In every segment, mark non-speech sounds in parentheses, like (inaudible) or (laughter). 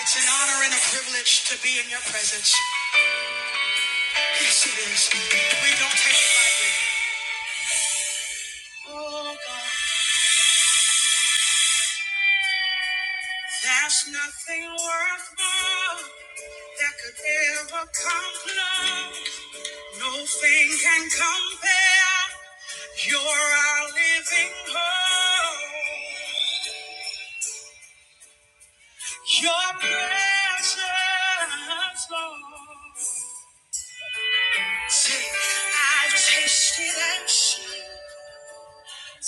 It's an honor and a privilege to be in your presence. Yes, it is. We don't take it lightly. Oh, God. There's nothing worthwhile that could ever come close. No thing can compare. You're our living hope. Your presence, Lord. Say, I've tasted and seen Your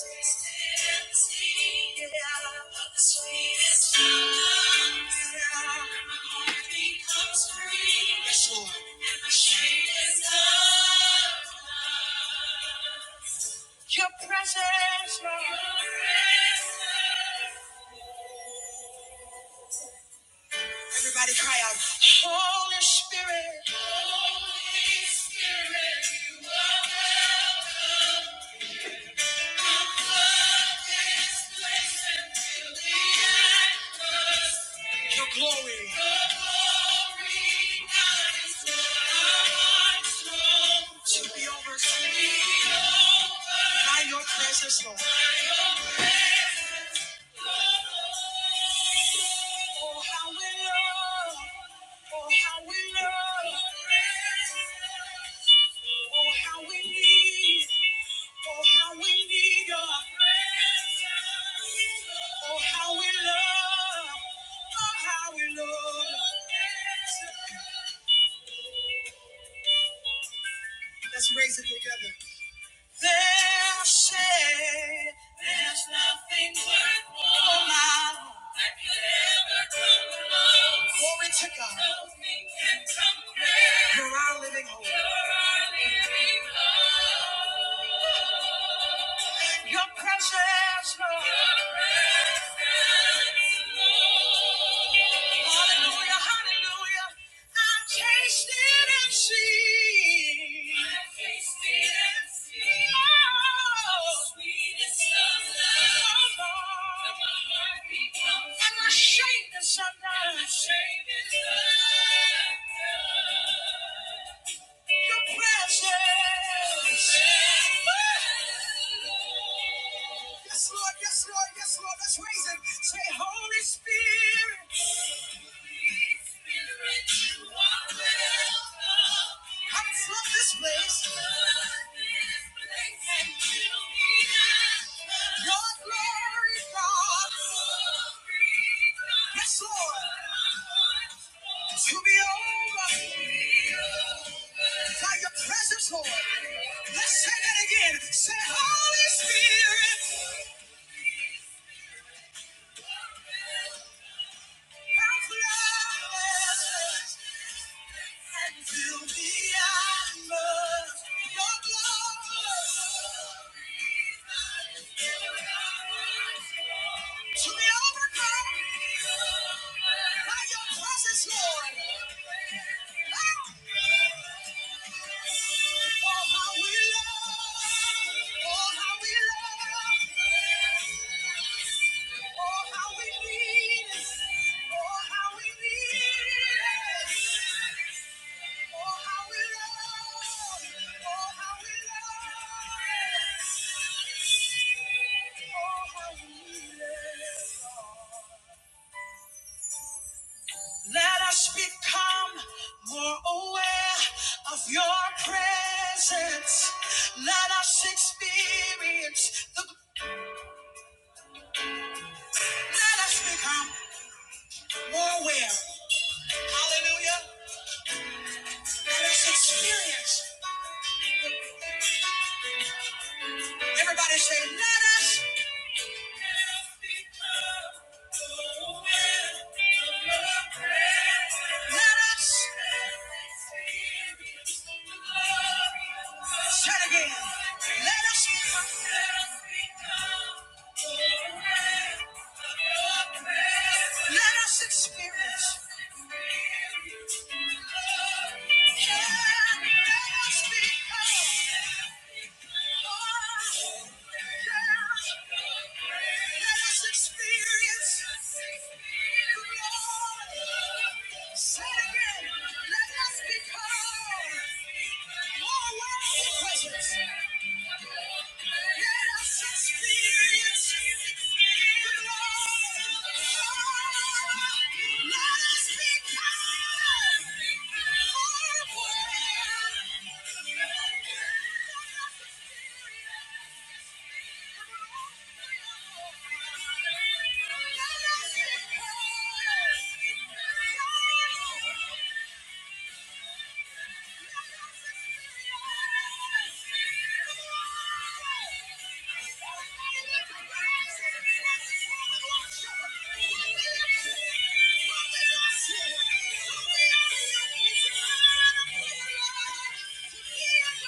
presence, Lord. Everybody cry out. Holy Spirit, you are welcome. in this place until the end. Your glory. Your glory, has not known. To be overcome by your presence, Lord. Oh, how we love. Oh, how we love. Oh, how we need. Oh, how we need your presence. Oh, how we love. Oh, Let's raise it together. They'll say there's nothing worth more that could ever come close. Glory to God. Nothing can compare. You're our living hope. You're our living hope. Your presence, Lord. Your presence, Lord. Hallelujah, hallelujah. I've tasted and seen. I've tasted and seen. Oh, the sweetest of love. Oh, Lord. Let my heart become free. And my shame is undone. And my shame is undone. Your presence. Yes, Lord, yes, Lord, yes, Lord. Let's raise it. Say, Holy Spirit. I'm from this place. Your glory, God. Yes, Lord. To be over by your presence, Lord. Let's say that again. Say, Holy Spirit, come flood us. Lord. Oh, how we love. Let us become more aware of your presence. Let us experience the let us become more aware. Hallelujah. Let us experience Everybody say, let us. Let us. Say it again. Let us become. Let us experience. Yeah, Let us become. Let us experience the glory. Thank you. Thank you.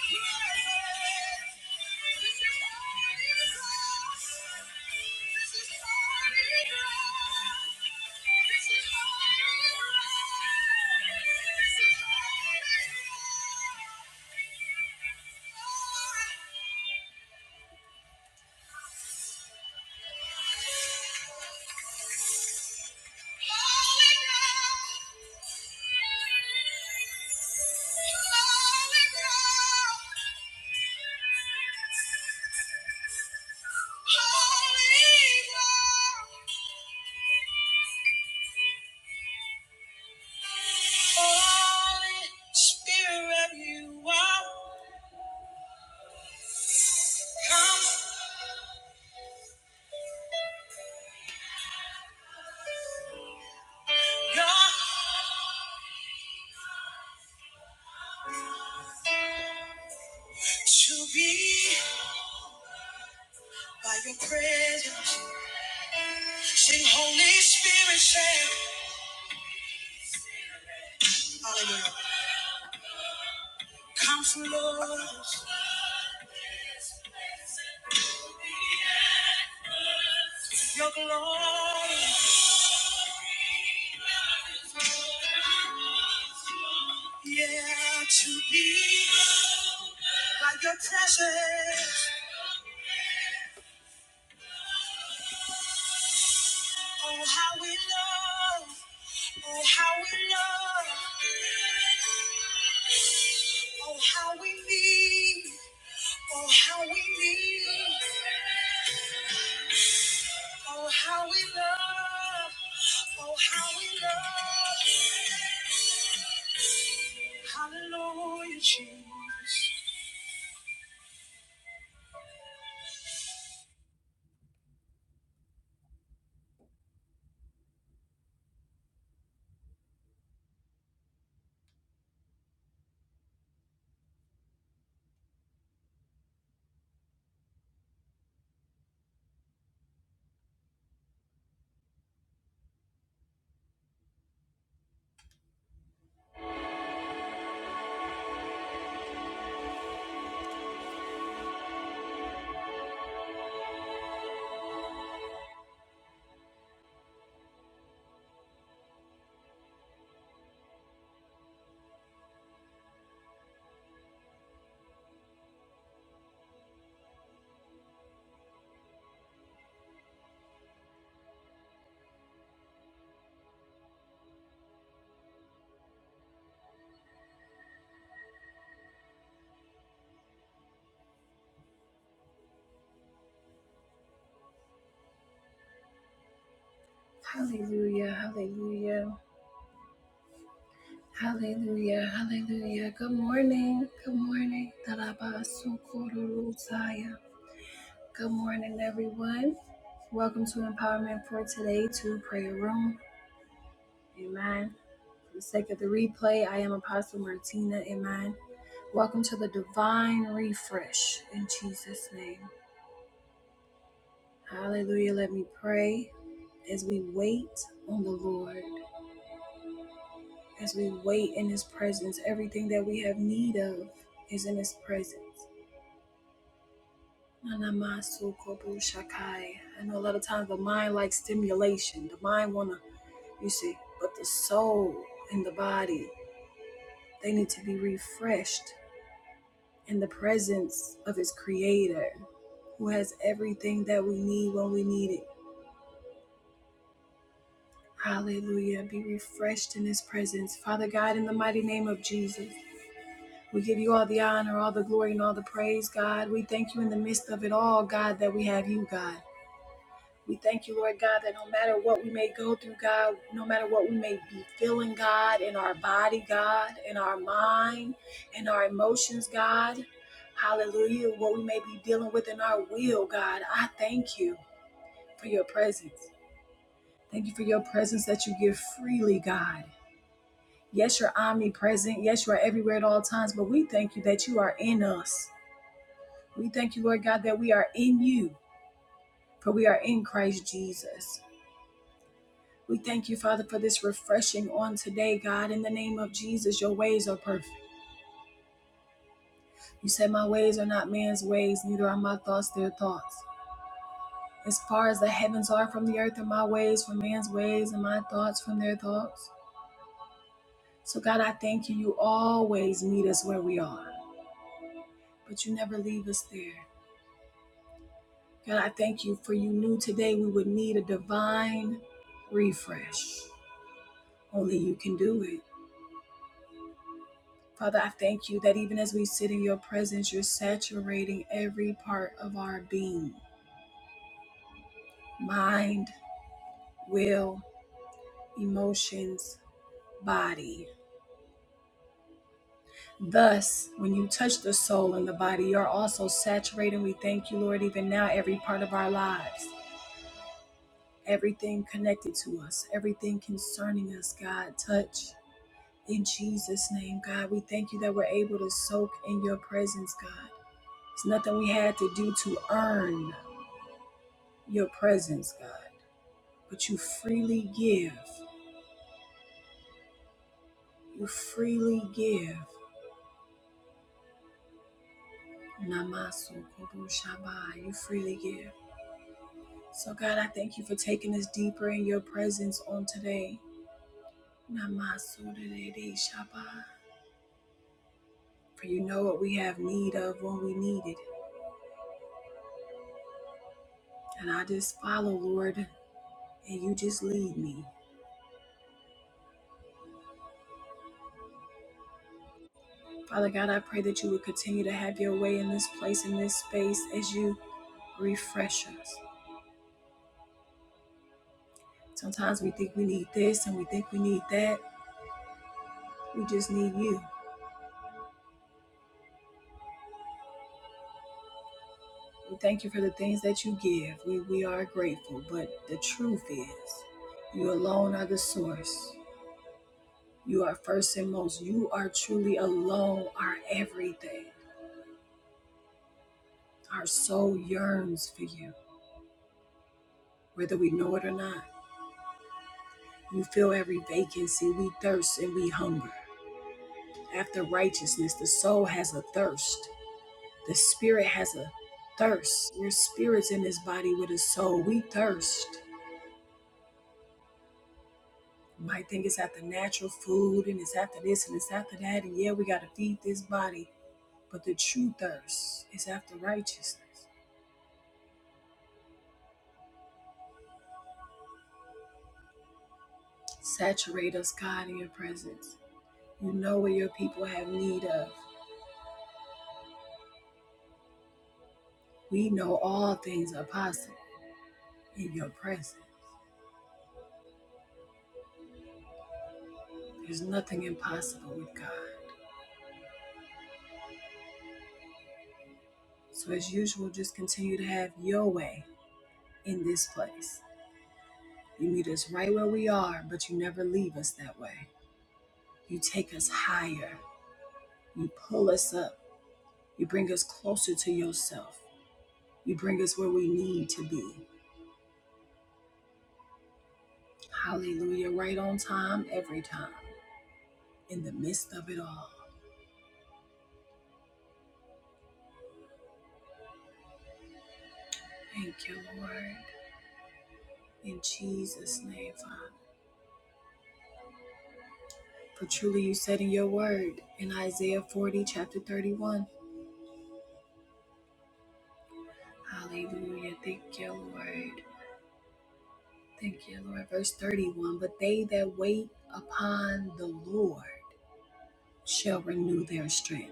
To be by your presence, sing Holy Spirit, say, Hallelujah. Counselor, your glory, yeah, to be by your presence. Oh, how we love, oh, how we love, oh, how we need, oh, how we need. Oh, how we love. Oh, how we love. Hallelujah, Jesus. Hallelujah, hallelujah. Hallelujah, hallelujah. Good morning, good morning. Tarabasukururusaya. Good morning, everyone. Welcome to Empowerment for Today to Prayer Room. Amen. For the sake of the replay, I am Apostle Martina. Amen. Welcome to the divine refresh in Jesus' name. Hallelujah. Let me pray as we wait on the Lord, as we wait in His presence. Everything that we have need of is in His presence. Nanamasu kobu shakai. I know a lot of times the mind likes stimulation. The mind wanna, you see, but the soul and the body, they need to be refreshed in the presence of His Creator who has everything that we need when we need it. Hallelujah. Be refreshed in his presence. Father God, in the mighty name of Jesus, we give you all the honor, all the glory, and all the praise, God. We thank you in the midst of it all, God, that we have you, God. We thank you, Lord God, that no matter what we may go through, God, no matter what we may be feeling, God, in our body, God, in our mind, in our emotions, God, hallelujah, what we may be dealing with in our will, God, I thank you for your presence. Thank you for your presence that you give freely, God. Yes, you're omnipresent. Yes, you are everywhere at all times, but we thank you that you are in us. We thank you, Lord God, that we are in you, for we are in Christ Jesus. We thank you, Father, for this refreshing on today, God. In the name of Jesus, your ways are perfect. You said, My ways are not man's ways, neither are my thoughts their thoughts. As far as the heavens are from the earth, are my ways from man's ways, and my thoughts from their thoughts. So, God, I thank you. You always meet us where we are, but you never leave us there. God, I thank you for you knew today we would need a divine refresh. Only you can do it. Father, I thank you that even as we sit in your presence, you're saturating every part of our being mind, will, emotions, body. Thus, when you touch the soul and the body, you're also saturating. We thank you, Lord, even now, every part of our lives, everything connected to us, everything concerning us, God, touch. In Jesus' name, God, we thank you that we're able to soak in your presence, God. It's nothing we had to do to earn your presence, God, but you freely give. You freely give. Namasu Kurushabai. You freely give. So, God, I thank you for taking us deeper in your presence on today. Namasu Dedede Shabai. For you know what we have need of when we need it. And I just follow, Lord, and you just lead me. Father God, I pray that you would continue to have your way in this place, in this space, as you refresh us. Sometimes we think we need this and we think we need that. We just need you. We thank you for the things that you give. We, we are grateful. But the truth is, you alone are the source. You are first and most. You are truly alone, our everything. Our soul yearns for you, whether we know it or not. You fill every vacancy. We thirst and we hunger. after righteousness. The soul has a thirst. The spirit has a thirst. Your spirit's in this body with a soul. We thirst. You might think it's after natural food and it's after this and it's after that. And yeah, we got to feed this body. But the true thirst is after righteousness. Saturate us, God, in your presence. You know what your people have need of. We know all things are possible in your presence. There's nothing impossible with God. So, as usual, just continue to have your way in this place. You meet us right where we are, but you never leave us that way. You take us higher. You pull us up. You bring us closer to yourself. You bring us where we need to be. Hallelujah. Right on time, every time, in the midst of it all. Thank you, Lord. In Jesus' name, Father. For truly you said in your word in Isaiah 40, chapter 31. Hallelujah. Thank you, Lord. Thank you, Lord. Verse 31 But they that wait upon the Lord shall renew their strength.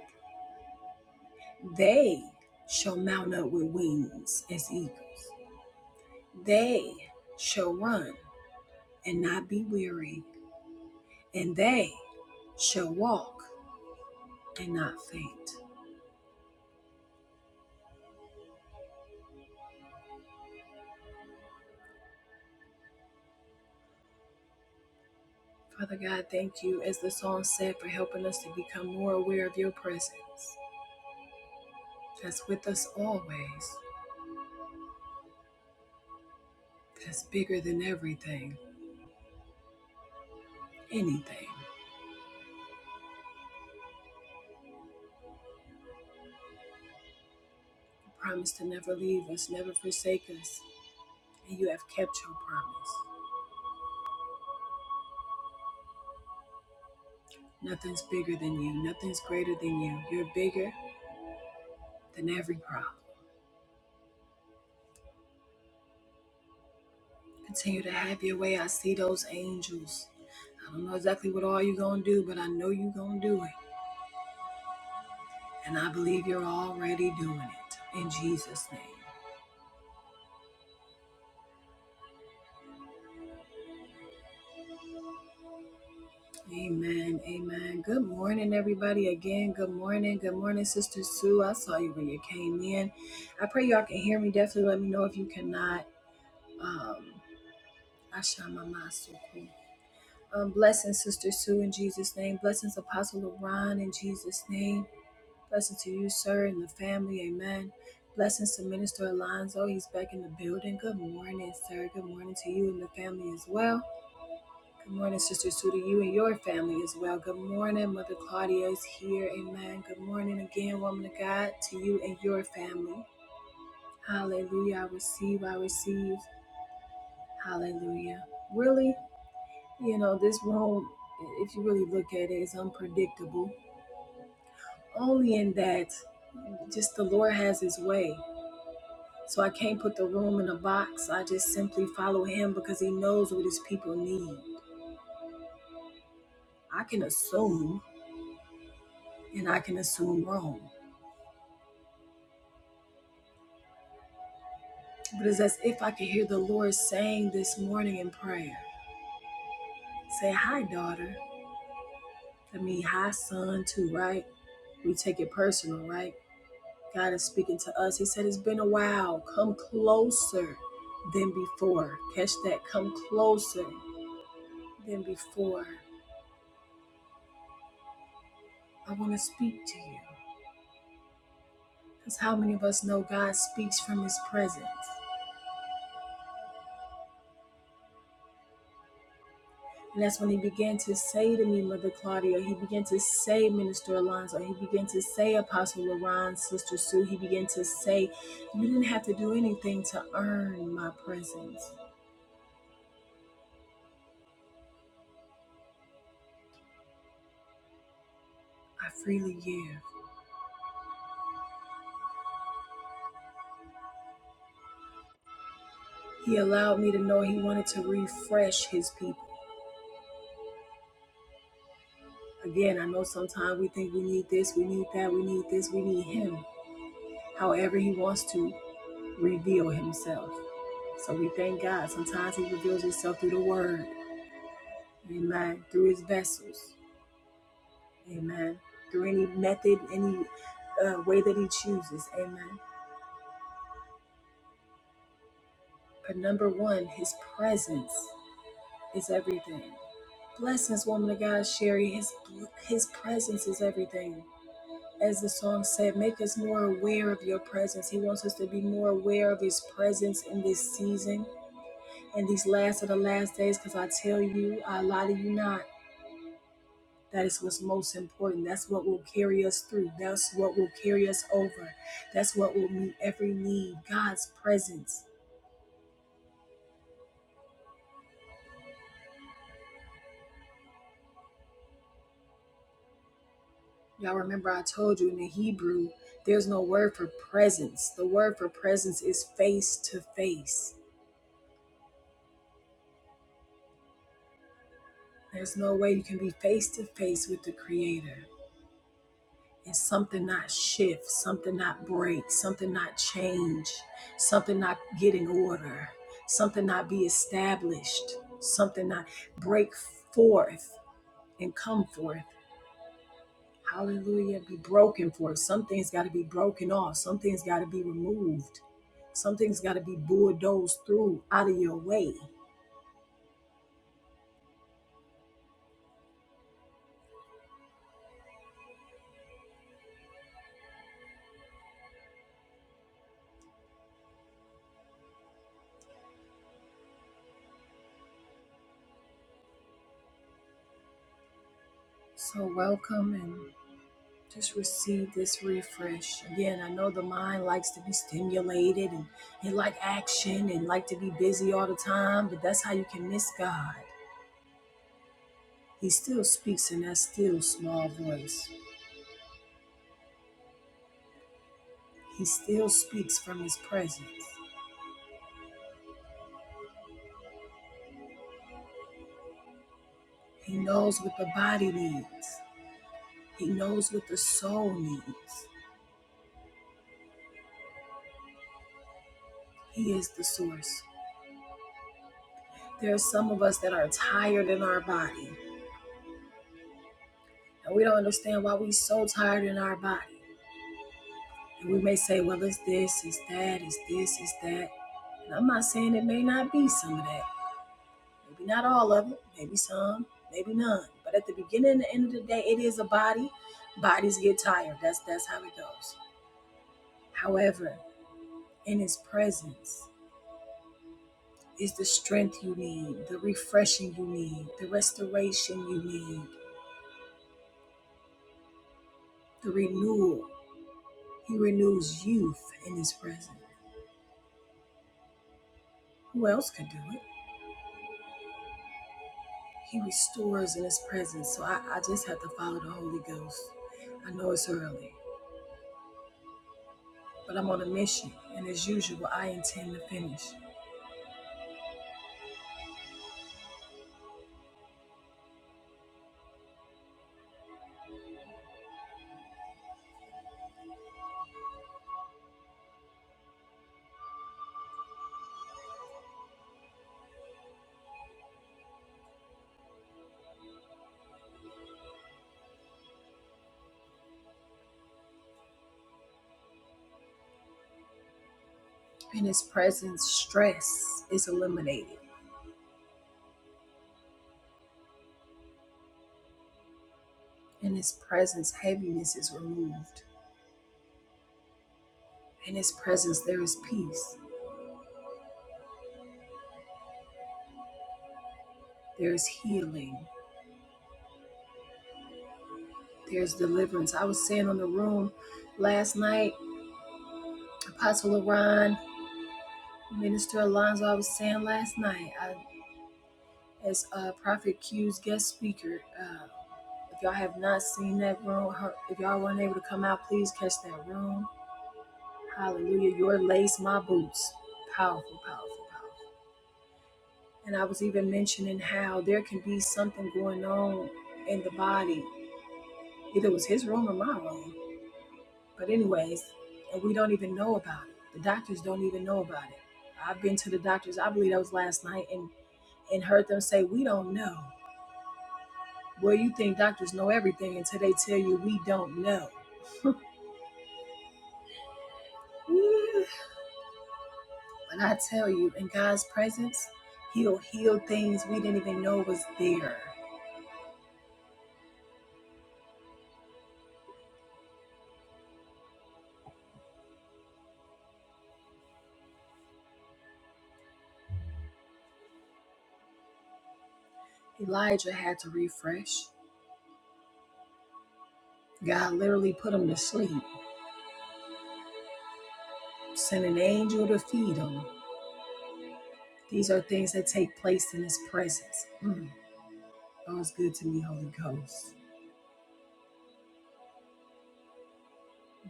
They shall mount up with wings as eagles. They shall run and not be weary, and they shall walk and not faint. Father God, thank you, as the song said, for helping us to become more aware of your presence that's with us always, that's bigger than everything, anything. promised to never leave us, never forsake us, and you have kept your promise. Nothing's bigger than you, nothing's greater than you. You're bigger than every problem. Continue to have your way. I see those angels. I don't know exactly what all you're going to do, but I know you're going to do it. And I believe you're already doing it. In Jesus' name. Amen. Amen. Good morning, everybody. Again, good morning. Good morning, Sister Sue. I saw you when you came in. I pray y'all can hear me. Definitely let me know if you cannot. Um, Ashamamasuku. Um, blessings, Sister Sue, in Jesus' name. Blessings, Apostle Ron, in Jesus' name. Blessings to you, sir, and the family. Amen. Blessings to Minister Alonzo. He's back in the building. Good morning, sir. Good morning to you and the family as well. Good morning, Sister Sue, to you and your family as well. Good morning, Mother Claudia is here. Amen. Good morning again, woman of God, to you and your family. Hallelujah. I receive, I receive. Hallelujah. Really? You know, this world, if you really look at it, is unpredictable. Only in that just the Lord has his way. So I can't put the room in a box. I just simply follow him because he knows what his people need. I can assume and I can assume wrong. But it's as if I could hear the Lord saying this morning in prayer. Say hi, daughter. I mean hi son too, right? We take it personal, right? God is speaking to us. He said, It's been a while. Come closer than before. Catch that. Come closer than before. I want to speak to you. Because how many of us know God speaks from his presence? And that's when he began to say to me, Mother Claudia, he began to say, Minister Alonzo, he began to say, Apostle Laron, Sister Sue, he began to say, You didn't have to do anything to earn my presence. I freely give. He allowed me to know he wanted to refresh his people. Again, I know sometimes we think we need this, we need that, we need this, we need Him. However, He wants to reveal Himself. So we thank God. Sometimes He reveals Himself through the Word, Amen, through His vessels, Amen, through any method, any uh, way that He chooses, Amen. But number one, His presence is everything. Blessings, woman of God, Sherry. His His presence is everything. as the song said, make us more aware of your presence. He wants us to be more aware of his presence in this season, in these last of the last days, because I tell you, I lie to you not. That is what's most important. That's what will carry us through. That's what will carry us over. That's what will meet every need. God's presence. Y'all remember I told you in the Hebrew, there's no word for presence. The word for presence is face to face. There's no way you can be face to face with the Creator. and something not shift, something not break, something not change, something not get in order, something not be established, something not break forth and come forth. Hallelujah. Be broken forth. Some things got to be broken off. Some things got to be removed. Some things got to be bulldozed through out of your way. So, welcome and. Just receive this refresh. Again, I know the mind likes to be stimulated and it like action and like to be busy all the time, but that's how you can miss God. He still speaks in that still small voice. He still speaks from his presence. He knows what the body needs. He knows what the soul needs. He is the source. There are some of us that are tired in our body, and we don't understand why we're so tired in our body. And we may say, well, it's this, it's that, it's this, it's that. And I'm not saying it may not be some of that. Maybe not all of it, maybe some, maybe none. But at the beginning and the end of the day, it is a body. Bodies get tired. That's that's how it goes. However, in his presence is the strength you need, the refreshing you need, the restoration you need, the renewal. He renews youth in his presence. Who else could do it? He restores in His presence. So I, I just have to follow the Holy Ghost. I know it's early, but I'm on a mission. And as usual, I intend to finish. In His presence, stress is eliminated. In His presence, heaviness is removed. In His presence, there is peace, there is healing, there is deliverance. I was saying on the room last night, Apostle Iran, Minister Alonzo, I was saying last night, I as uh, Prophet Q's guest speaker. Uh, if y'all have not seen that room, her, if y'all weren't able to come out, please catch that room. Hallelujah. Your lace, my boots. Powerful, powerful, powerful. And I was even mentioning how there can be something going on in the body. Either it was his room or my room. But, anyways, and we don't even know about it. The doctors don't even know about it. I've been to the doctors, I believe that was last night, and, and heard them say, We don't know. Well, you think doctors know everything until they tell you we don't know. When I tell you, in God's presence, He'll heal things we didn't even know was there. Elijah had to refresh. God literally put him to sleep, sent an angel to feed him. These are things that take place in His presence. Mm. That was good to me, Holy Ghost.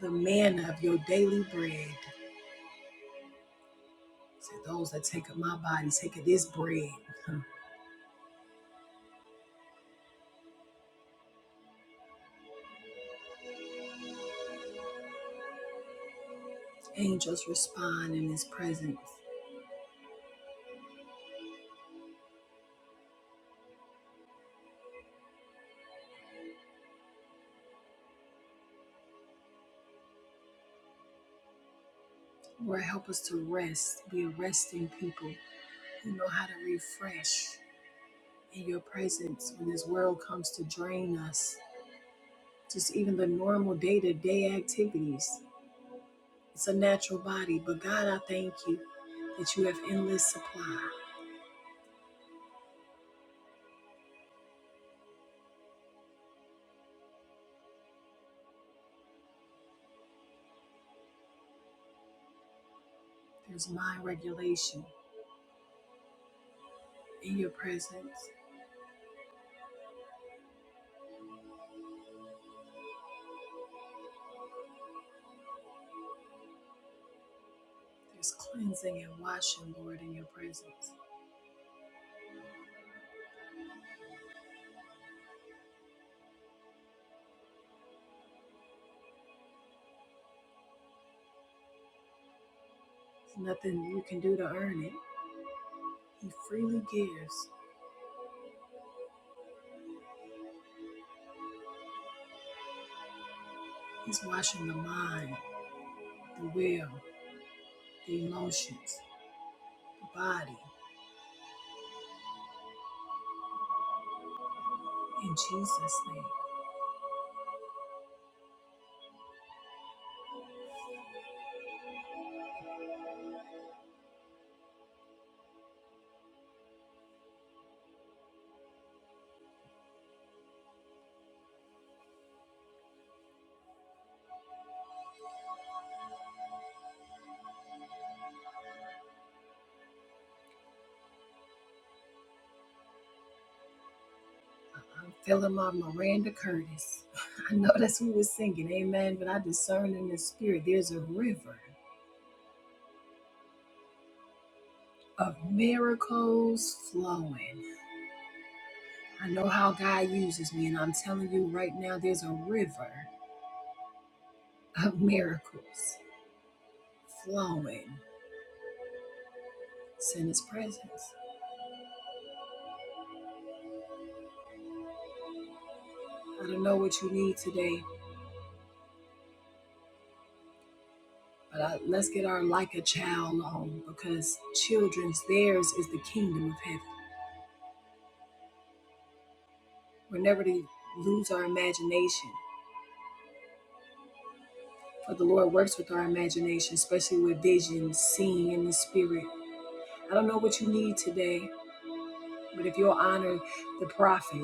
The manna of your daily bread. Said, Those that take up my body, take of this bread. (laughs) Angels respond in His presence. Lord, help us to rest, be a resting people who know how to refresh in your presence when this world comes to drain us. Just even the normal day to day activities. It's a natural body, but God, I thank you that you have endless supply. There's mind regulation in your presence, there's cleansing and washing, Lord, in your presence. There's nothing you can do to earn it. He freely gives, He's washing the mind, the will, the emotions. body in Jesus' name. I'm feeling my Miranda Curtis. (laughs) I know that's what we're singing, amen. But I discern in the spirit there's a river of miracles flowing. I know how God uses me, and I'm telling you right now, there's a river of miracles flowing. It's in His presence. I don't know what you need today, but I, let's get our like a child on because children's theirs is the kingdom of heaven. We're never to lose our imagination. For the Lord works with our imagination, especially with vision, seeing in the spirit. I don't know what you need today, but if you'll honor the prophet,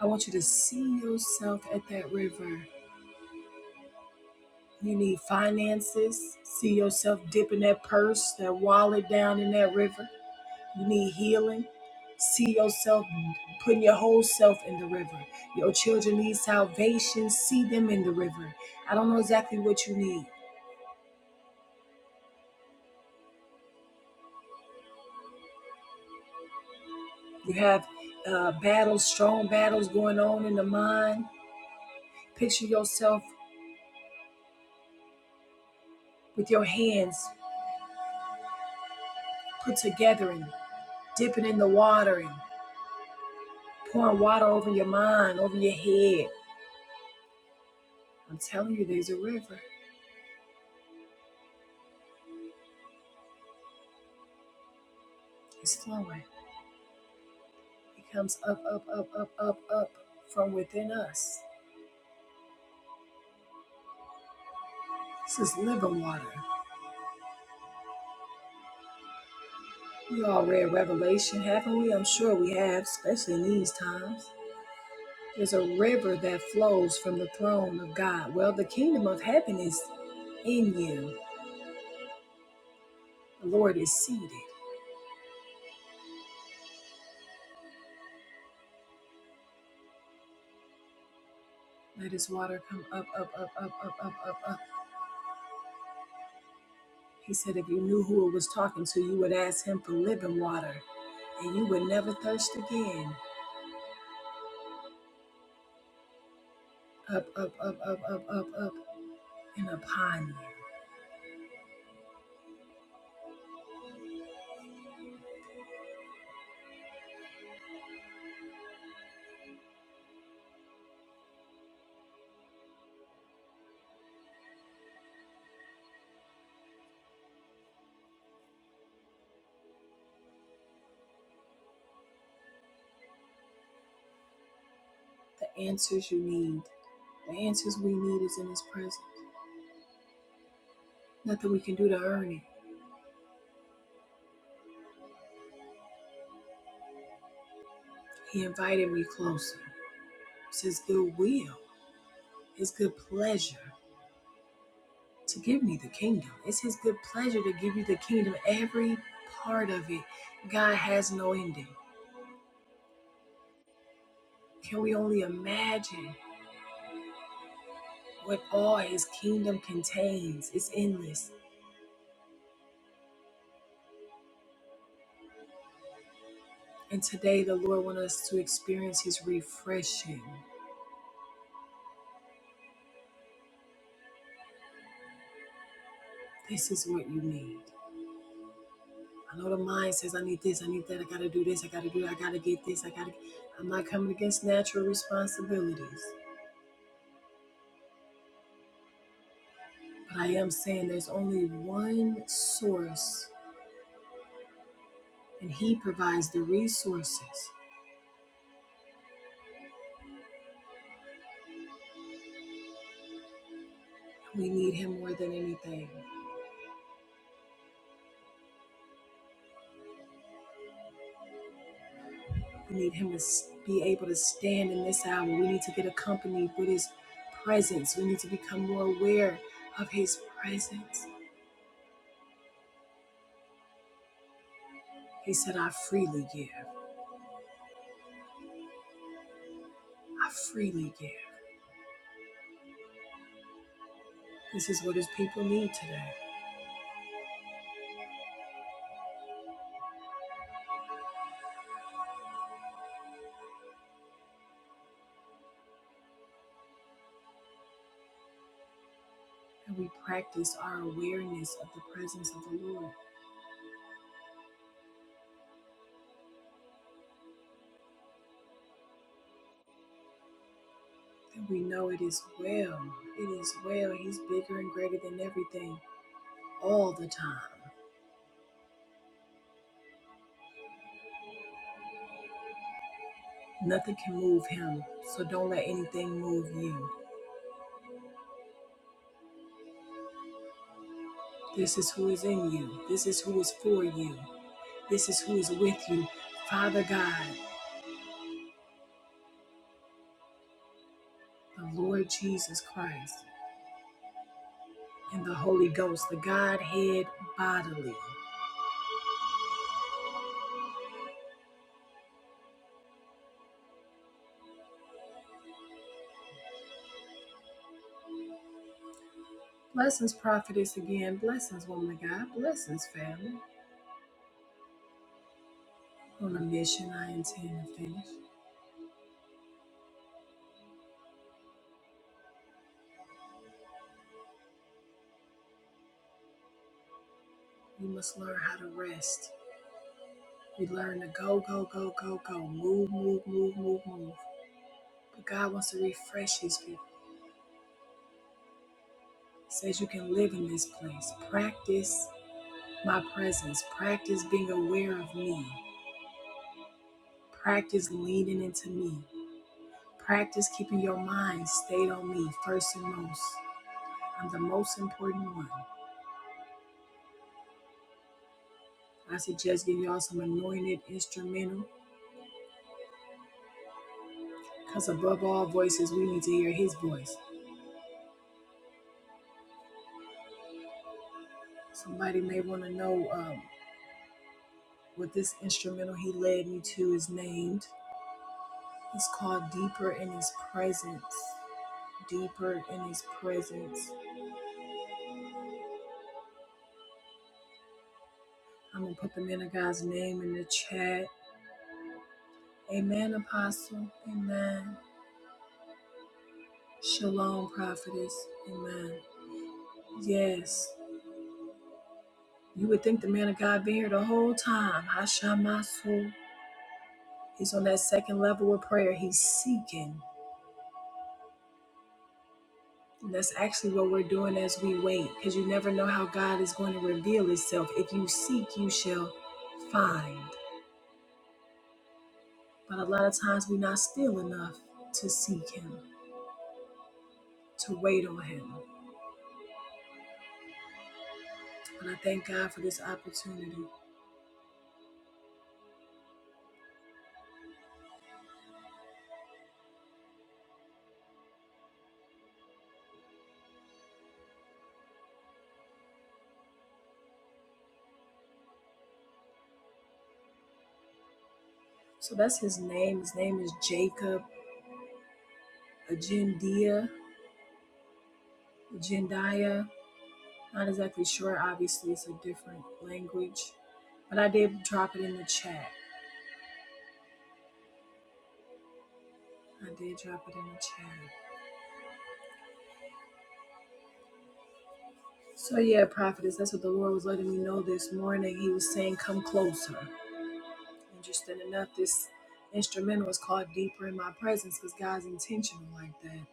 I want you to see yourself at that river. You need finances. See yourself dipping that purse, that wallet down in that river. You need healing. See yourself putting your whole self in the river. Your children need salvation. See them in the river. I don't know exactly what you need, You have uh, battles, strong battles going on in the mind. Picture yourself with your hands put together and dipping in the water and pouring water over your mind, over your head. I'm telling you, there's a river. It's flowing. It comes up, up, up, up, up, up from within us. This is living water. We all read Revelation, haven't we? I'm sure we have, especially in these times. There's a river that flows from the throne of God. Well, the kingdom of heaven is in you. The Lord is seated. Let his water come up, up, up, up, up, up, up, up. He said, if you knew who it was talking to, you would ask him for living water and you would never thirst again. Up, up, up, up, up, up, up, and upon you. The answers you need, the answers we need is in his presence. Nothing we can do to earn it. He invited me closer. It's his good will, his good pleasure to give me the kingdom. It's his good pleasure to give you the kingdom, every part of it. God has no ending. Can we only imagine what all his kingdom contains? It's endless. And today the Lord wants us to experience his refreshing. This is what you need. I know the mind says, I need this, I need that, I gotta do this, I gotta do that, I gotta get this, I gotta. I'm not coming against natural responsibilities, but I am saying there's only one source and He provides the resources. We need Him more than anything. We need Him to s- be able to stand in this hour. We need to get accompanied with His presence. We need to become more aware of His presence. He said, I freely give. I freely give. This is what His people need today. And we practice our awareness of the presence of the Lord. And we know it is well. It is well. He's bigger and greater than everything all the time. Nothing can move him, so don't let anything move you. This is who is in you. This is who is for you. This is who is with you. Father God, the Lord Jesus Christ, and the Holy Ghost, the Godhead bodily. Blessings, prophetess, again. Blessings, woman of God. Blessings, family. On a mission I intend to finish. We must learn how to rest. We learn to go, go, go, go, go. Move, move, move, move, move. But God wants to refresh His people. says you can live in this place. Practice my presence. Practice being aware of me. Practice leaning into me. Practice keeping your mind stayed on me first and most. I'm the most important one. I suggest giving y'all some anointed instrumental because above all voices, we need to hear his voice. Somebody may want to know um, what this instrumental he led me to is named. It's called Deeper in His Presence. Deeper in His Presence. I'm gonna put the man of God's name in the chat. Amen, Apostle. Amen. Shalom, Prophetess. Amen. Yes. You would think the man of God been here the whole time. Hashamasu. He's on that second level of prayer. He's seeking. And that's actually what we're doing as we wait, because you never know how God is going to reveal Himself. If you seek, you shall find. But a lot of times we're not still enough to seek Him, to wait on Him. And I thank God for this opportunity. So that's his name. His name is Jacob Agendia, Agendia. Not exactly sure. Obviously, it's a different language, but I did drop it in the chat. I did drop it in the chat. So yeah, prophetess, that's what the Lord was letting me know this morning. He was saying, "Come closer." Interesting enough, this instrumental was called "Deeper in My Presence" because God's intentional like that.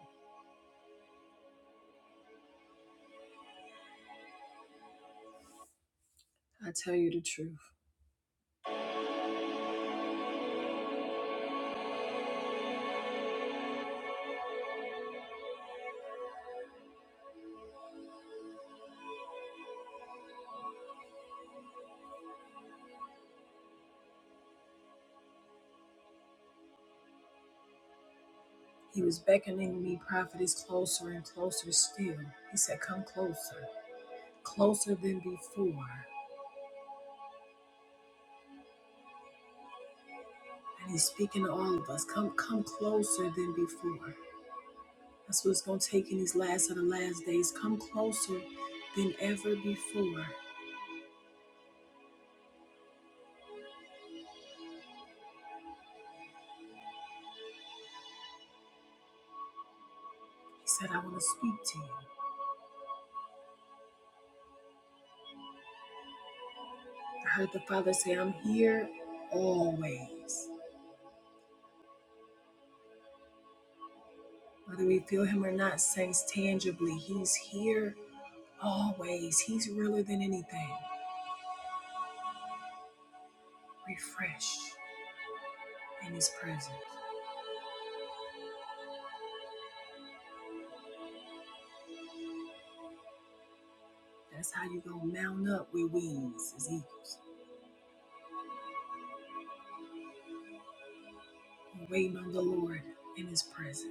I tell you the truth. He was beckoning me, prophetess, closer and closer still. He said, Come closer. closer than before. And he's speaking to all of us. Come come closer than before. That's what it's gonna take in these last of the last days. Come closer than ever before. He said, I want to speak to you. I heard the Father say, I'm here always. Whether we feel him or not, saints tangibly, he's here always. He's realer than anything. Refresh in his presence. That's how you gonna mount up with wings as eagles. and waiting on the Lord in His presence.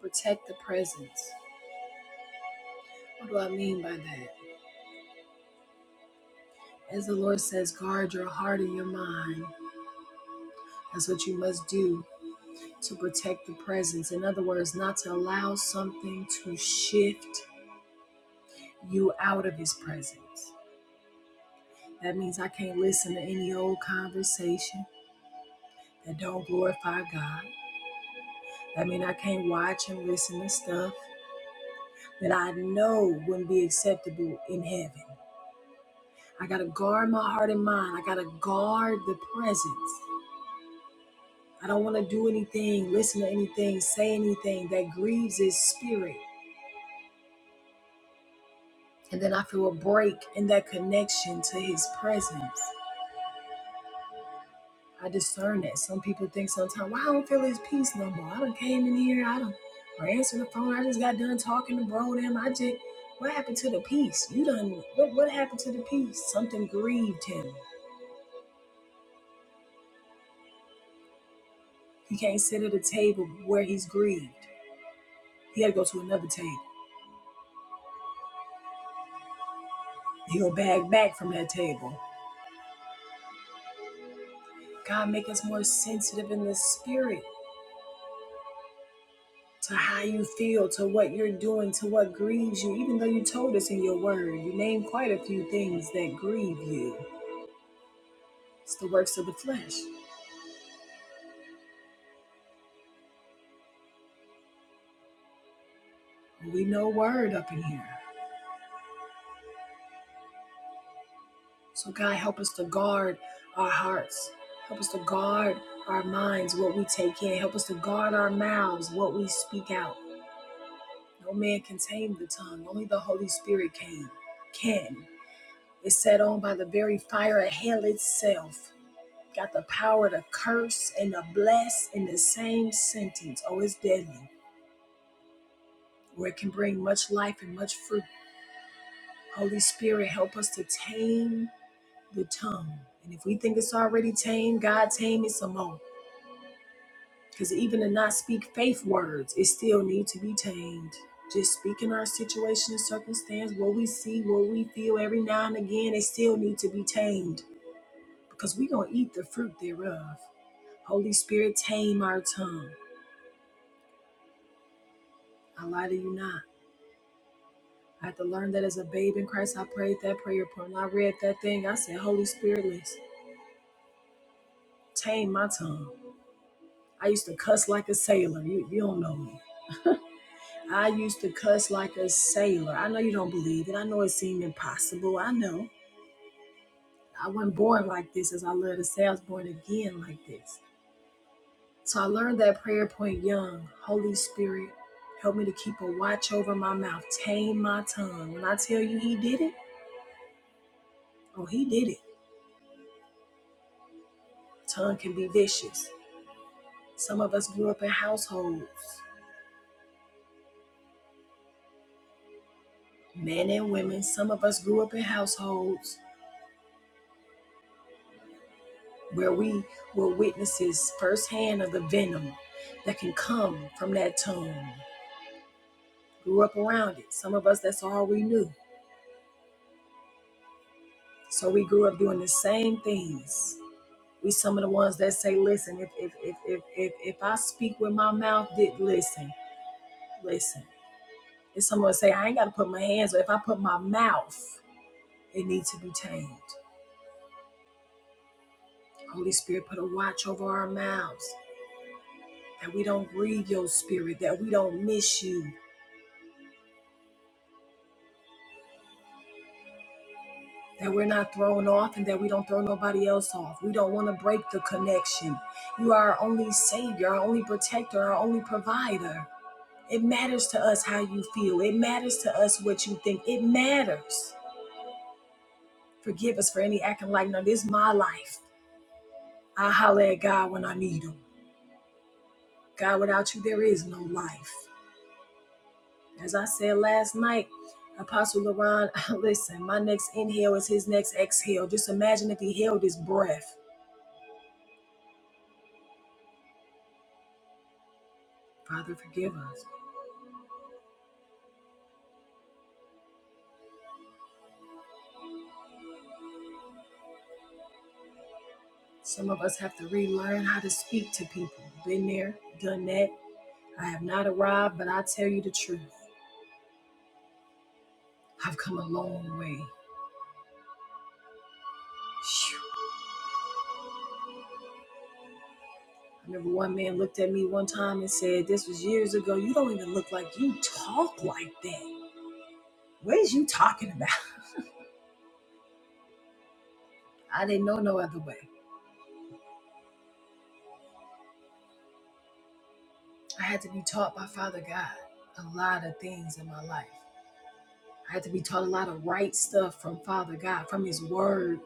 Protect the presence. What do I mean by that? As the Lord says, guard your heart and your mind. That's what you must do to protect the presence. In other words, not to allow something to shift you out of His presence. That means I can't listen to any old conversation that don't glorify God. That means I can't watch and listen to stuff that I know wouldn't be acceptable in heaven. I gotta guard my heart and mind. I gotta guard the presence. I don't wanna do anything, listen to anything, say anything that grieves his spirit. And then I feel a break in that connection to his presence. I discern that. Some people think sometimes, well, I don't feel his peace no more. I done came in here, I done or answer the phone. I just got done talking to bro them. I just what happened to the peace? You done what what happened to the peace? Something grieved him. He can't sit at a table where he's grieved. He had to go to another table. He'll bag back from that table. God, make us more sensitive in the spirit to how you feel, to what you're doing, to what grieves you, even though you told us in your word. You name quite a few things that grieve you. It's the works of the flesh. We know word up in here. So, God, help us to guard our hearts. Help us to guard our minds, what we take in. Help us to guard our mouths, what we speak out. No man can tame the tongue. Only the Holy Spirit can. Can. It's set on by the very fire of hell itself. Got the power to curse and to bless in the same sentence. Oh, it's deadly, where it can bring much life and much fruit. Holy Spirit, help us to tame the tongue. And if we think it's already tamed, God tame it some more. Because even to not speak faith words, it still need to be tamed. Just speaking our situation and circumstance, what we see, what we feel every now and again, it still need to be tamed. Because we going to eat the fruit thereof. Holy Spirit, tame our tongue. I lie to you not. I had to learn that as a babe in Christ, I prayed that prayer point. When I read that thing, I said, Holy Spirit, listen, tame my tongue. I used to cuss like a sailor. You, you don't know me. I used to cuss like a sailor. I know you don't believe it. I know it seemed impossible. I know. I wasn't born like this, as I love to say. I was born again like this. So I learned that prayer point young. Holy Spirit, help me to keep a watch over my mouth. Tame my tongue. When I tell you he did it, Oh, he did it. Tongue can be vicious. Some of us grew up in households, men and women. Some of us grew up in households where we were witnesses firsthand of the venom that can come from that tongue. Grew up around it. Some of us, that's all we knew. So we grew up doing the same things. We some of the ones that say, listen, if if if if if, if I speak with my mouth, did listen, listen. And someone say, I ain't gotta put my hands, but if I put my mouth. They need to be tamed. Holy Spirit, put a watch over our mouths that we don't grieve your spirit, that we don't miss you, that we're not thrown off, and that we don't throw nobody else off. We don't want to break the connection. You are our only Savior, our only protector, our only provider. It matters to us how you feel, it matters to us what you think. It matters. Forgive us for any acting like, no, this is my life. I holler at God when I need Him. God, without you, there is no life. As I said last night, Apostle Laron, (laughs) listen, my next inhale is his next exhale. Just imagine if he held his breath. Father, forgive us. Some of us have to relearn how to speak to people. Been there, done that. I have not arrived, but I tell you the truth. I've come a long way. Phew. I remember one man looked at me one time and said, This was years ago. You don't even look like you talk like that. What is you talking about? (laughs) I didn't know no other way. I had to be taught by Father God a lot of things in my life. I had to be taught a lot of right stuff from Father God, from His Word,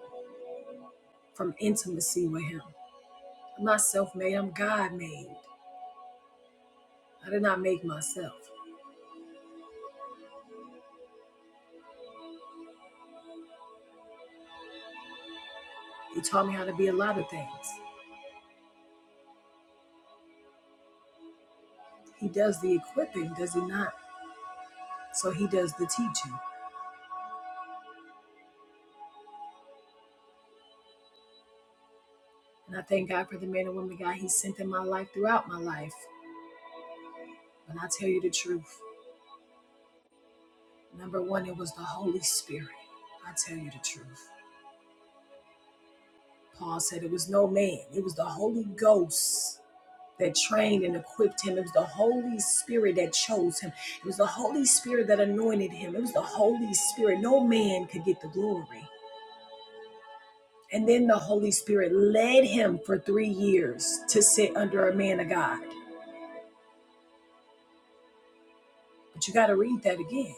from intimacy with Him. I'm not self made, I'm God made. I did not make myself. He taught me how to be a lot of things. He does the equipping, does He not? So He does the teaching. And I thank God for the men and women God He sent in my life throughout my life. When I tell you the truth, number one, it was the Holy Spirit. I tell you the truth. Paul said it was no man, it was the Holy Ghost that trained and equipped him. It was the Holy Spirit that chose him. It was the Holy Spirit that anointed him. It was the Holy Spirit. No man could get the glory. And then the Holy Spirit led him for three years to sit under a man of God. But you got to read that again.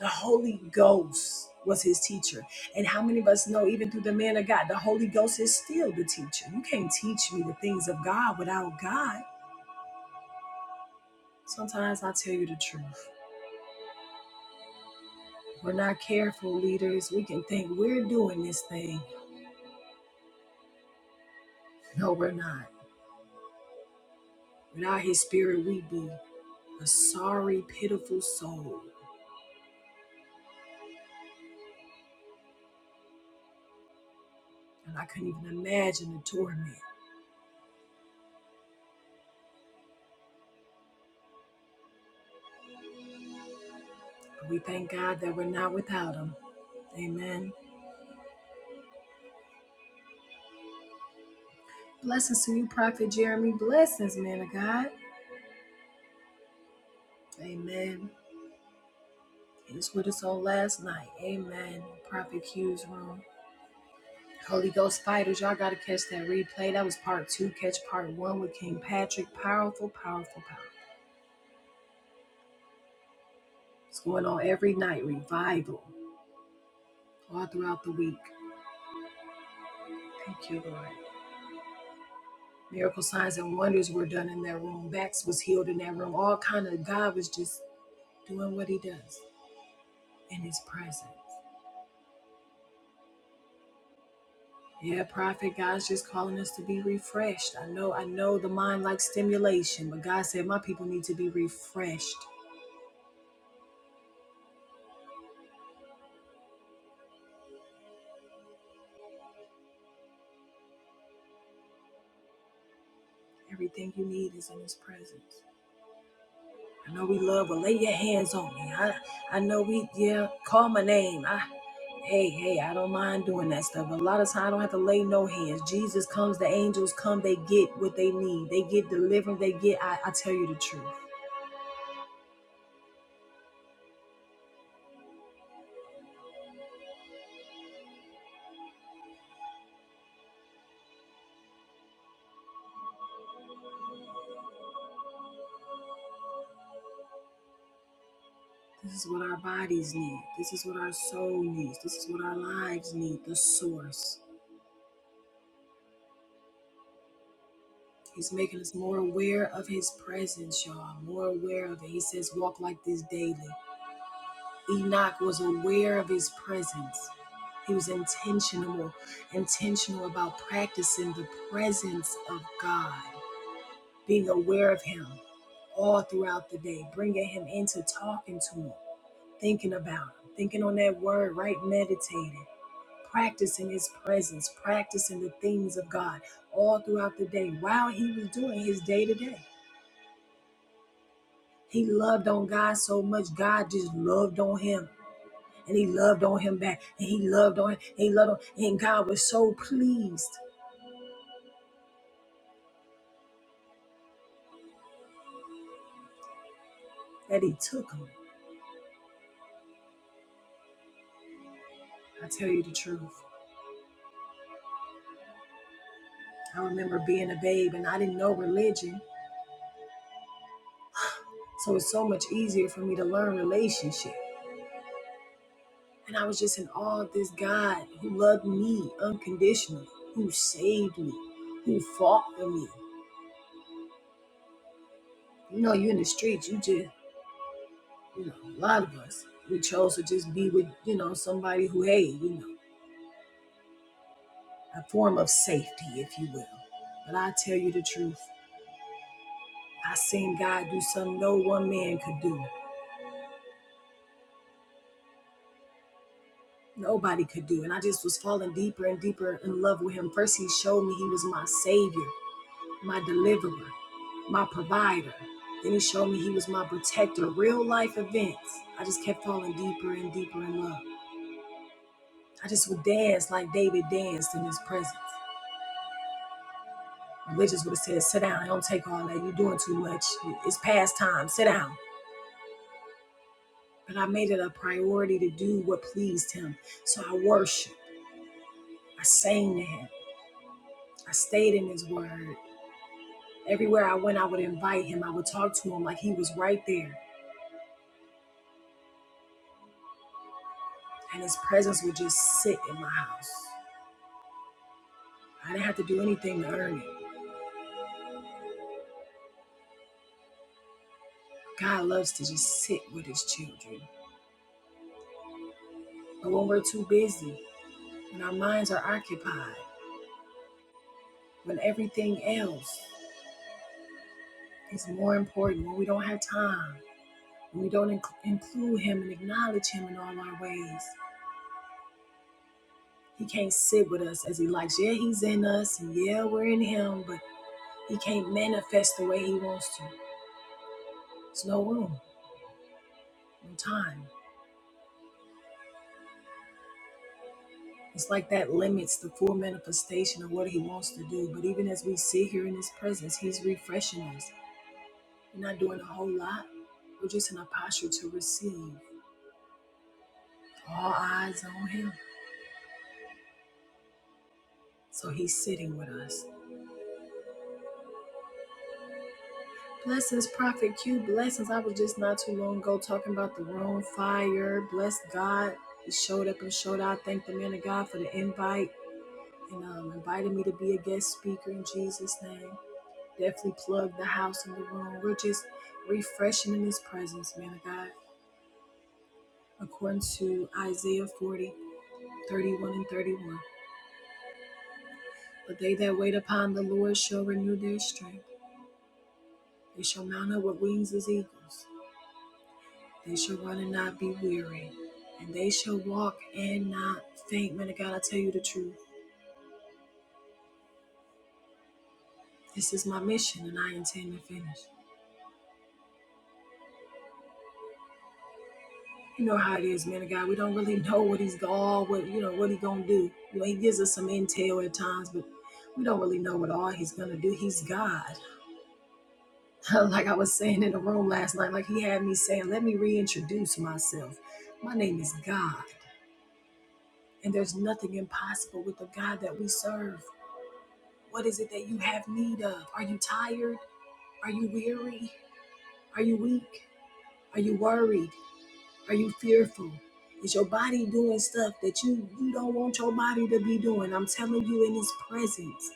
The Holy Ghost was his teacher. And how many of us know, even through the man of God, the Holy Ghost is still the teacher? You can't teach me the things of God without God. Sometimes I tell you the truth. We're not careful leaders. We can think we're doing this thing. No, we're not. Without his spirit, we'd be a sorry, pitiful soul. And I couldn't even imagine the torment. But we thank God that we're not without him. Amen. Blessings to you, Prophet Jeremy. Blessings, man of God. Amen. He was with us on last night. Amen. Prophet Q's room. Holy Ghost fighters, y'all gotta catch that replay. That was part two. Catch part one with King Patrick. Powerful, powerful, powerful. It's going on every night. Revival all throughout the week. Thank you, Lord. Miracle signs and wonders were done in that room. Backs was healed in that room. All kind of God was just doing what He does in His presence. Yeah, Prophet, God's just calling us to be refreshed. I know, I know the mind likes stimulation, but God said my people need to be refreshed. Everything you need is in His presence. I know we love, but lay your hands on me. I, I know we, yeah, call my name. I, hey, hey, I don't mind doing that stuff. But a lot of times I don't have to lay no hands. Jesus comes, the angels come, they get what they need. They get delivered. they get, I, I tell you the truth. This is what our bodies need. This is what our soul needs. This is what our lives need, the source. He's making us more aware of his presence, y'all, more aware of it. He says, walk like this daily. Enoch was aware of his presence. He was intentional, intentional about practicing the presence of God, being aware of Him all throughout the day, bringing Him into talking to Him, thinking about Him, thinking on that word, right? Meditating, practicing His presence, practicing the things of God all throughout the day while He was doing His day to day. He loved on God so much, God just loved on Him and he loved on him back and he loved on him and he loved on and God was so pleased that he took him. I tell you the truth. I remember being a babe and I didn't know religion. So it's so much easier for me to learn relationship. And I was just in awe of this God who loved me unconditionally, who saved me, who fought for me. You know, you're in the streets, you just, you know, a lot of us, we chose to just be with, you know, somebody who, hey, you know. a form of safety, if you will. But I tell you the truth, I seen God do something no one man could do. Nobody could do. And I just was falling deeper and deeper in love with him. First, he showed me he was my savior, my deliverer, my provider. Then he showed me he was my protector. Real life events. I just kept falling deeper and deeper in love. I just would dance like David danced in his presence. Religious would have said, sit down, don't take all that. You're doing too much. It's past time. Sit down. But I made it a priority to do what pleased him. So I worshiped. I sang to him. I stayed in his word. Everywhere I went, I would invite him. I would talk to him like he was right there. And his presence would just sit in my house. I didn't have to do anything to earn it. God loves to just sit with his children. But when we're too busy, when our minds are occupied, when everything else is more important, when we don't have time, when we don't inc- include him and acknowledge him in all our ways, He can't sit with us as he likes. Yeah, he's in us, and yeah, we're in him, but he can't manifest the way he wants to. There's no room, no time. It's like that limits the full manifestation of what he wants to do. But even as we sit here in his presence, he's refreshing us. We're not doing a whole lot. We're just in a posture to receive all eyes on him. So he's sitting with us. Blessings, Prophet Q. Blessings. I was just not too long ago talking about the room fire. Bless God. He showed up and showed out. Thank the man of God for the invite and um, invited me to be a guest speaker in Jesus' name. Definitely plug the house in the room. We're just refreshing in his presence, man of God, according to Isaiah 40:31 and 31. But they that wait upon the Lord shall renew their strength. They shall mount up with wings as eagles. They shall run and not be weary, and they shall walk and not faint. Man of God, I tell you the truth. This is my mission, and I intend to finish. You know how it is, man of God. We don't really (laughs) know what he's going, what you know, what he gonna do. You know, he gives us some intel at times, but we don't really know what all he's gonna do. He's God. (laughs) like I was saying in the room last night, like he had me saying, "Let me reintroduce myself. My name is God, and there's nothing impossible with the God that we serve." What is it that you have need of? Are you tired? Are you weary? Are you weak? Are you worried? Are you fearful? Is your body doing stuff that you, you don't want your body to be doing? I'm telling you, in His presence,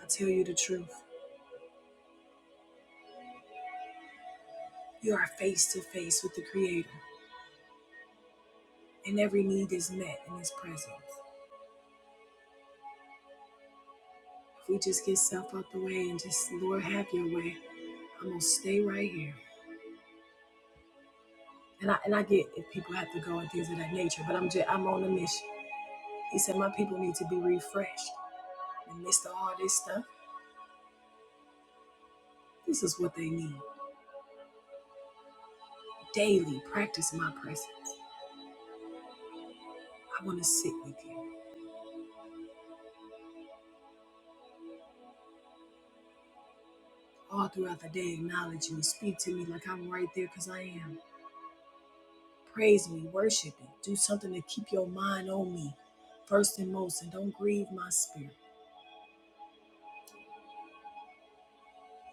I'll tell you the truth. You are face to face with the Creator, and every need is met in His presence. If we just get self out the way and just, Lord, have your way, I'm going to stay right here. And I, and I get if people have to go and things of that nature, but I'm just, I'm on a mission. He said, My people need to be refreshed. In the midst of all this stuff, This is what they need. Daily practice my presence. I want to sit with you. All throughout the day, acknowledge me. Speak to me like I'm right there because I am. Praise me, worship me. Do something to keep your mind on me. First and most, and don't grieve my spirit.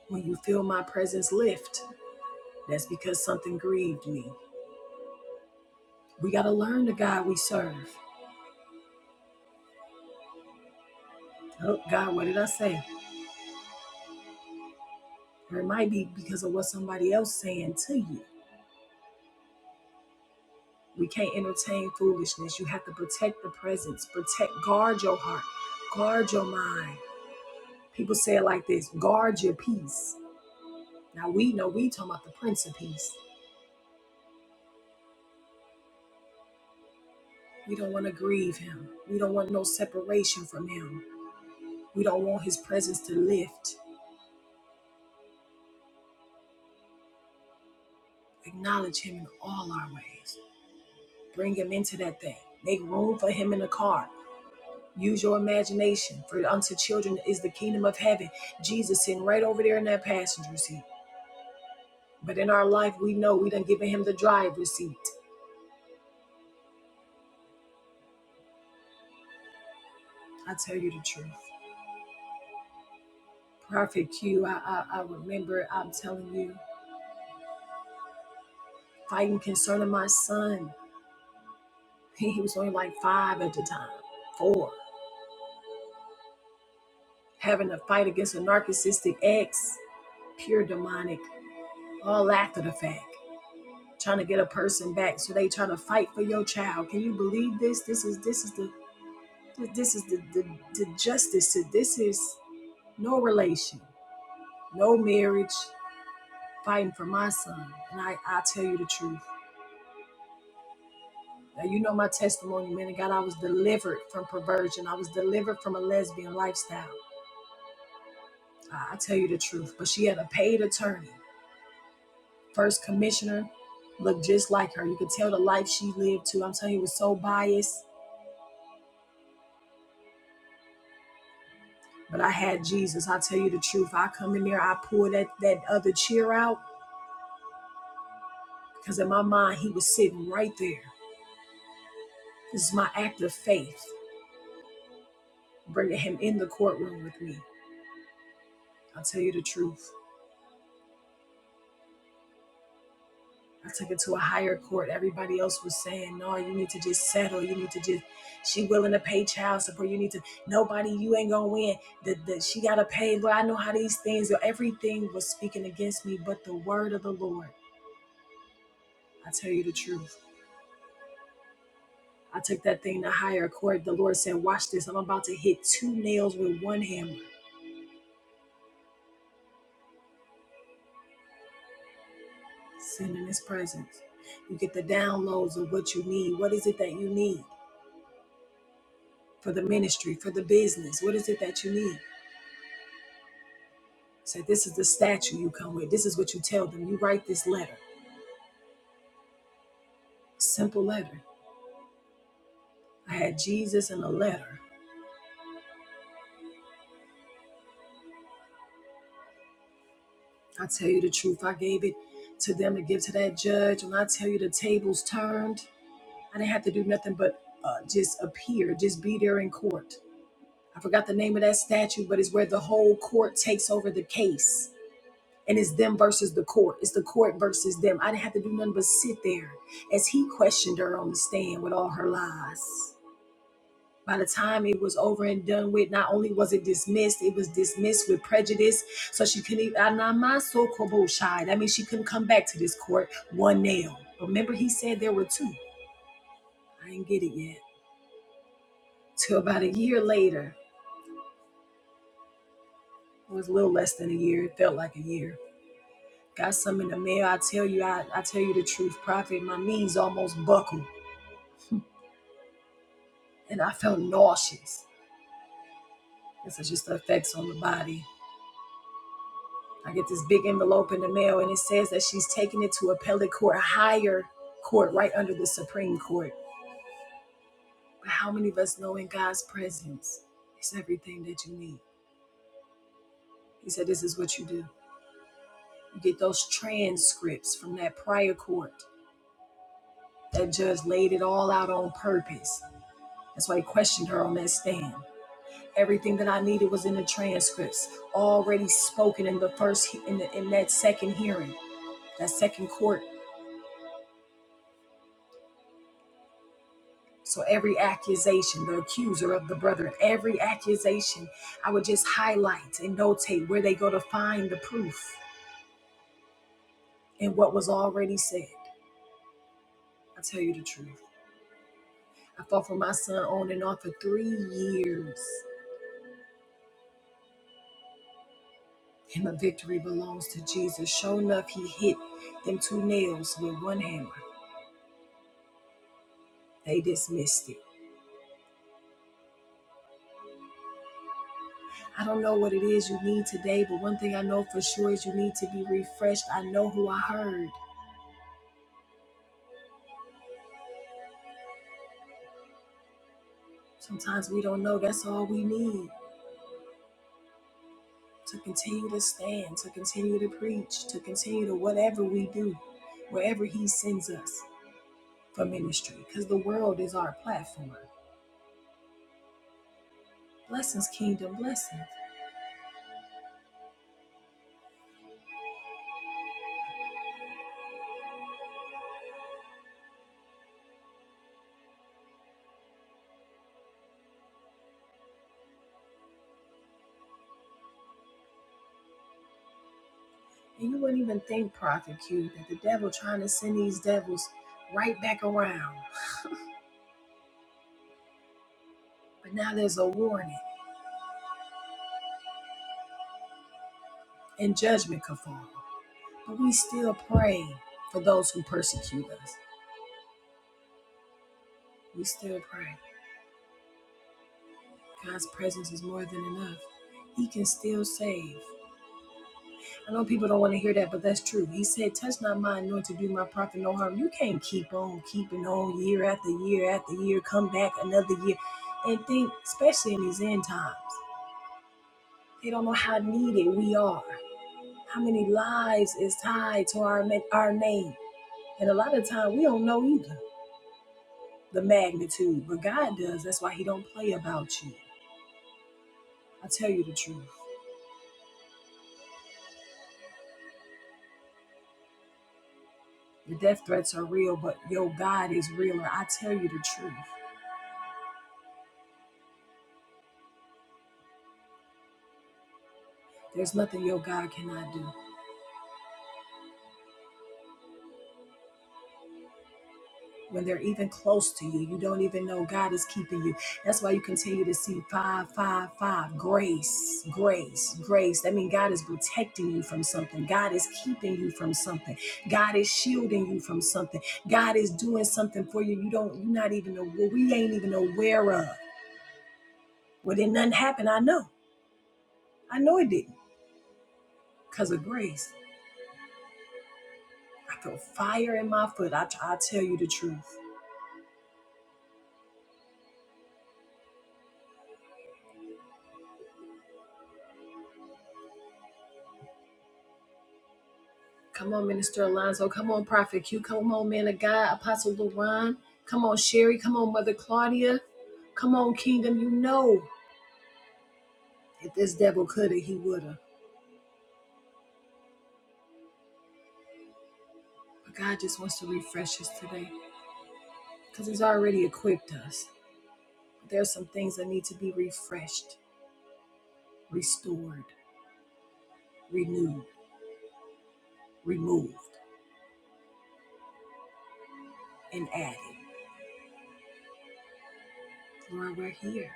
When you feel my presence lift, that's because something grieved me. We got to learn the God we serve. Oh, God, what did I say? Or it might be because of what somebody else saying to you. We can't entertain foolishness. You have to protect the presence, protect, guard your heart, guard your mind. People say it like this guard your peace. Now we know we talking about the Prince of Peace. We don't want to grieve him. We don't want no separation from him. We don't want his presence to lift. Acknowledge him in all our ways. Bring him into that thing. Make room for him in the car. Use your imagination. For unto children is the kingdom of heaven. Jesus sitting right over there in that passenger seat. But in our life, we know we done given him the driver's seat. I tell you the truth. Prophet Q, I, I, I remember, I'm telling you, fighting concerning my son. (laughs) He he was only like five at the time, four. Having a fight against a narcissistic ex, pure demonic, all after the fact. Trying to get a person back, so they trying to fight for your child. Can you believe this? This is this is the this is the the, the justice. This is no relation, no marriage. fighting for my son. And I, I tell you the truth. Now, you know my testimony, man. And God, I was delivered from perversion. I was delivered from a lesbian lifestyle. I, I tell you the truth. But she had a paid attorney. First commissioner looked just like her. You could tell the life she lived too. I'm telling you, it was so biased. But I had Jesus. I tell you the truth. I come in there, I pour that, that other cheer out because in my mind, he was sitting right there. This is my act of faith, bringing him in the courtroom with me. I'll tell you the truth. I took it to a higher court. Everybody else was saying, no, you need to just settle. You need to just, she willing to pay child support. You need to, nobody, you ain't gonna win. The, the, she gotta pay. Well, I know how these things, everything was speaking against me, but the word of the Lord, I tell you the truth. I took that thing to higher court. The Lord said, watch this. I'm about to hit two nails with one hammer. Send in his presence. You get the downloads of what you need. What is it that you need for the ministry, for the business? What is it that you need? Say this is the statue you come with. This is what you tell them. You write this letter. Simple letter. I had Jesus in a letter. I tell you the truth. I gave it to them to give to that judge. When I tell you the tables turned, I didn't have to do nothing but uh, just appear, just be there in court. I forgot the name of that statue, but it's where the whole court takes over the case. And it's them versus the court. It's the court versus them. I didn't have to do nothing but sit there as he questioned her on the stand with all her lies. By the time it was over and done with, not only was it dismissed, it was dismissed with prejudice. So she couldn't even, ah, nah, my so kobo shy. That means she couldn't come back to this court one nail. Remember, he said there were two. I didn't get it yet. Till about a year later, it was a little less than a year. It felt like a year. Got some in the mail. I tell you, I, I tell you the truth, Prophet. My knees almost buckled and I felt nauseous. This is just the effects on the body. I get this big envelope in the mail, and it says that she's taking it to appellate court, a higher court, right under the Supreme Court. But how many of us know in God's presence it's everything that you need? He said, This is what you do. You get those transcripts from that prior court. That judge laid it all out on purpose. That's why he questioned her on that stand. Everything that I needed was in the transcripts, already spoken in the first, in, the, in that second hearing, that second court So every accusation, the accuser of the brethren, every accusation, I would just highlight and notate where they go to find the proof and what was already said. I tell you the truth. I fought for my son on and off for three years, and the victory belongs to Jesus. Sure enough, he hit them two nails with one hammer. They dismissed it. I don't know what it is you need today, but one thing I know for sure is you need to be refreshed. I know who I heard. Sometimes we don't know. That's all we need. to continue to stand, to continue to preach, to continue to whatever we do, wherever He sends us for ministry, because the world is our platform. Blessings, kingdom, blessings. And you wouldn't even think, Prophet Q, that the devil trying to send these devils right back around. But now there's a warning and judgment could fall. But we still pray for those who persecute us. We still pray. God's presence is more than enough. He can still save. I know people don't want to hear that, but that's true. He said, Touch not my anointed, do my prophet no harm. You can't keep on keeping on year after year after year, come back another year. And think, especially in these end times, they don't know how needed we are, how many lives is tied to our, ma- our name. And a lot of time we don't know either the magnitude, but God does. That's why He don't play about you. I tell you the truth. The death threats are real, but your God is realer. I tell you the truth. There's nothing your God cannot do. when they're even close to you. You don't even know God is keeping you. That's why you continue to see five, five, five. Grace, grace, grace. That means God is protecting you from something. God is keeping you from something. God is shielding you from something. God is doing something for you. You don't, you're not even aware. We ain't even aware of. Well, then nothing happened. I know. I know it didn't. Because of grace. I feel fire in my foot. I, I tell you the truth. Come on, Minister Alonzo. Come on, Prophet Q. Come on, man of God, Apostle LaRon. Come on, Sherry. Come on, Mother Claudia. Come on, Kingdom. You know, if this devil coulda, he woulda. But God just wants to refresh us today because He's already equipped us. But there's some things that need to be refreshed, restored, renewed, removed, and added. Lord, we're here.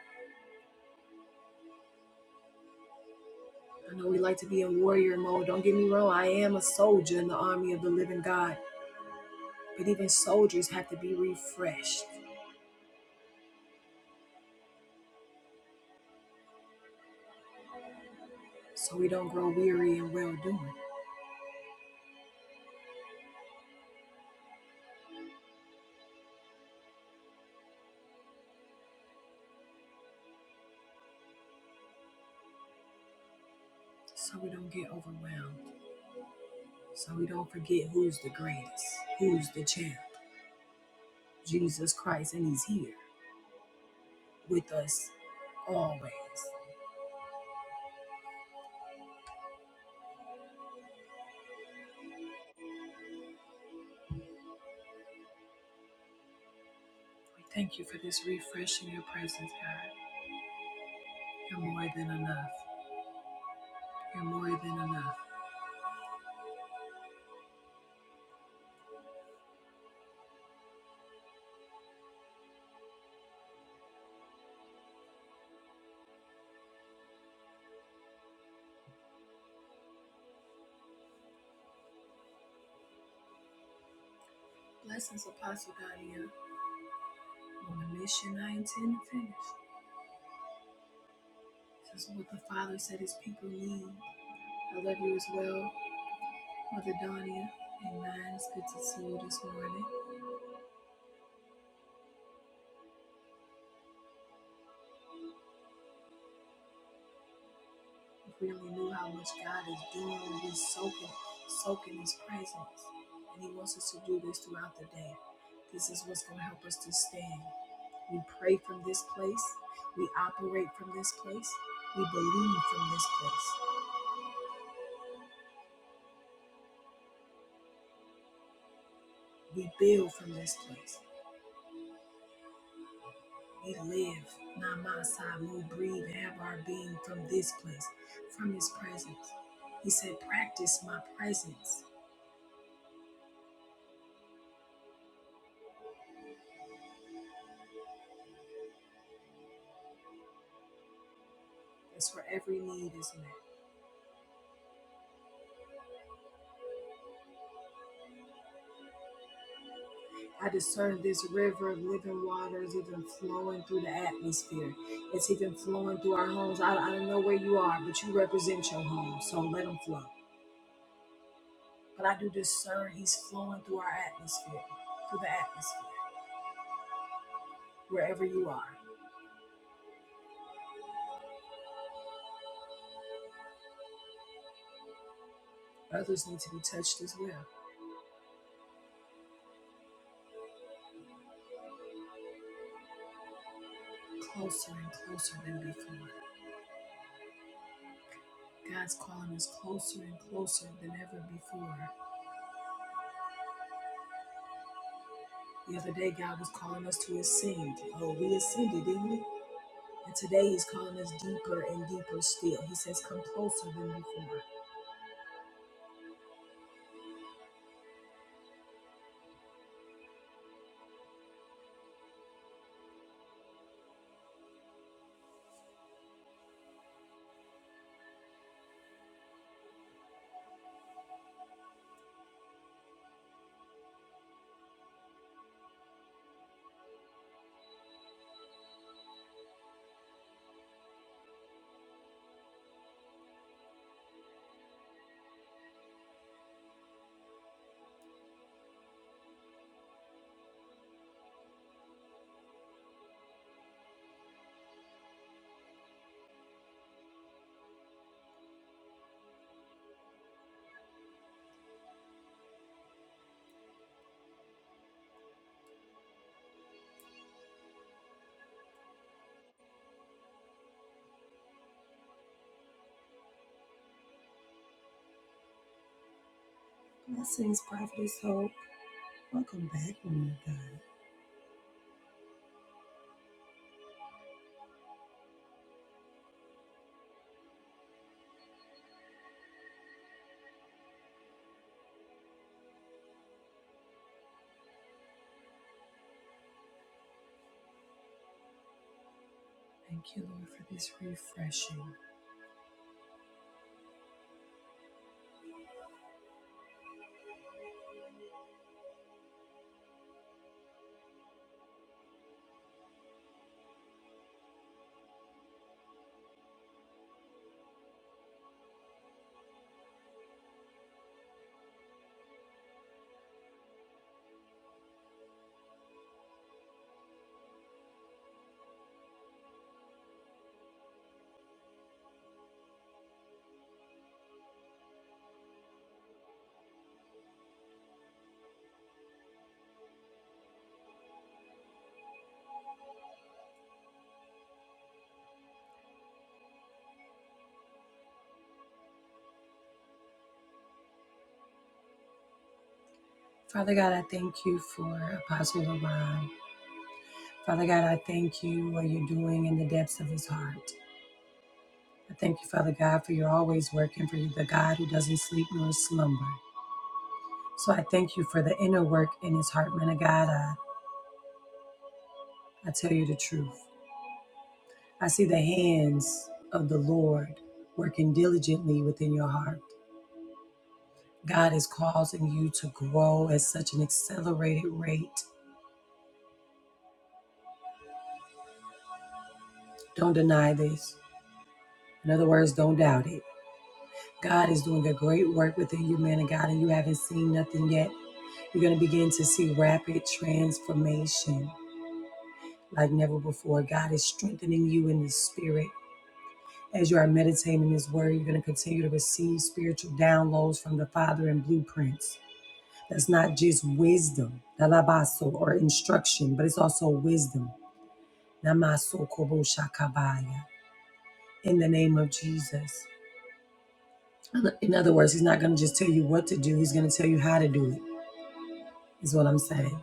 I know we like to be in warrior mode. Don't get me wrong. I am a soldier in the army of the living God. But even soldiers have to be refreshed so we don't grow weary in well doing, so we don't get overwhelmed, so we don't forget who's the greatest, who's the champ, Jesus Christ, and He's here with us always. We thank you for this refreshing your presence, God. You're more than enough. You're more than enough. Blessings, Apostle Dania. on the mission I intend to finish. This is what the Father said His people need. I love you as well, Mother Donia. Amen. It's good to see you this morning. really knew how much God is doing, we soaking, soaking His presence. And He wants us to do this throughout the day. This is what's going to help us to stand. We pray from this place, we operate from this place, we believe from this place, we build from this place. We live, Namasai, move, breathe, have our being from this place, from His presence. He said, Practice my presence. That's where every need is met. I discern this river of living waters even flowing through the atmosphere. It's even flowing through our homes. I, I don't know where you are, but you represent your home, so let them flow. But I do discern he's flowing through our atmosphere, through the atmosphere, wherever you are. Others need to be touched as well, closer and closer than before. God's calling us closer and closer than ever before. The other day, God was calling us to ascend. Oh, we ascended, didn't we? And today he's calling us deeper and deeper still. He says, Come closer than before. Blessings, prophetess hope. Welcome back, woman of God. Thank you, Lord, for this refreshing. Father God, I thank you for Apostle LeBron. Father God, I thank you what you're doing in the depths of his heart. I thank you, Father God, for you're always working for you, the God who doesn't sleep nor slumber. So I thank you for the inner work in his heart, man of God. I, I tell you the truth. I see the hands of the Lord working diligently within your heart. God is causing you to grow at such an accelerated rate. Don't deny this. In other words, don't doubt it. God is doing a great work within you, man of God, and you haven't seen nothing yet. You're going to begin to see rapid transformation like never before. God is strengthening you in the spirit. As you are meditating His word, you're going to continue to receive spiritual downloads from the Father and blueprints. That's not just wisdom, dalabaso, or instruction, but it's also wisdom. Namaso kobo shakabaya. In the name of Jesus. In other words, he's not going to just tell you what to do, he's going to tell you how to do it, is what I'm saying.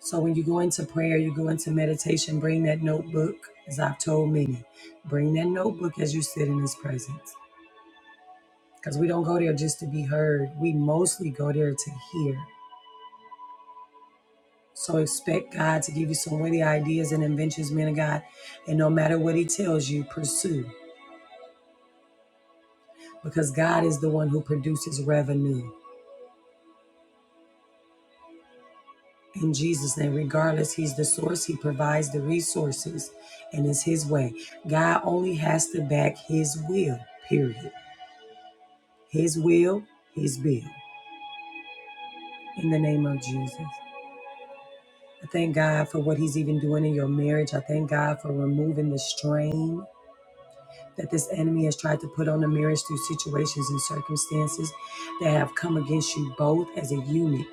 So when you go into prayer, you go into meditation, bring that notebook, as I've told many. Bring that notebook as you sit in his presence. Because we don't go there just to be heard, we mostly go there to hear. So expect God to give you some witty ideas and inventions, men of God. And no matter what He tells you, pursue because God is the one who produces revenue. In Jesus' name, regardless, He's the source, He provides the resources, and it's His way. God only has to back His will, period. His will, His bill. In the name of Jesus. I thank God for what He's even doing in your marriage. I thank God for removing the strain. that this enemy has tried to put on the marriage through situations and circumstances that have come against you both as a unit.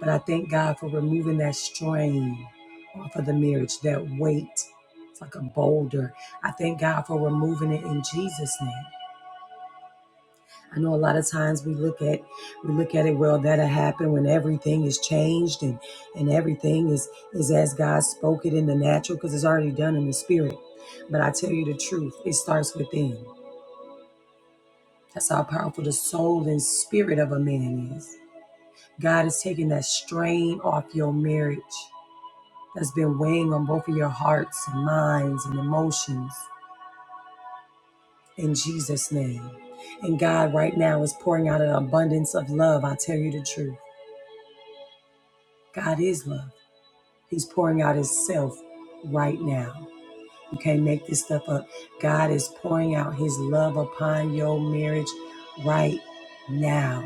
But I thank God for removing that strain off of the marriage, that weight. It's like a boulder. I thank God for removing it in Jesus' name. I know a lot of times we look at we look at it, well, that'll happen when everything is changed and and everything is is as God spoke it in the natural because it's already done in the spirit. But I tell you the truth, it starts within. That's how powerful the soul and spirit of a man is. God is taking that strain off your marriage that's been weighing on both of your hearts and minds and emotions in Jesus' name. And God, right now, is pouring out an abundance of love. I tell you the truth. God is love. He's pouring out Himself right now. You can't make this stuff up. God is pouring out His love upon your marriage right now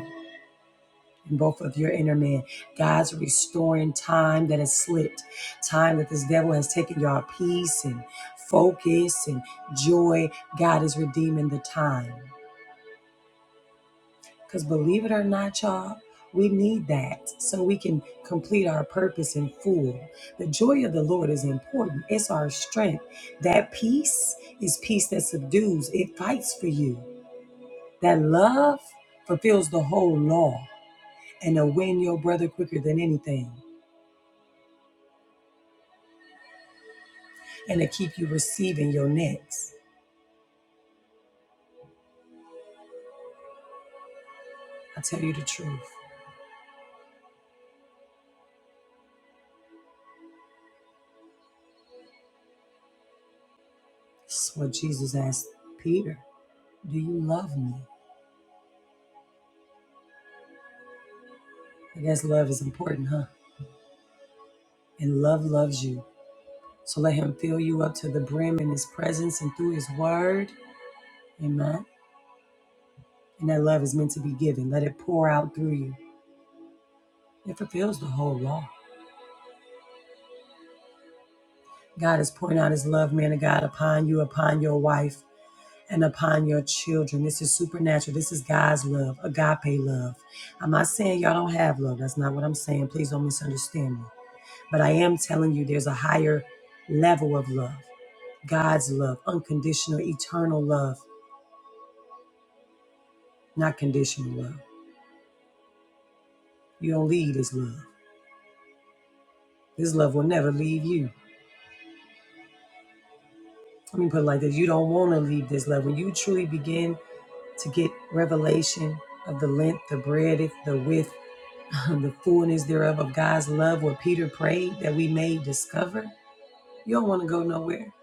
and both of your inner man. God's restoring time that has slipped, time that this devil has taken your peace and focus and joy. God is redeeming the time. Because believe it or not, y'all, we need that so we can complete our purpose in full. The joy of the Lord is important, it's our strength. That peace is peace that subdues, it fights for you. That love fulfills the whole law and to win your brother quicker than anything. and to keep you receiving your next. I tell you the truth. This is what Jesus asked Peter Do you love me? I guess love is important, huh? And love loves you. So let him fill you up to the brim in his presence and through his word. Amen. And that love is meant to be given. Let it pour out through you. It fulfills the whole law. God is pouring out his love, man of God, upon you, upon your wife. and upon your children. This is supernatural. This is God's love, agape love. I'm not saying y'all don't have love. That's not what I'm saying. Please don't misunderstand me. But I am telling you there's a higher level of love God's love, unconditional, eternal love, not conditional love. You don't leave this love. This love will never leave you. Let me put it like this you don't want to leave this love. When you truly begin to get revelation of the length, the breadth, the width, (laughs) the fullness thereof of God's love, what Peter prayed that we may discover. You don't want to go nowhere.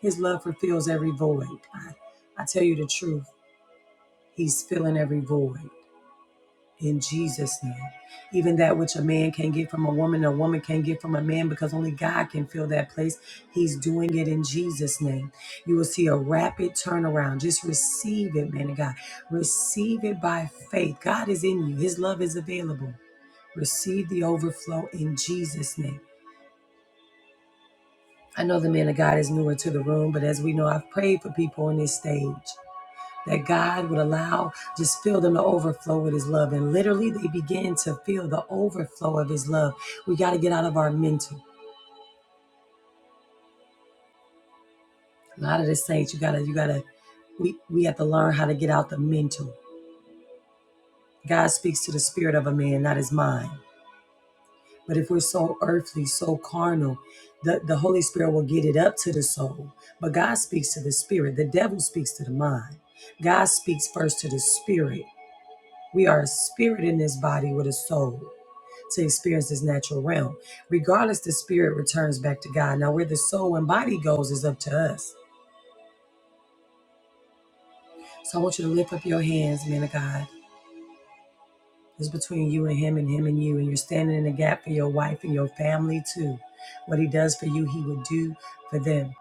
His love fulfills every void. I, I tell you the truth, He's filling every void in Jesus' name. Even that which a man can get from a woman, a woman can get from a man, because only God can fill that place. He's doing it in Jesus' name. You will see a rapid turnaround. Just receive it, man of God. Receive it by faith. God is in you, His love is available. receive the overflow in Jesus' name. I know the man of God is newer to the room, but as we know, I've prayed for people on this stage that God would allow, just fill them to overflow with his love. And literally, they begin to feel the overflow of his love. We got to get out of our mental. A lot of the saints, you got to, you got to, we, we have to learn how to get out the mental. God speaks to the spirit of a man, not his mind. But if we're so earthly, so carnal, the, the Holy Spirit will get it up to the soul. But God speaks to the spirit. The devil speaks to the mind. God speaks first to the spirit. We are a spirit in this body with a soul to experience this natural realm. Regardless, the spirit returns back to God. Now, where the soul and body goes is up to us. So I want you to lift up your hands, men of God. It's between you and him and him and you. And you're standing in the gap for your wife and your family too. What he does for you, he would do for them.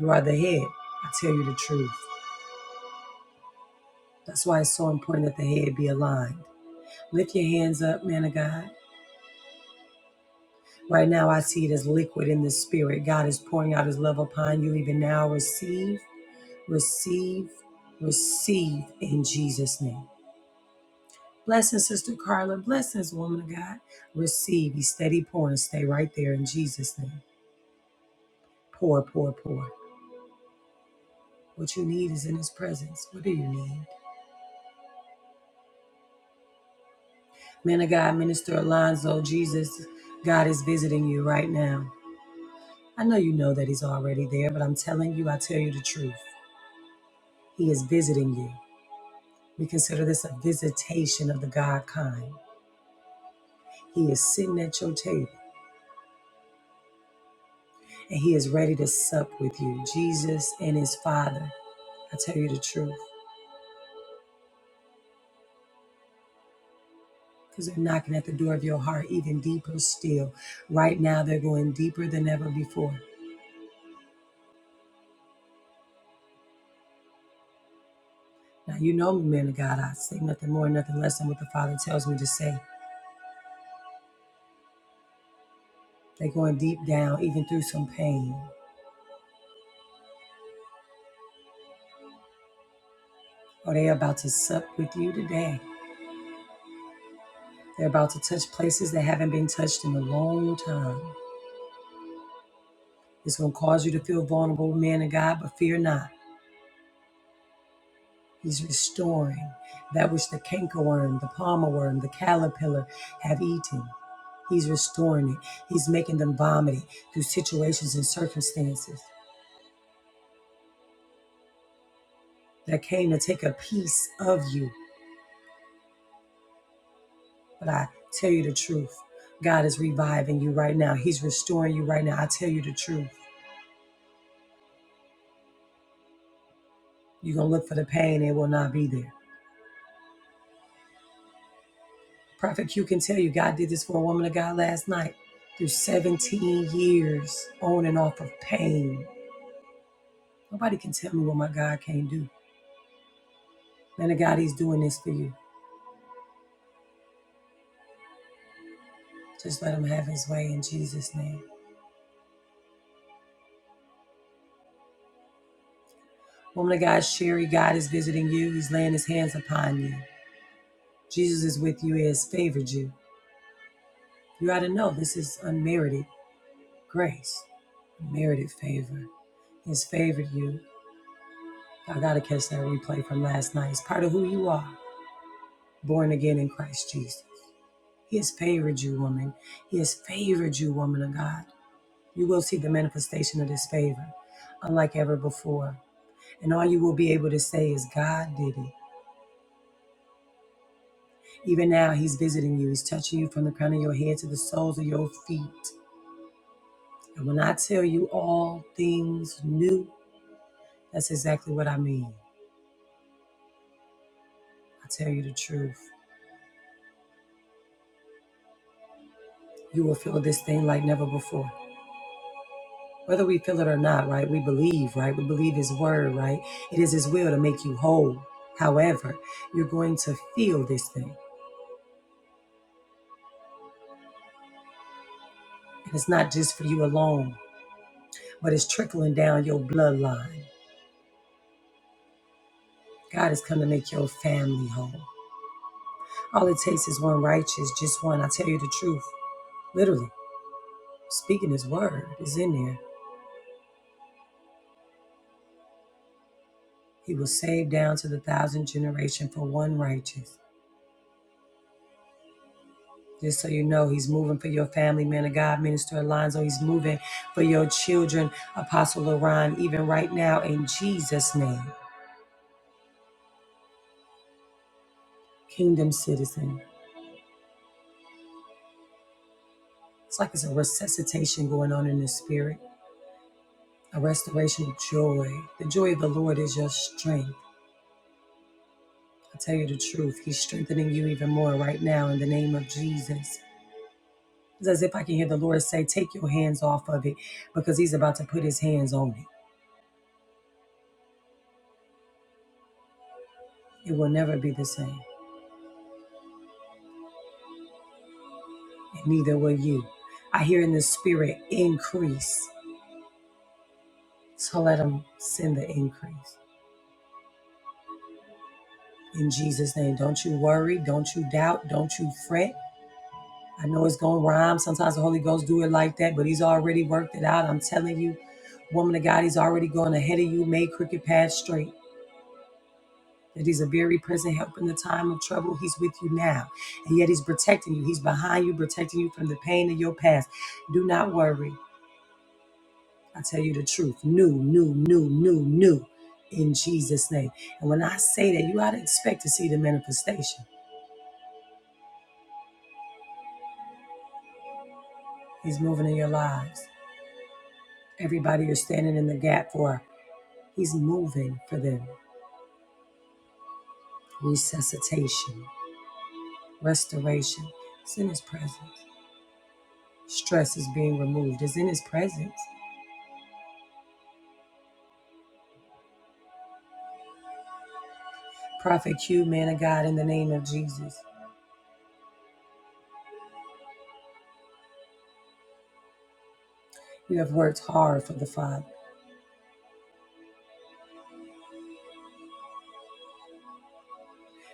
You are the head. I tell you the truth. That's why it's so important that the head be aligned. Lift your hands up, man of God. Right now, I see it as liquid in the spirit. God is pouring out his love upon you even now. Receive, receive, receive in Jesus' name. Blessings, Sister Carla. Blessings, woman of God. Receive. Be steady pouring. Stay right there in Jesus' name. Pour, pour, pour. What you need is in his presence. What do you need? Man of God, Minister Alonzo, Jesus, God is visiting you right now. I know you know that He's already there, but I'm telling you, I tell you the truth. He is visiting you. We consider this a visitation of the God kind. He is sitting at your table and He is ready to sup with you, Jesus and His Father. I tell you the truth. Because they're knocking at the door of your heart even deeper still. Right now, they're going deeper than ever before. Now, you know me, man of God. I say nothing more, nothing less than what the Father tells me to say. They're going deep down, even through some pain. Or they're about to sup with you today. They're about to touch places that haven't been touched in a long time. It's going to cause you to feel vulnerable, man of God, but fear not. He's restoring that which the cankerworm, the palmer worm, the caterpillar have eaten. He's restoring it. He's making them vomit it through situations and circumstances that came to take a piece of you. But I tell you the truth. God is reviving you right now. He's restoring you right now. I tell you the truth. You're going to look for the pain, it will not be there. Prophet Q can tell you God did this for a woman of God last night through 17 years on and off of pain. Nobody can tell me what my God can't do. Man of God, He's doing this for you. Just let Him have His way in Jesus' name. Woman of God, Sherry, God is visiting you. He's laying His hands upon you. Jesus is with you. He has favored you. You ought to know this is unmerited. Grace, merited favor, has favored you. I gotta catch that replay from last night. It's part of who you are, born again in Christ Jesus. He has favored you, woman. He has favored you, woman of God. You will see the manifestation of this favor, unlike ever before. And all you will be able to say is, God did it. Even now, He's visiting you. He's touching you from the crown of your head to the soles of your feet. And when I tell you all things new, that's exactly what I mean. I tell you the truth. you will feel this thing like never before. Whether we feel it or not, right? We believe, right? We believe His word, right? It is His will to make you whole. However, you're going to feel this thing. And it's not just for you alone, but it's trickling down your bloodline. God has come to make your family whole. All it takes is one righteous, just one. I tell you the truth, literally. Speaking His word is in there. He will save down to the thousand generation for one righteous. Just so you know, he's moving for your family, man of God, Minister Alonzo. He's moving for your children, Apostle Laron, even right now in Jesus' name. Kingdom citizen. It's like it's a resuscitation going on in the spirit, a restoration of joy. The joy of the Lord is your strength. I tell you the truth, he's strengthening you even more right now in the name of Jesus. It's as if I can hear the Lord say, Take your hands off of it because he's about to put his hands on it. It will never be the same. and neither will you. I hear in the spirit increase. So let him send the increase. In Jesus' name, don't you worry, don't you doubt, don't you fret. I know it's gonna rhyme. Sometimes the Holy Ghost do it like that, but He's already worked it out. I'm telling you, woman of God, He's already going ahead of you, made crooked paths straight. That He's a very present help in the time of trouble. He's with you now, and yet He's protecting you. He's behind you, protecting you from the pain of your past. Do not worry. I tell you the truth. New, new, new, new, new in Jesus' name. And when I say that, you ought to expect to see the manifestation. He's moving in your lives. Everybody you're standing in the gap for, He's moving for them. Resuscitation, restoration It's in His presence. Stress is being removed It's in His presence. Prophet Q, man of God, in the name of Jesus, you have worked hard for the Father,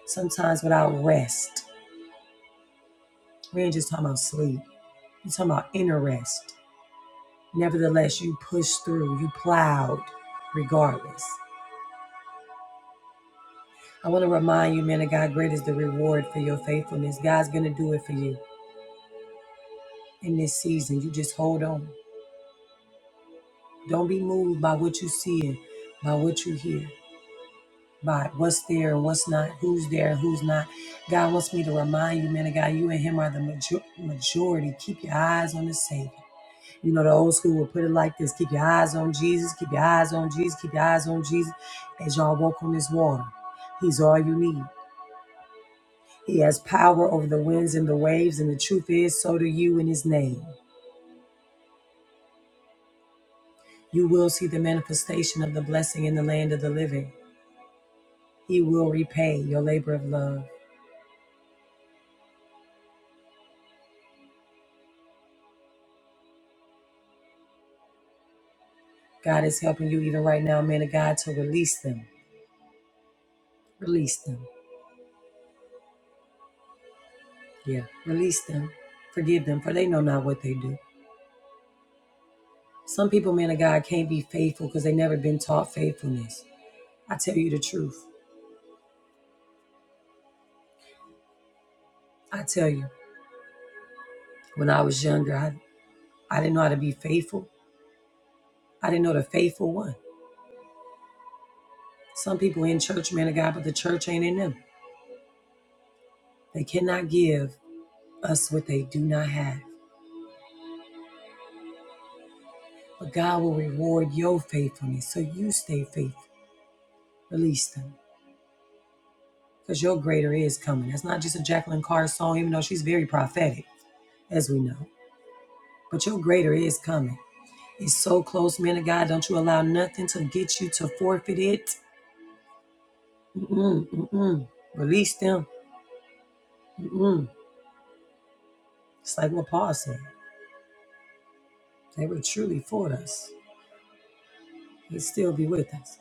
sometimes without rest. We ain't just talking about sleep, we're talking about inner rest Nevertheless, you pushed through, you plowed regardless. I want to remind you, man of God, great is the reward for your faithfulness. God's going to do it for you in this season. You just hold on. Don't be moved by what you see and by what you hear, by what's there and what's not, who's there and who's not. God wants me to remind you, man of God, you and Him are the major- majority. Keep your eyes on the Savior. You know, the old school would put it like this keep your eyes on Jesus, keep your eyes on Jesus, keep your eyes on Jesus as y'all walk on this water. He's all you need. He has power over the winds and the waves, and the truth is, so do you in His name. You will see the manifestation of the blessing in the land of the living. He will repay your labor of love. God is helping you even right now, man of God, to release them. Release them. Yeah. Release them. Forgive them, for they know not what they do. Some people, man of God, can't be faithful because they never been taught faithfulness. I tell you the truth. I tell you, when I was younger, I, I didn't know how to be faithful. I didn't know the faithful one. Some people in church, man of God, but the church ain't in them. They cannot give us what they do not have. But God will reward your faithfulness. So you stay faithful. Release them. Because your greater is coming. That's not just a Jacqueline Carr song, even though she's very prophetic, as we know. But your greater is coming. It's so close, man of God. Don't you allow nothing to get you to forfeit it Mm-mm, mm-mm. Release them. Mm-mm. It's like what Paul said. They were truly for us. He'd still be with us.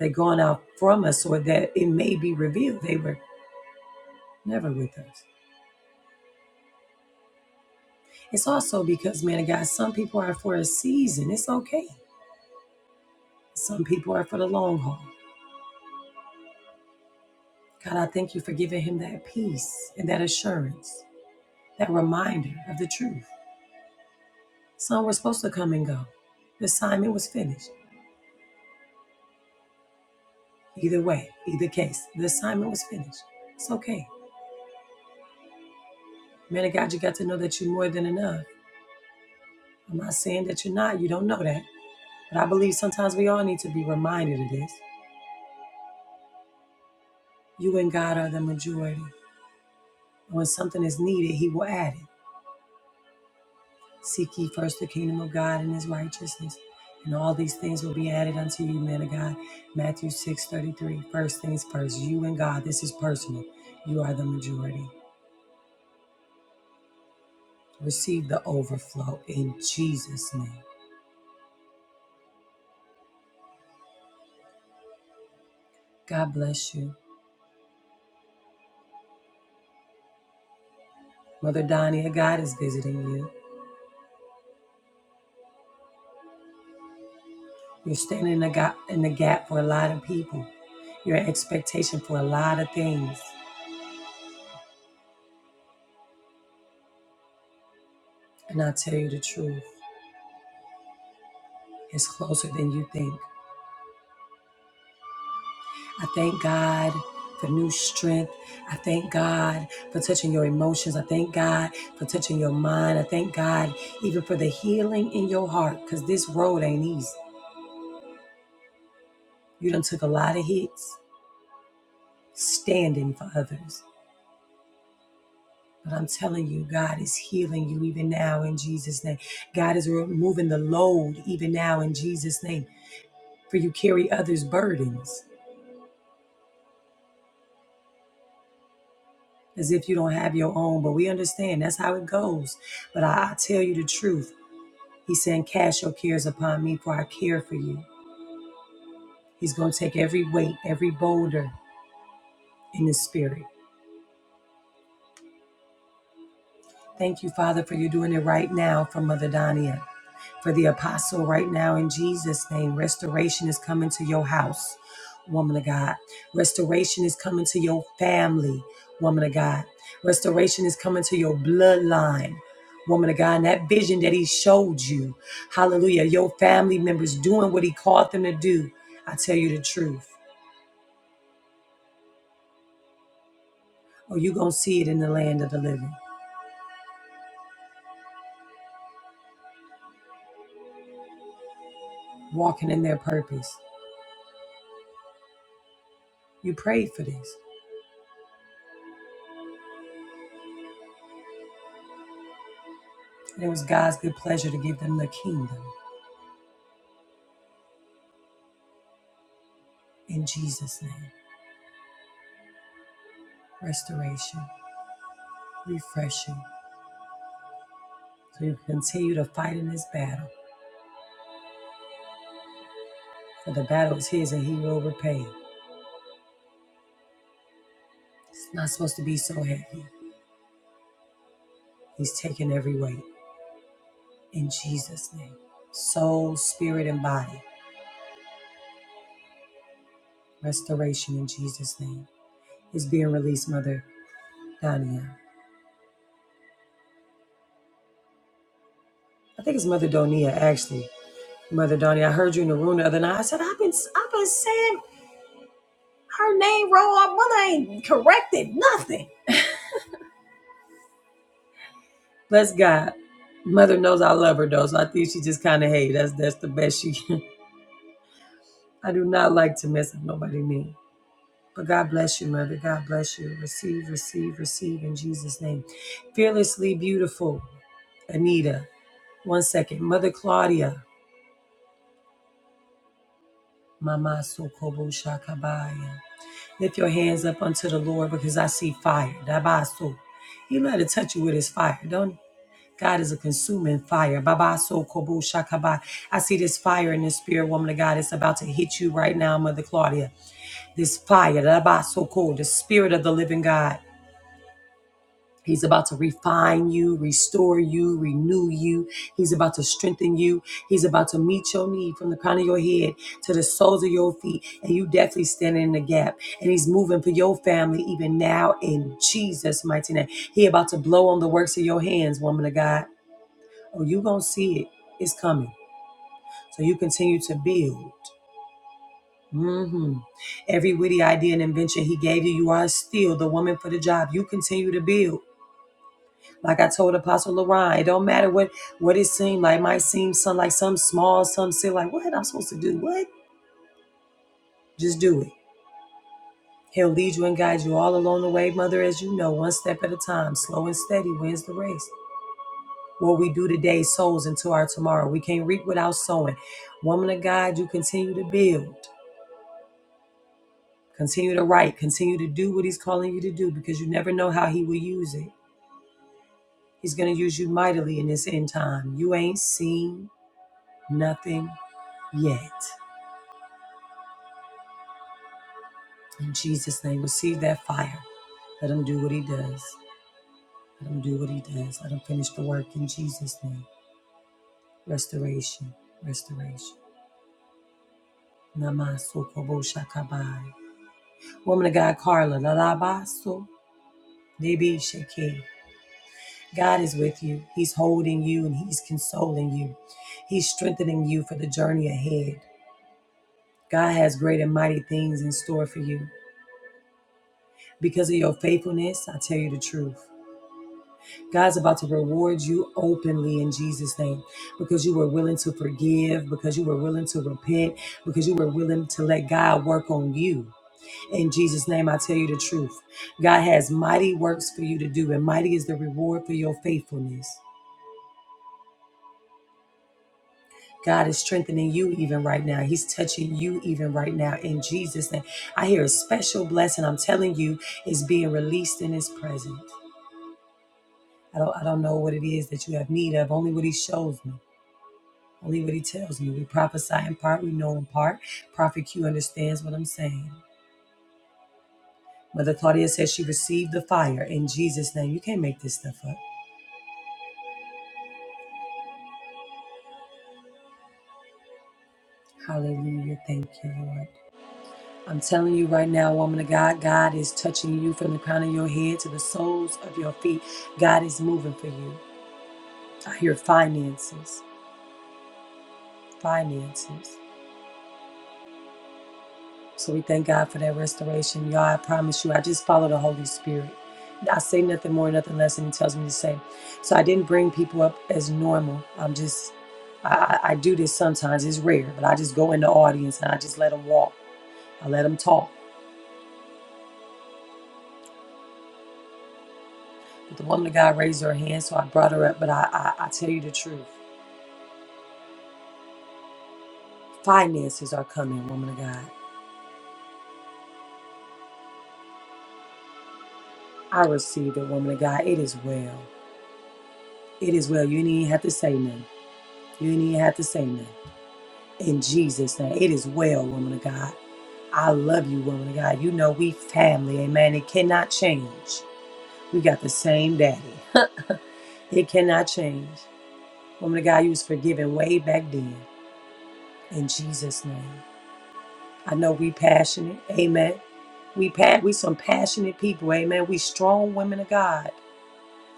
they're gone out from us or that it may be revealed they were never with us. It's also because, man of God, some people are for a season. It's okay. Some people are for the long haul. God, I thank you for giving him that peace and that assurance, that reminder of the truth. Some were supposed to come and go. The assignment was finished. Either way, either case, the assignment was finished. It's okay. Man of God, you got to know that you're more than enough. I'm not saying that you're not, you don't know that. But I believe sometimes we all need to be reminded of this. You and God are the majority. And when something is needed, He will add it. Seek ye first the kingdom of God and His righteousness, and all these things will be added unto you, man of God. Matthew six thirty-three. First things first, you and God, this is personal. You are the majority. Receive the overflow in Jesus' name. God bless you. Mother Donia, God is visiting you. You're standing in the, gap, in the gap for a lot of people. You're in expectation for a lot of things. And I tell you the truth, it's closer than you think. I thank God for new strength. I thank God for touching your emotions. I thank God for touching your mind. I thank God even for the healing in your heart because this road ain't easy. You done took a lot of hits standing for others. But I'm telling you, God is healing you even now in Jesus' name. God is removing the load even now in Jesus' name. For you carry others' burdens as if you don't have your own. But we understand that's how it goes. But I, I tell you the truth. He's saying, Cast your cares upon me, for I care for you. He's going to take every weight, every boulder in the spirit. Thank you, Father, for you doing it right now for Mother Dania. for the apostle right now in Jesus' name. Restoration is coming to your house, woman of God. Restoration is coming to your family, woman of God. Restoration is coming to your bloodline. Woman of God, and that vision that He showed you, hallelujah, your family members doing what He called them to do. I tell you the truth, or you going to see it in the land of the living, walking in their purpose. You prayed for this, and it was God's good pleasure to give them the kingdom in Jesus' name. restoration, refreshing. So you continue to fight in this battle. For the battle is his and he will repay. It's not supposed to be so heavy. He's taking every weight in Jesus' name. Soul, spirit, and body. Restoration in Jesus' name. Is being released, Mother Donia. I think it's Mother Donia, actually. Mother Donia, I heard you in the room the other night. I said, I've been I've been saying her name wrong. Our mother ain't corrected nothing. Bless God. Mother knows I love her though, so I think she just kind of hey, that's that's the best she. can. (laughs) I do not like to mess up nobody name. But God bless you, mother. God bless you. Receive, receive, receive in Jesus' name. Fearlessly beautiful, Anita. One second, Mother Claudia. Mama Sokobo Shakabaya. Lift your hands up unto the Lord because I see fire. Dabaso. He let it touch you with his fire, don't he? God is a consuming fire. Baba so kobo shakaba. I see this fire in this spirit, woman of God. It's about to hit you right now, Mother Claudia. This fire, Baba so cold, the spirit of the living God. He's about to refine you, restore you, renew you. He's about to strengthen you. He's about to meet your need from the crown of your head to the soles of your feet. And you definitely standing in the gap. And he's moving for your family even now in Jesus' mighty name. He about to blow on the works of your hands, woman of God. Oh, you gonna see it. It's coming. So you continue to build. hmm Every witty idea and invention he gave you, you are still the woman for the job. You continue to build. Like I told Apostle Lorraine, it don't matter what what it seemed like. It might seem some like some small, some silly. Like what I'm supposed to do? What? Just do it. He'll lead you and guide you all along the way, Mother, as you know, one step at a time. Slow and steady wins the race. What we do today sows into our tomorrow. We can't reap without sowing. Woman of God, you continue to build. Continue to write. Continue to do what He's calling you to do because you never know how He will use it. He's going to use you mightily in this end time. You ain't seen nothing yet. In Jesus' name, receive that fire. Let Him do what He does. Let Him do what He does. Let Him finish the work in Jesus' name. Restoration, restoration. Namaso kobo shakabai. Woman of God, Carla. Lalabaso. Debi sheke. God is with you. He's holding you and He's consoling you. He's strengthening you for the journey ahead. God has great and mighty things in store for you. Because of your faithfulness, I tell you the truth. God's about to reward you openly in Jesus' name because you were willing to forgive, because you were willing to repent, because you were willing to let God work on you. In Jesus' name, I tell you the truth. God has mighty works for you to do, and mighty is the reward for your faithfulness. God is strengthening you even right now. He's touching you even right now in Jesus' name. I hear a special blessing. I'm telling you, is being released in His presence. I don't, I don't know what it is that you have need of. Only what He shows me. Only what He tells me. We prophesy in part. We know in part. Prophet Q understands what I'm saying. Mother Claudia says she received the fire in Jesus' name. You can't make this stuff up. Hallelujah. Thank you, Lord. I'm telling you right now, woman of God, God is touching you from the crown of your head to the soles of your feet. God is moving for you. I hear finances, finances. So we thank God for that restoration. Y'all, I promise you, I just follow the Holy Spirit. I say nothing more, nothing less than He tells me to say. So I didn't bring people up as normal. I'm just, I, I I do this sometimes. It's rare, but I just go in the audience and I just let them walk. I let them talk. But the woman of God raised her hand, so I brought her up. But I, I, I tell you the truth. Finances are coming, woman of God. I received it, woman of God. It is well. It is well. You didn't even have to say nothing. You didn't even have to say nothing. In Jesus' name, it is well, woman of God. I love you, woman of God. You know we family, amen. It cannot change. We got the same daddy. (laughs) it cannot change. Woman of God, you was forgiven way back then. In Jesus' name. I know we passionate, amen. We pa- we some passionate people, amen. We strong women of God.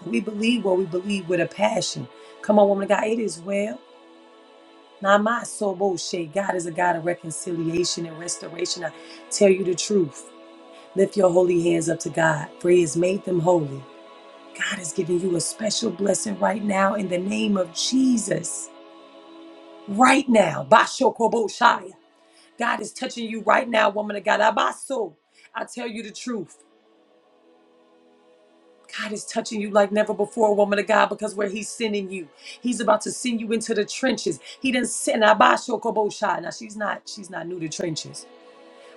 We believe what we believe with a passion. Come on, woman of God, it is well. Not my soul bullshit. God is a God of reconciliation and restoration. I tell you the truth. Lift your holy hands up to God, for He has made them holy. God is giving you a special blessing right now in the name of Jesus. Right now. Bashokoboshaya. God is touching you right now, woman of God. Abaso. I tell you the truth. God is touching you like never before, woman of God, because where He's sending you, He's about to send you into the trenches. He didn't send Abasho Kobosha. Now she's not, she's not new to trenches,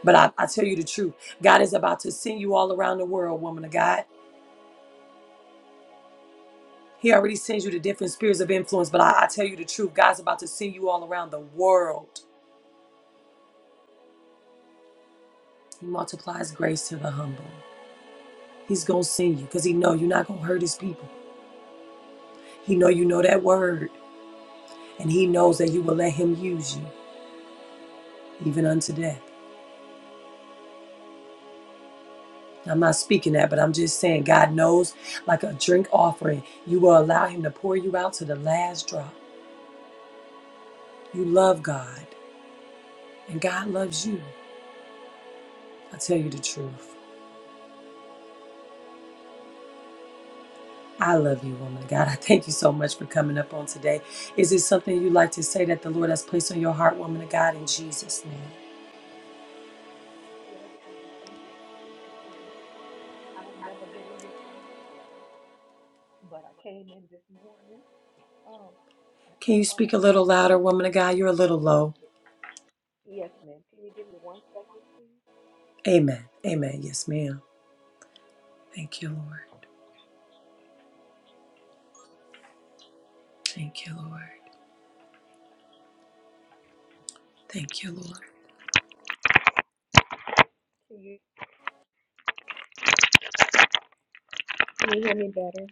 but I, I tell you the truth, God is about to send you all around the world, woman of God. He already sends you to different spheres of influence, but I, I tell you the truth, God's about to send you all around the world. He multiplies grace to the humble. He's gonna send you because He know you're not gonna hurt His people. He know you know that word, and He knows that you will let Him use you even unto death. I'm not speaking that, but I'm just saying God knows like a drink offering, you will allow Him to pour you out to the last drop. You love God, and God loves you. I tell you the truth. I love you, woman of God. I thank you so much for coming up on today. Is it something you'd like to say that the Lord has placed on your heart, woman of God, in Jesus' name? Yes, ma'am. Thank you, Prophet Martina. I've never been in your room before, but I came in this morning. Um, I Can think you on speak an a little louder, accident. woman of God? You're a little low. Ye- Yes, ma'am. Can you give me one second, please? Amen. Amen. Yes, ma'am. Thank you, Lord. Thank you, Lord. Thank you, Lord. Can you can you hear me better?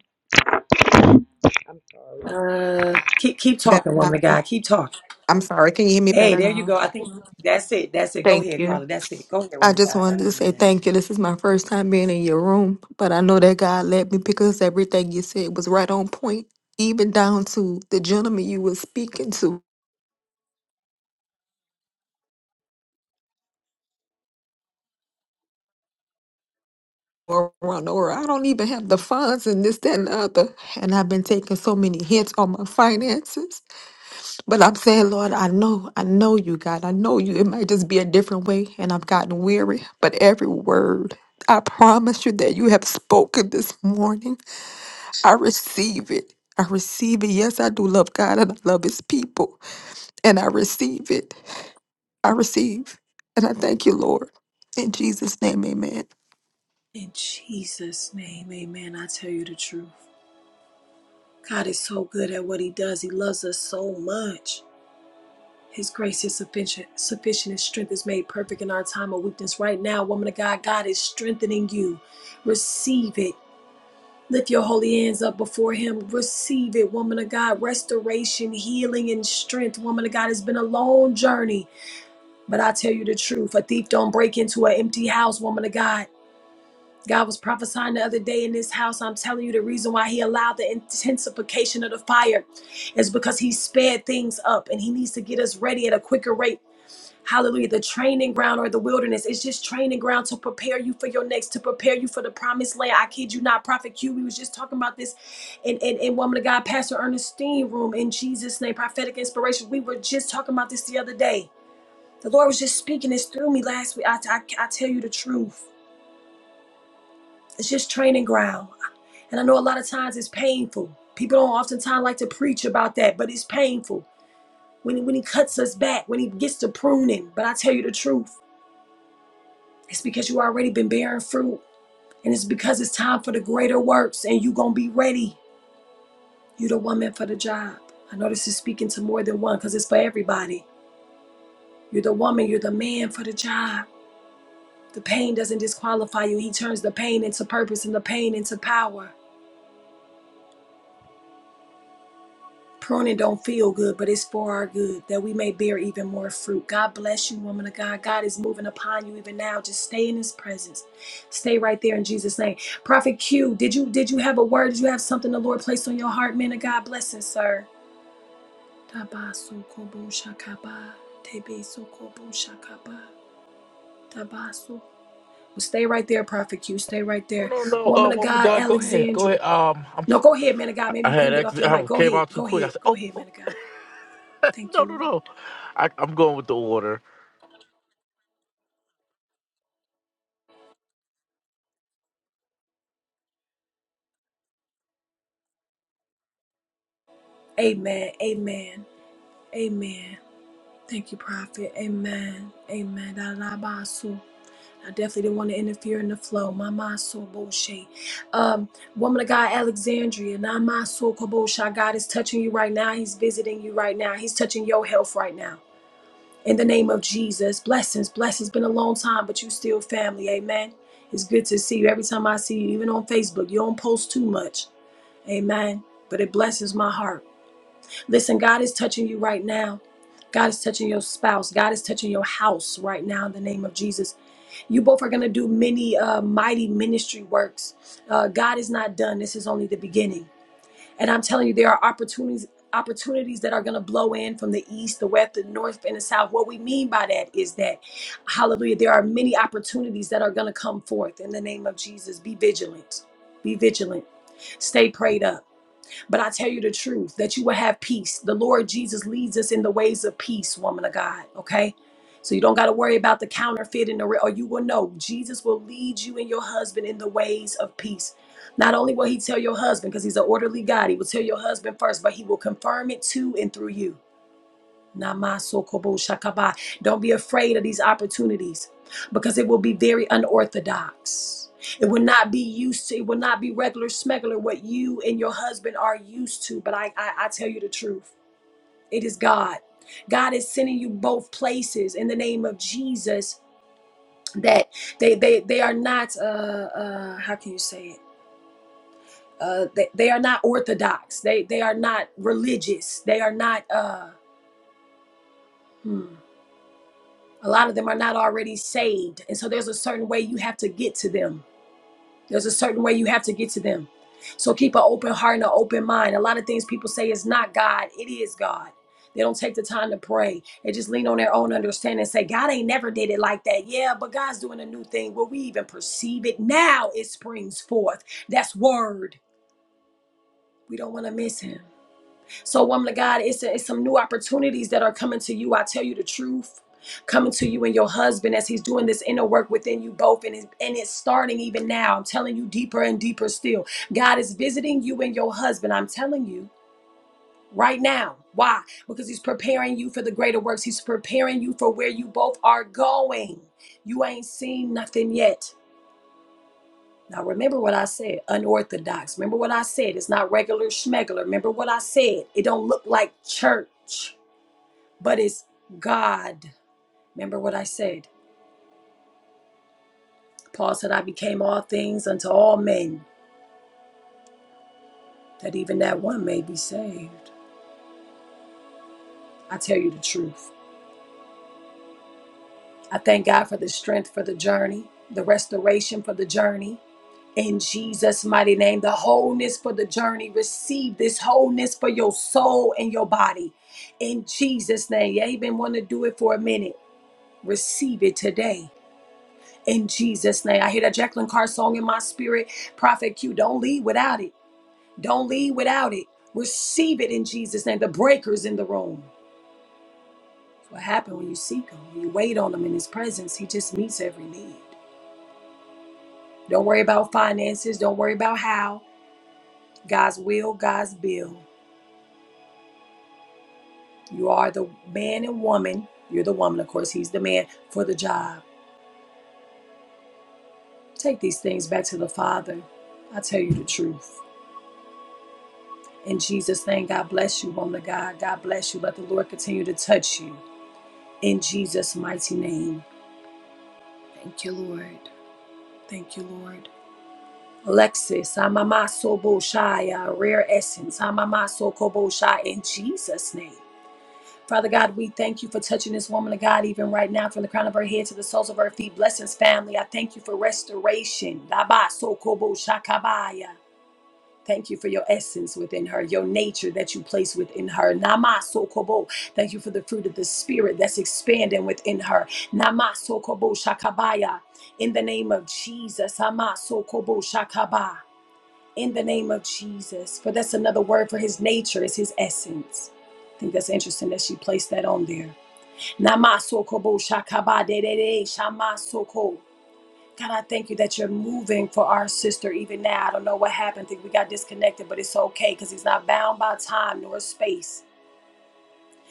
I'm sorry. Uh, keep keep Better talking, woman of now. God. Keep talking. I'm sorry. Can you hear me Hey, better there you now? go. I think that's it. That's it. Go Thank ahead, Yes. you. Carla. That's it. Go ahead, I woman of just God. wanted to say Amen. thank you. This is my first time being in your room, but I know that God led me because everything you said was right on point, even down to the gentleman you were speaking to. or run or I don't even have the funds and this, that, and the other. And I've been taking so many hits on my finances. But I'm saying, Lord, I know, I know you, God. I know you. It might just be a different way. And I've gotten weary. But every word I promise you that you have spoken this morning, I receive it. I receive it. Yes, I do love God and I love his people. And I receive it. I receive. And I thank you, Lord. In Jesus' name, amen. In Jesus' name, amen. I tell you the truth. God is so good at what he does. He loves us so much. His grace is sufficient, sufficient. His strength is made perfect in our time of weakness. Right now, woman of God, God is strengthening you. Receive it. Lift your holy hands up before him. Receive it, woman of God. Restoration, healing, and strength, woman of God. It's been a long journey. But I tell you the truth, a thief don't break into an empty house, woman of God. God was prophesying the other day in this house. I'm telling you the reason why he allowed the intensification of the fire is because he sped things up and he needs to get us ready at a quicker rate. Hallelujah. The training ground or the wilderness is just training ground to prepare you for your next, to prepare you for the promised land. I kid you not, Prophet Q. We was just talking about this in, in, in Woman of God, Pastor Ernestine room in Jesus' name, prophetic inspiration. We were just talking about this the other day the Lord was just speaking this through me last week. I, I, I tell you the truth. It's just training ground. And I know a lot of times it's painful. People don't oftentimes like to preach about that, but it's painful. When, when he cuts us back, when he gets to pruning. But I tell you the truth. It's because you already been bearing fruit. And it's because it's time for the greater works and you going to be ready. You're the woman for the job. I know this is speaking to more than one because it's for everybody. You're the woman. You're the prune place on your heart, man of God. Blessing, sir. Stay right there, Prophet Q. Stay right No, there. no, no. Uh, Woman of woman of God, God, go ahead, go Alexandra. ahead. Um, I'm, No, go ahead, man of God. I Maybe I you had couldn't get ex- off your mic. I Go came ahead. out too Go quick. I ahead. said, Go oh, ahead, man oh. of (laughs) God. Thank no, you, no, Lord. no. I, I'm going with the order. Amen. Amen. Amen. Thank you, Prophet. Amen. Amen. I definitely didn't want to interfere in the flow. My mind so bullshit. Um, woman of God, Alexandria, now my soul kabosha. God is touching you right now. He's visiting you right now. He's touching your health right now. In the name of Jesus, blessings, blessings. Been a long time, but you still family. Amen. It's good to see you every time I see you, even on Facebook. You don't post too much. Amen. But it blesses my heart. Listen, God is touching you right now. God is touching your spouse. God is touching your house right now in the name of Jesus. You both are going to do many uh, mighty ministry works. Uh, God is not done. This is only the beginning. And I'm telling you, there are opportunities opportunities that are going to blow in from the east, the west, the north, and the south. What we mean by that is that, hallelujah, there are many opportunities that are going to come forth in the name of Jesus. Be vigilant. Be vigilant. Stay prayed up but I tell you the truth that you will have peace. The Lord Jesus leads us in the ways of peace, woman of God. Okay. So you don't got to worry about the counterfeit and the re- or you will know Jesus will lead you and your husband in the ways of peace. Not only will he tell your husband because he's an orderly God, he will tell your husband first, but he will confirm it to and through you. Namasokobo shakaba. Don't be afraid of these opportunities because it will be very unorthodox. It will not be used to, it will not be regular smuggler what you and your husband are used to. But I, I, I tell you the truth. It is God. God is sending you both places in the name of Jesus that they they they are not uh uh how can you say it? Uh they, they are not orthodox. They they are not religious. They are not uh hmm. A lot of them are not already saved. And so there's a certain way you have to get to them. There's a certain way you have to get to them. So keep an open heart and an open mind. A lot of things people say is not God, it is God. They don't take the time to pray. They just lean on their own understanding and say, God ain't never did it like that. Yeah, but God's doing a new thing. Will we even perceive it? Now it springs forth. That's word. We don't want to miss him. So, woman of God, it's, a, it's some new opportunities that are coming to you. I tell you the truth. Coming to you and your husband as he's doing this inner work within you both, and it's, and it's starting even now. I'm telling you, deeper and deeper still. God is visiting you and your husband. I'm telling you right now. Why? Because he's preparing you for the greater works, he's preparing you for where you both are going. You ain't seen nothing yet. Now, remember what I said unorthodox. Remember what I said. It's not regular schmegler. Remember what I said. It don't look like church but it's God. Remember what I said. Paul said, I became all things unto all men, that even that one may be saved. I tell you the truth. I thank God for the strength for the journey, the restoration for the journey. In Jesus' mighty name, the wholeness for the journey. Receive this wholeness for your soul and your body. In Jesus' name. You ain't been wanting to do it for a minute. Receive it today. In Jesus' name. I hear that Jacqueline Carr song in my spirit. Prophet Q, don't leave without it. Don't leave without it. Receive it in Jesus' name. The breaker's in the room. It's what happens when you seek Him, when you wait on Him in His presence. He just meets every need. Don't worry about finances. Don't worry about how. God's will, God's bill. You are the man and woman. You're the woman, of course. He's the man for the job. Take these things back to the Father. I tell you the truth. In Jesus' name, God bless you, woman of God. God bless you. Let the Lord continue to touch you. In Jesus' mighty name. Thank you, Lord. Thank you, Lord. Lexus, Amamaso Boshaya, Rare Essence, Amamaso Koboshai, in Jesus' name. Father God, we thank you for touching this woman of God even right now from the crown of her head to the soles of her feet. Blessings, family. I thank you for restoration. Dabaso Koboshakabaya. Thank you for your essence within her, your nature that you place within her. Namaso Kobo. Thank you for the fruit of the spirit that's expanding within her. Namaso Kobo Shakabaya. In the name of Jesus, Amaso Kobo Shakabaya in the name of Jesus. For that's another word for his nature, is his essence. I think that's interesting that she placed that on there. Namasokobo shakabadedede shamasoko. God, I thank you that you're moving for our sister even now. I don't know what happened. I think we got disconnected, but it's okay because he's not bound by time nor space.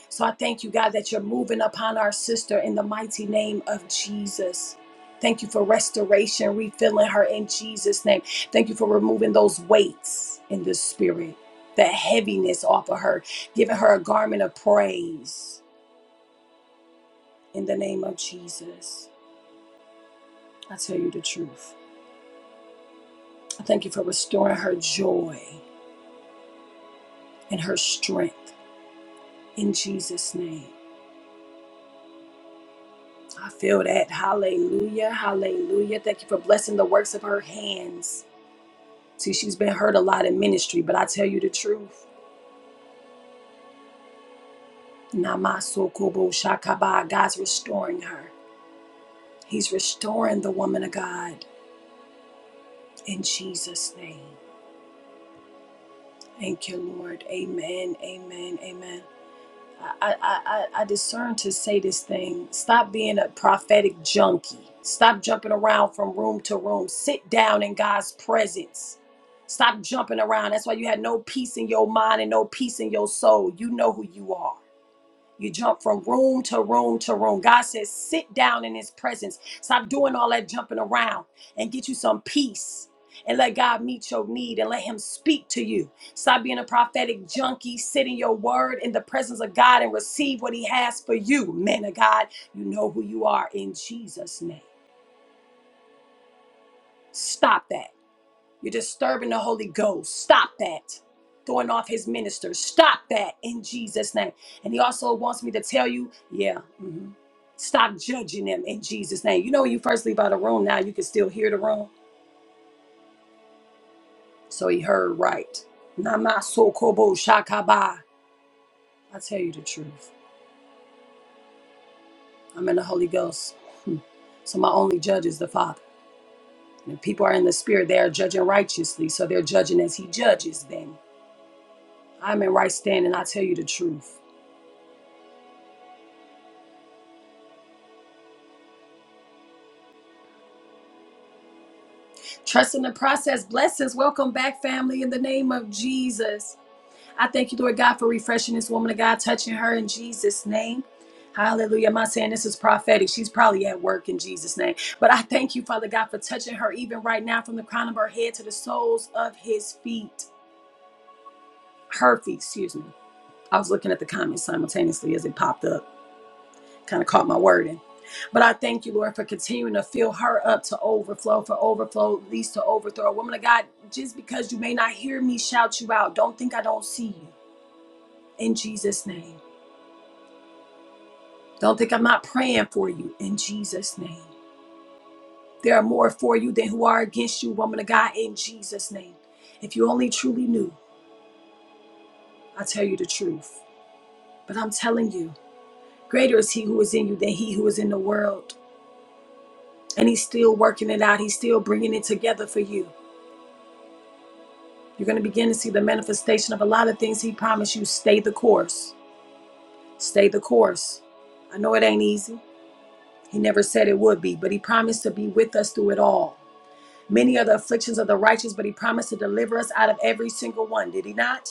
So I thank you, God, that you're moving upon our sister in the mighty name of Jesus. Thank you for restoration, refilling her in Jesus' name. Thank you for removing those weights in the spirit, that heaviness off of her, giving her a garment of praise in the name of Jesus. I tell you the truth. I thank you for restoring her joy and her strength in Jesus' name. I feel that. Hallelujah. Hallelujah. Thank you for blessing the works of her hands See, she's been hurt a lot in ministry, but I tell you the truth. Namaso Kobo Shakaba, God's restoring her. He's restoring the woman of God in Jesus' name. Thank you, Lord. Amen. Amen. Amen. I, I, I, I discern to say this thing. Stop being a prophetic junkie. Stop jumping around from room to room. Sit down in God's presence. Stop jumping around. That's why you had no peace in your mind and no peace in your soul. You know who you are. You jump from room to room to room. God says, sit down in his presence. Stop doing all that jumping around and get you some peace and let God meet your need and let him speak to you. Stop being a prophetic junkie. Sit in your word in the presence of God and receive what he has for you. Men of God, you know who you are in Jesus' name. Stop that. You're disturbing the Holy Ghost. Stop that. Throwing off his ministers. Stop that in Jesus' name. And he also wants me to tell you, yeah, mhm. stop judging them in Jesus' name. You know, when you first leave out of the room, now you can still hear the room. So he heard right. Namasokobo shakaba. I tell you the truth. I'm in the Holy Ghost. Hmm. So my only judge is the Father. And if people are in the Spirit, they are judging righteously. So they're judging as he judges them. I'm in right standing. I tell you the truth. Trust in the process. Blessings. Welcome back, family, in the name of Jesus. I thank you, Lord God, for refreshing this woman of God, touching her in Jesus' name. Hallelujah. I'm not saying this is prophetic. She's probably at work in Jesus' name. But I thank you, Father God, for touching her even right now from the crown of her head to the soles of his feet. Her feet, excuse me. I was looking at the comments simultaneously as it popped up kind of caught my wording. But I thank you, Lord, for continuing to fill her up to overflow, for overflow leads to overthrow. Woman of God, just because you may not hear me shout you out, don't think I don't see you in Jesus' name. Don't think I'm not praying for you in Jesus' name. There are more for you than who are against you, woman of God, in Jesus' name. If you only truly knew, I tell you the truth. But I'm telling you, greater is he who is in you than he who is in the world. And he's still working it out, he's still bringing it together for you. You're going to begin to see the manifestation of a lot of things He promised you. Stay the course. Stay the course. I know it ain't easy. He never said it would be, but He promised to be with us through it all. Many are the afflictions of the righteous, but He promised to deliver us out of every single one, did He not?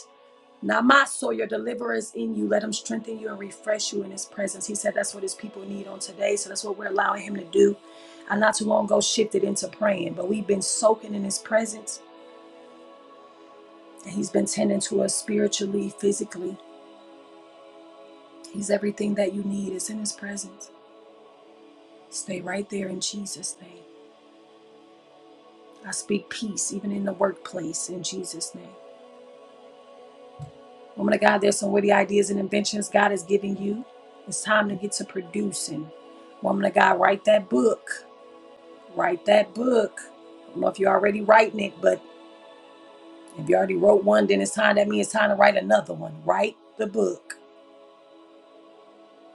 Namaso, your deliverer is in you. Let him strengthen you and refresh you in his presence. He said that's what his people need on today. So that's what we're allowing him to do. I not too long ago shifted into praying, but we've been soaking in his presence and he's been tending to us spiritually, physically. He's everything that you need. It's in His presence. Stay right there in Jesus' name. I speak peace even in the workplace in Jesus' name. Woman of God, there's some witty ideas and inventions God is giving you. It's time to get to producing. Woman of God, write that book. Write that book. I don't know if you're already writing it, but if you already wrote one, then it's time. That means it's time to write another one. Write the book.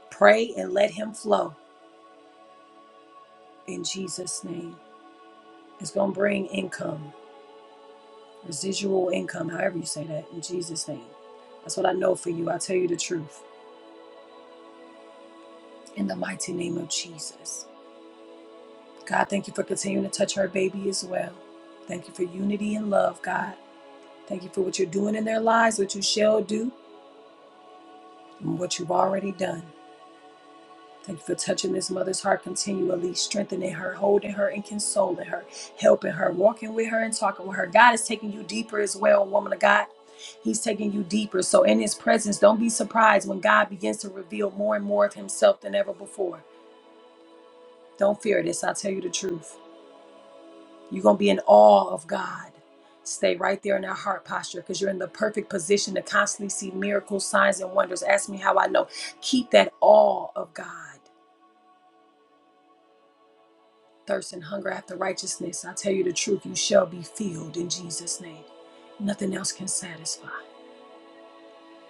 Pray and let Him flow in Jesus' name. It's going to bring income. residual income, however you say that, in Jesus' name. That's what I know for you. I tell you the truth. In the mighty name of Jesus. God, thank you for continuing to touch her baby as well. Thank you for unity and love, God. Thank you for what you're doing in their lives, what you shall do, and what you've already done. Thank you for touching this mother's heart continually, strengthening her, holding her, and consoling her, helping her, walking with her, and talking with her. God is taking you deeper as well, woman of God. He's taking you deeper. So, in His presence, don't be surprised when God begins to reveal more and more of Himself than ever before. Don't fear this. I'll tell you the truth. You're going to be in awe of God. Stay right there in that heart posture because you're in the perfect position to constantly see miracles, signs, and wonders. Ask me how I know. Keep that awe of God. thirst and hunger after righteousness. I tell you the truth, you shall be filled in Jesus' name. Nothing else can satisfy.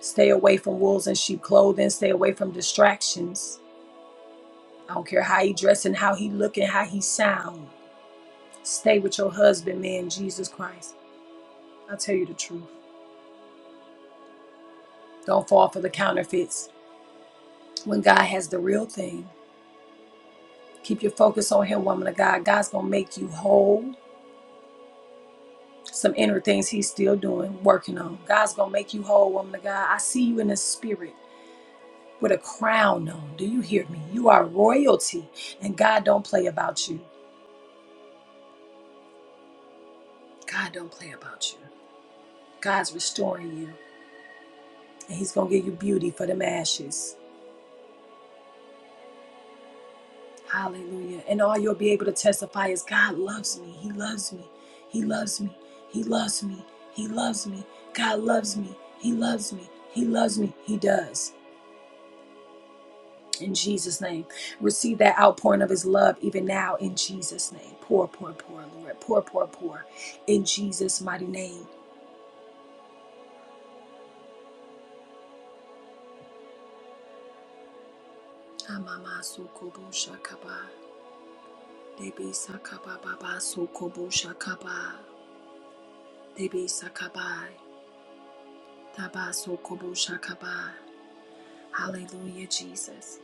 Stay away from wolves in sheep clothing. Stay away from distractions. I don't care how he dressing, how he looking, how he sound. Stay with your husband, man, Jesus Christ. I tell you the truth. Don't fall for the counterfeits. When God has the real thing, keep your focus on him, woman of God. God's gonna make you whole. Some inner things he's still doing, working on. God's gonna make you whole, woman of God. I see you in the spirit. with a crown on. Do you hear me? You are royalty, and God don't play about you. God don't play about you. God's restoring you, and He's gonna give you beauty for them ashes. Hallelujah. And all you'll be able to testify is God loves me. He loves me. He loves me. He loves me. He loves me. God loves me. He loves me. He loves me. He does. In Jesus' name. Receive that outpouring of his love even now in Jesus' name. Pour, pour, pour, Lord. Pour, pour, pour. In Jesus' mighty name. Amama sokobo shakaba. Debi sakaba baba sokobo shakaba. Debi sakaba. Taba sokobo shakaba. Hallelujah, Jesus.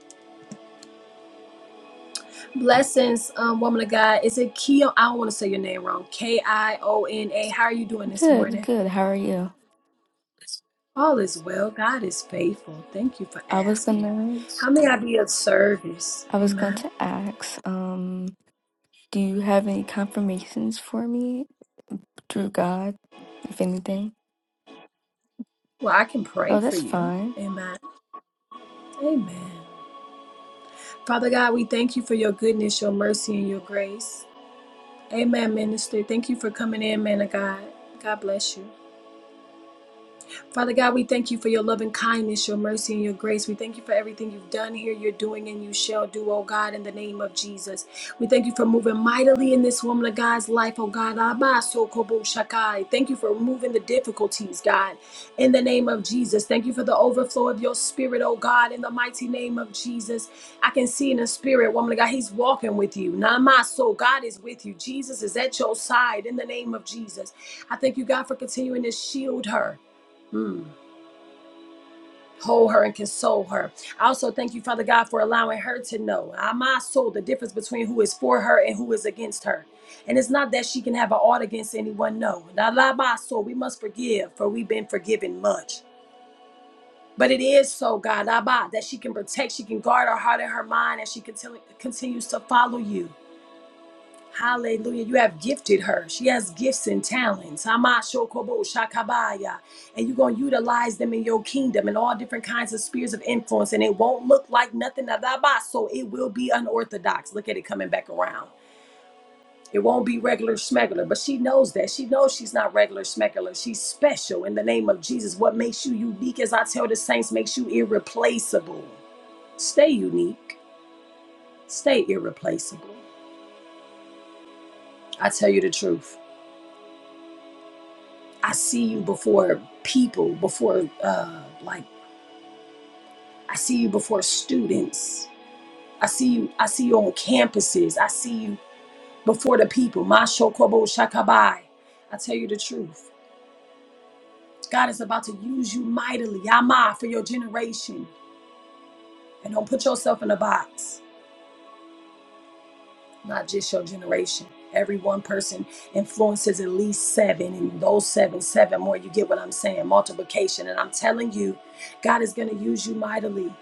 Blessings, um, woman of God. Is it Kio? I don't want to say your name wrong. K I O N A. How are you doing this Good, morning? good. How are you? All is well. God is faithful. Thank you for I was asking. gonna, How may I be of service? I was going Amen. to ask, um, do you have any confirmations for me through God, if anything? Well, I can pray Oh, for that's you. fine. Amen. Amen. Father God, we thank you for your goodness, your mercy, and your grace. Amen, minister. Thank you for coming in, man of God. God bless you. Father God, we thank you for your loving kindness, your mercy, and your grace. We thank you for everything you've done here, you're doing, and you shall do, oh God, in the name of Jesus. We thank you for moving mightily in this woman of God's life, oh God. Abba, so kobo shakai. Thank you for removing the difficulties, God, in the name of Jesus. Thank you for the overflow of your spirit, oh God, in the mighty name of Jesus. I can see in the spirit, woman of God, he's walking with you. Namaso, God is with you. Jesus is at your side in the name of Jesus. I thank you, God, for continuing to shield her. Mm hold her and console her. I also thank you, Father God, for allowing her to know, ah, my soul, the difference between who is for her and who is against her. And it's not that she can have an ought against anyone, no. Now, la, my soul, we must forgive, for we've been forgiven much. But it is so, God, Abba, that she can protect, she can guard her heart and her mind, and she continu- continues to follow you. Hallelujah. You have gifted her. She has gifts and talents. Hamashokobo Shakabaya. And you're going to utilize them in your kingdom and all different kinds of spheres of influence. And it won't look like nothing. that So it will be unorthodox. Look at it coming back around. It won't be regular smegular, but she knows that. She knows she's not regular smegular. She's special in the name of Jesus. What makes you unique, as I tell the saints, makes you irreplaceable. Stay unique, stay irreplaceable. I tell you the truth. I see you before people, before uh, like I see you before students. I see you. I see you on campuses. I see you before the people. Masho kobo shakabai. I tell you the truth. God is about to use you mightily, Yama, for your generation. And don't put yourself in a box. Not just your generation. Every one person influences at least seven, and those seven, seven more. You get what I'm saying? Multiplication. And I'm telling you, God is going to use you mightily,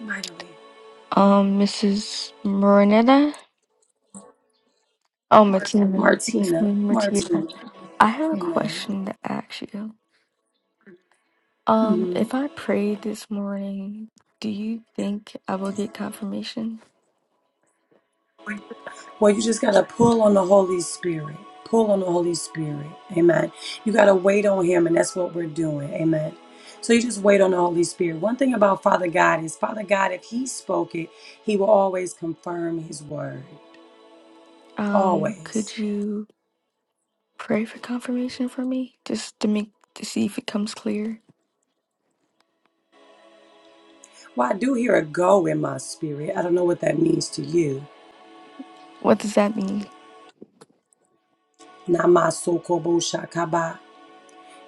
mightily. Um, Mrs. Marinetta? Oh, Martina. Miss Martina. Martina. Martina. I have a Amen. question to ask you. Um, hmm if I prayed this morning, do you think I will get confirmation? Well, you just got to pull on the Holy Spirit. Pull on the Holy Spirit. Amen. You got to wait on Him, and that's what we're doing. Amen. So you just wait on the Holy Spirit. One thing about Father God is Father God, if He spoke it, He will always confirm His word. Um, Always. could you pray for confirmation for me? Just to make, to see if it comes clear? Well, I do hear a go in my spirit. I don't know what that means to you. What does that mean? Namasokobo shakaba.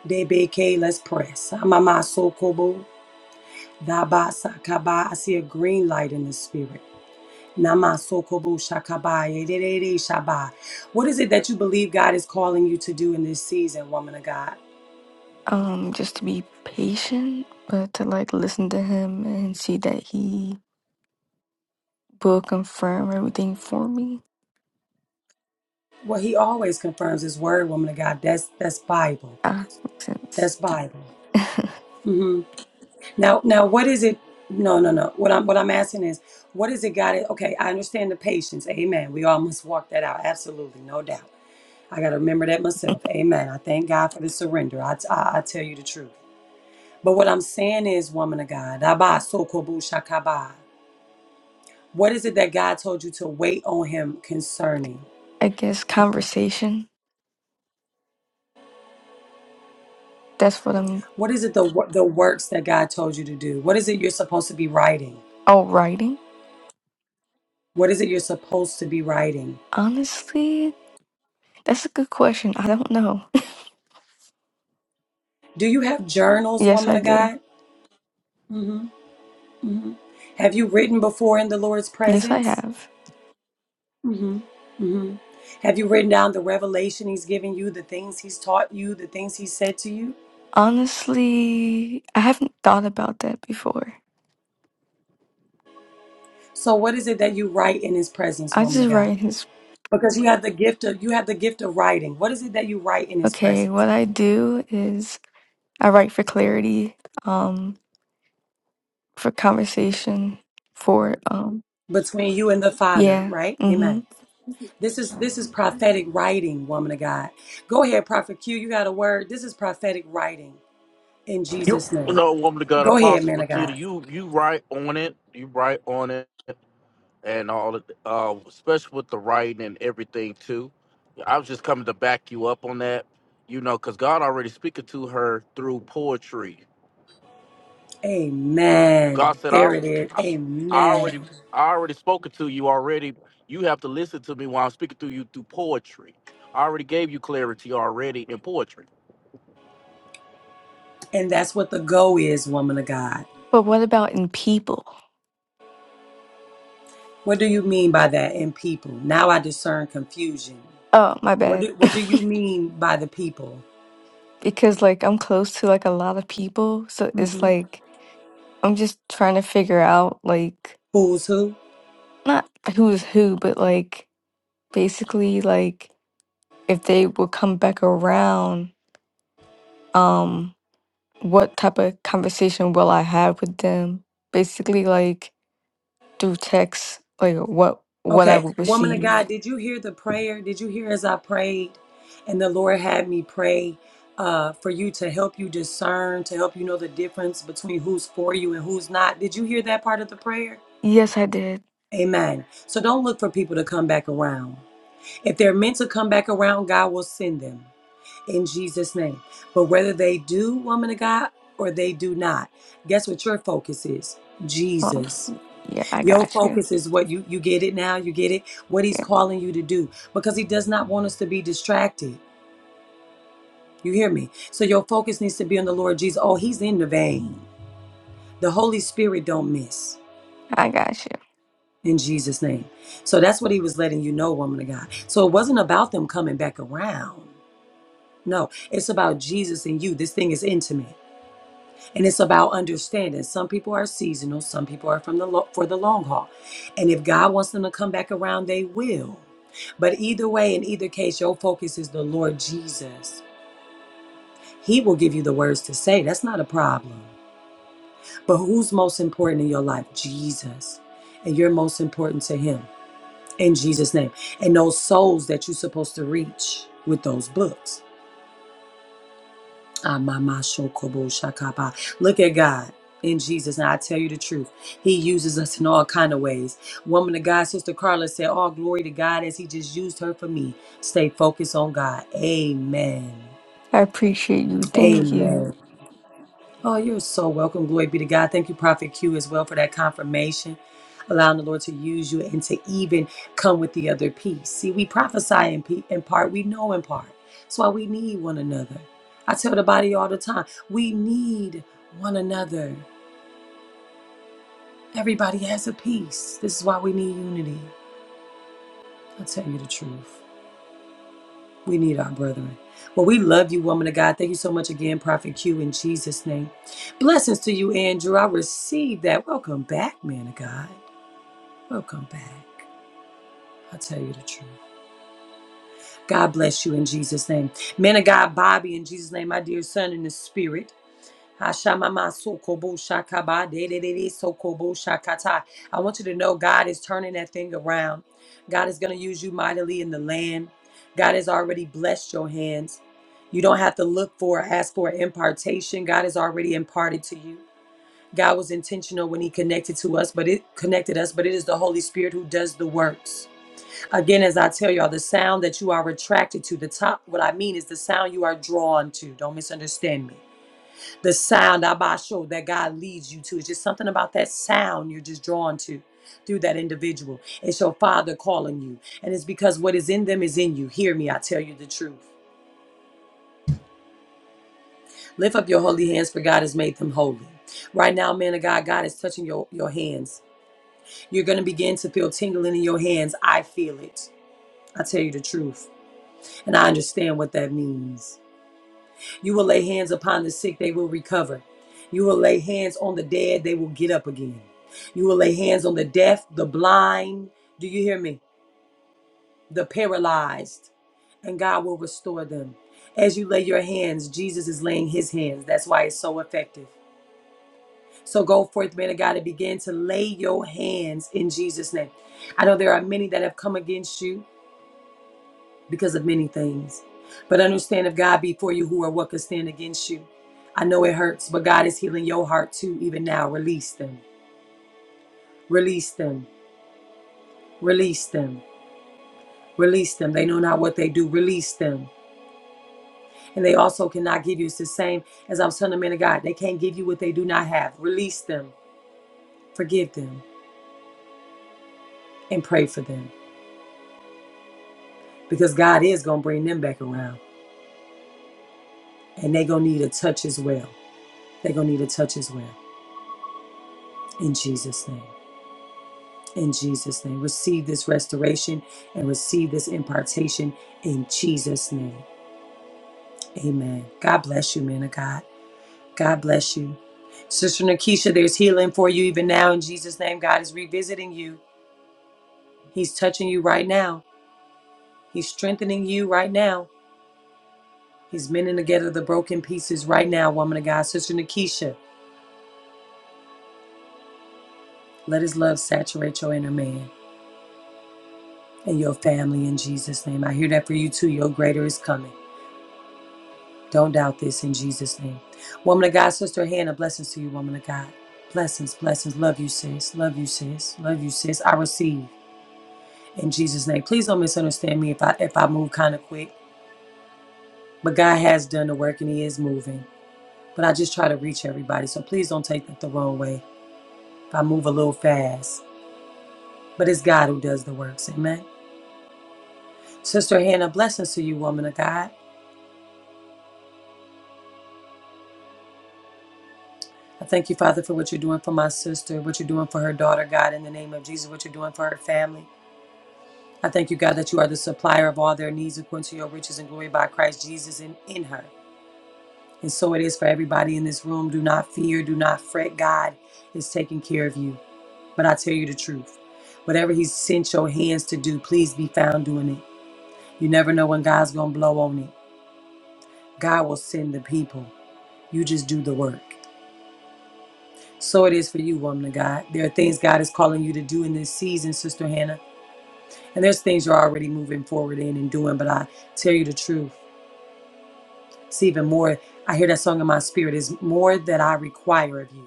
Debeke, let's press. Amamasokobo. Dabasakaba. I see a green light in the spirit. Namasokobo shakaba, yedede shaba. What is it that you believe God is calling you to do in this season, woman of God? Um, just to be patient, but to like listen to him and see that he will confirm everything for me. Well, He always confirms His word, woman of God. That's that's Bible. Ah, makes sense. That's Bible. (laughs) hmm Now, now, what is it? No, no, no. What I'm what I'm asking is, what is it God? is- Okay, I understand the patience. Amen. We all must walk that out. Absolutely, no doubt. I got to remember that myself. Amen. I thank God for the surrender. I, I, I tell you the truth. But what I'm saying is, woman of God, Abba Sokobu Shakaba, what is it that God told you to wait on Him concerning? I guess conversation. That's what I'm. What is it the wo- the works that God told you to do? What is it you're supposed to be writing? Oh, writing. What is it you're supposed to be writing? Honestly, that's a good question. I don't know. (laughs) Do you have journals, Yes, woman I of do. God? Mm-hmm. mm hmm Have you written before in the Lord's Yes, I presence? have. Mm-hmm. Mm-hmm. Have you written down the revelation He's given you, the things He's taught you, the things He said to you? Honestly, I haven't thought about that before. So, what is it that you write in His presence, I woman just of God? write his. because you have the gift of you have the gift of writing what is it that you write in his Okay, presence what I do is I write for clarity. Um, for conversation for um between you and the father yeah right mm-hmm amen this is this is prophetic writing woman of god go ahead prophet q you got a word this is prophetic writing in You, jesus name no, woman of God, go ahead Apostle man of Patina, god you, you right on it. You right on it, and all, of, uh, especially with the writing and everything too. I was just coming to back you up on that, you know, because God already speaking to her through poetry. amen God said, I, there it is I amen already, I already spoken to you already. You have to listen to me while I'm speaking to you through poetry. I already gave you clarity already in poetry. and that's what the go is woman of god but what about in people what do you mean by that in people now i discern confusion oh my what bad do, what do you mean by the people (laughs) because like i'm close to like a lot of people so it's hmm like i'm just trying to figure out like who's who not who is who but like basically like if they will come back around um what type of conversation will i have with them basically like through text like what what i Okay, will woman of God, receive did you hear the prayer? Did you hear as I prayed? And the Lord had me pray uh, for you to help you discern, to help you know the difference between who's for you and who's not. Did you hear that part of the prayer? yes i did Amen. So don't look for people to come back around. If they're meant to come back around, God will send them in Jesus' name. But whether they do, woman of God, or they do not, guess what your focus is? Um, Jesus. Yeah, I Your got you. focus is what you you get it now, you get it what he's Yeah, calling you to do because he does not want us to be distracted. You hear me? So your focus needs to be on the Lord Jesus. Oh, he's in the vein. The Holy Spirit don't miss I got you. in Jesus name. So that's what he was letting you know, woman of God. So it wasn't about them coming back around. No, it's about Jesus and you. This thing is intimate. and it's about understanding some people are seasonal some people are from the lo- for the long haul and if god wants them to come back around they will but either way in either case your focus is the lord jesus he will give you the words to say that's not a problem but who's most important in your life jesus and you're most important to him in jesus name and those souls that you're supposed to reach with those books Amamashokoboshakaba. Look at God in Jesus. And I tell you the truth, He uses us in all kind of ways. Woman of God, Sister Carla said, All glory to God as He just used her for me. Stay focused on God. Amen. I appreciate you. Thank you. Amen. Oh, you're so welcome. Glory be to God. Thank you, Prophet Q, as well for that confirmation, allowing the Lord to use you and to even come with the other piece. See, we prophesy in, pe- in part, we know in part. That's why we need one another. I tell the body all the time, we need one another. Everybody has a piece. This is why we need unity. I'll tell you the truth. We need our brethren. Well, we love you, woman of God. Thank you so much again, Prophet Q, in Jesus' name. Blessings to you, Andrew. I receive that. Welcome back, man of God. Welcome back. I'll tell you the truth. God bless you in Jesus' name. Man of God, Bobby, in Jesus' name, my dear son in the spirit. Hashamama sokobo shakaba dedede sokobo shakata. I want you to know God is turning that thing around. God is going to use you mightily in the land. God has already blessed your hands. You don't have to look for or ask for impartation. God has already imparted to you. God was intentional when he connected to us, but it connected us, but it is the Holy Spirit who does the works. Again, as I tell y'all, the sound that you are attracted to, the top, what I mean is the sound you are drawn to. Don't misunderstand me the sound abasho that God leads you to. It's just something about that sound you're just drawn to through that individual. It's your father calling you. And it's because what is in them is in you. Hear me, I tell you the truth. Lift up your holy hands, for God has made them holy. Right now, man of God, God is touching your, your hands. You're going to begin to feel tingling in your hands. I feel it. I tell you the truth. And I understand what that means. You will lay hands upon the sick, they will recover. You will lay hands on the dead, they will get up again. You will lay hands on the deaf, the blind. Do you hear me? The paralyzed. And God will restore them. As you lay your hands, Jesus is laying his hands. That's why it's so effective. So go forth, man of God, and begin to lay your hands in Jesus' name. I know there are many that have come against you. because of many things. But understand if God be for you, who or what can stand against you? I know it hurts, but God is healing your heart too, even now. Release them. Release them. Release them. Release them. They know not what they do. Release them. And they also cannot give you. It's the same as I was telling the man of God. They can't give you what they do not have. Release them. Forgive them and pray for them. Because God is gonna bring them back around. And they gonna need a touch as well. they gonna need a touch as well. In Jesus' name. in Jesus' name. Receive this restoration and receive this impartation in Jesus' name. Amen. God bless you, man of God. God bless you. Sister Nakisha, there's healing for you even now in Jesus' name. God is revisiting you. He's touching you right now. He's strengthening you right now. He's mending together the broken pieces right now, woman of God. Sister Nakisha, let his love saturate your inner man and your family in Jesus' name. I hear that for you too. Your greater is coming. Don't doubt this in Jesus' name. Woman of God, Sister Hannah, blessings to you, woman of God. Blessings, blessings. Love you, sis. Love you, sis. Love you, sis. I receive in Jesus' name. Please don't misunderstand me if I if I move kind of quick. But God has done the work and He is moving. But I just try to reach everybody. So please don't take that the wrong way. If I move a little fast. But it's God who does the works. Amen. Sister Hannah, blessings to you, woman of God. I thank you, Father, for what you're doing for my sister, what you're doing for her daughter, God, in the name of Jesus, what you're doing for her family. I thank you, God, that you are the supplier of all their needs according to your riches and glory by Christ Jesus and in her. And so it is for everybody in this room. Do not fear, do not fret. God is taking care of you. But I tell you the truth whatever He sent your hands to do, please be found doing it. You never know when God's going to blow on it. God will send the people. You just do the work. So it is for you, woman of God. There are things God is calling you to do in this season, Sister Hannah. And there's things you're already moving forward in and doing. But I tell you the truth. It's even more, I hear that song in my spirit, is more that I require of you,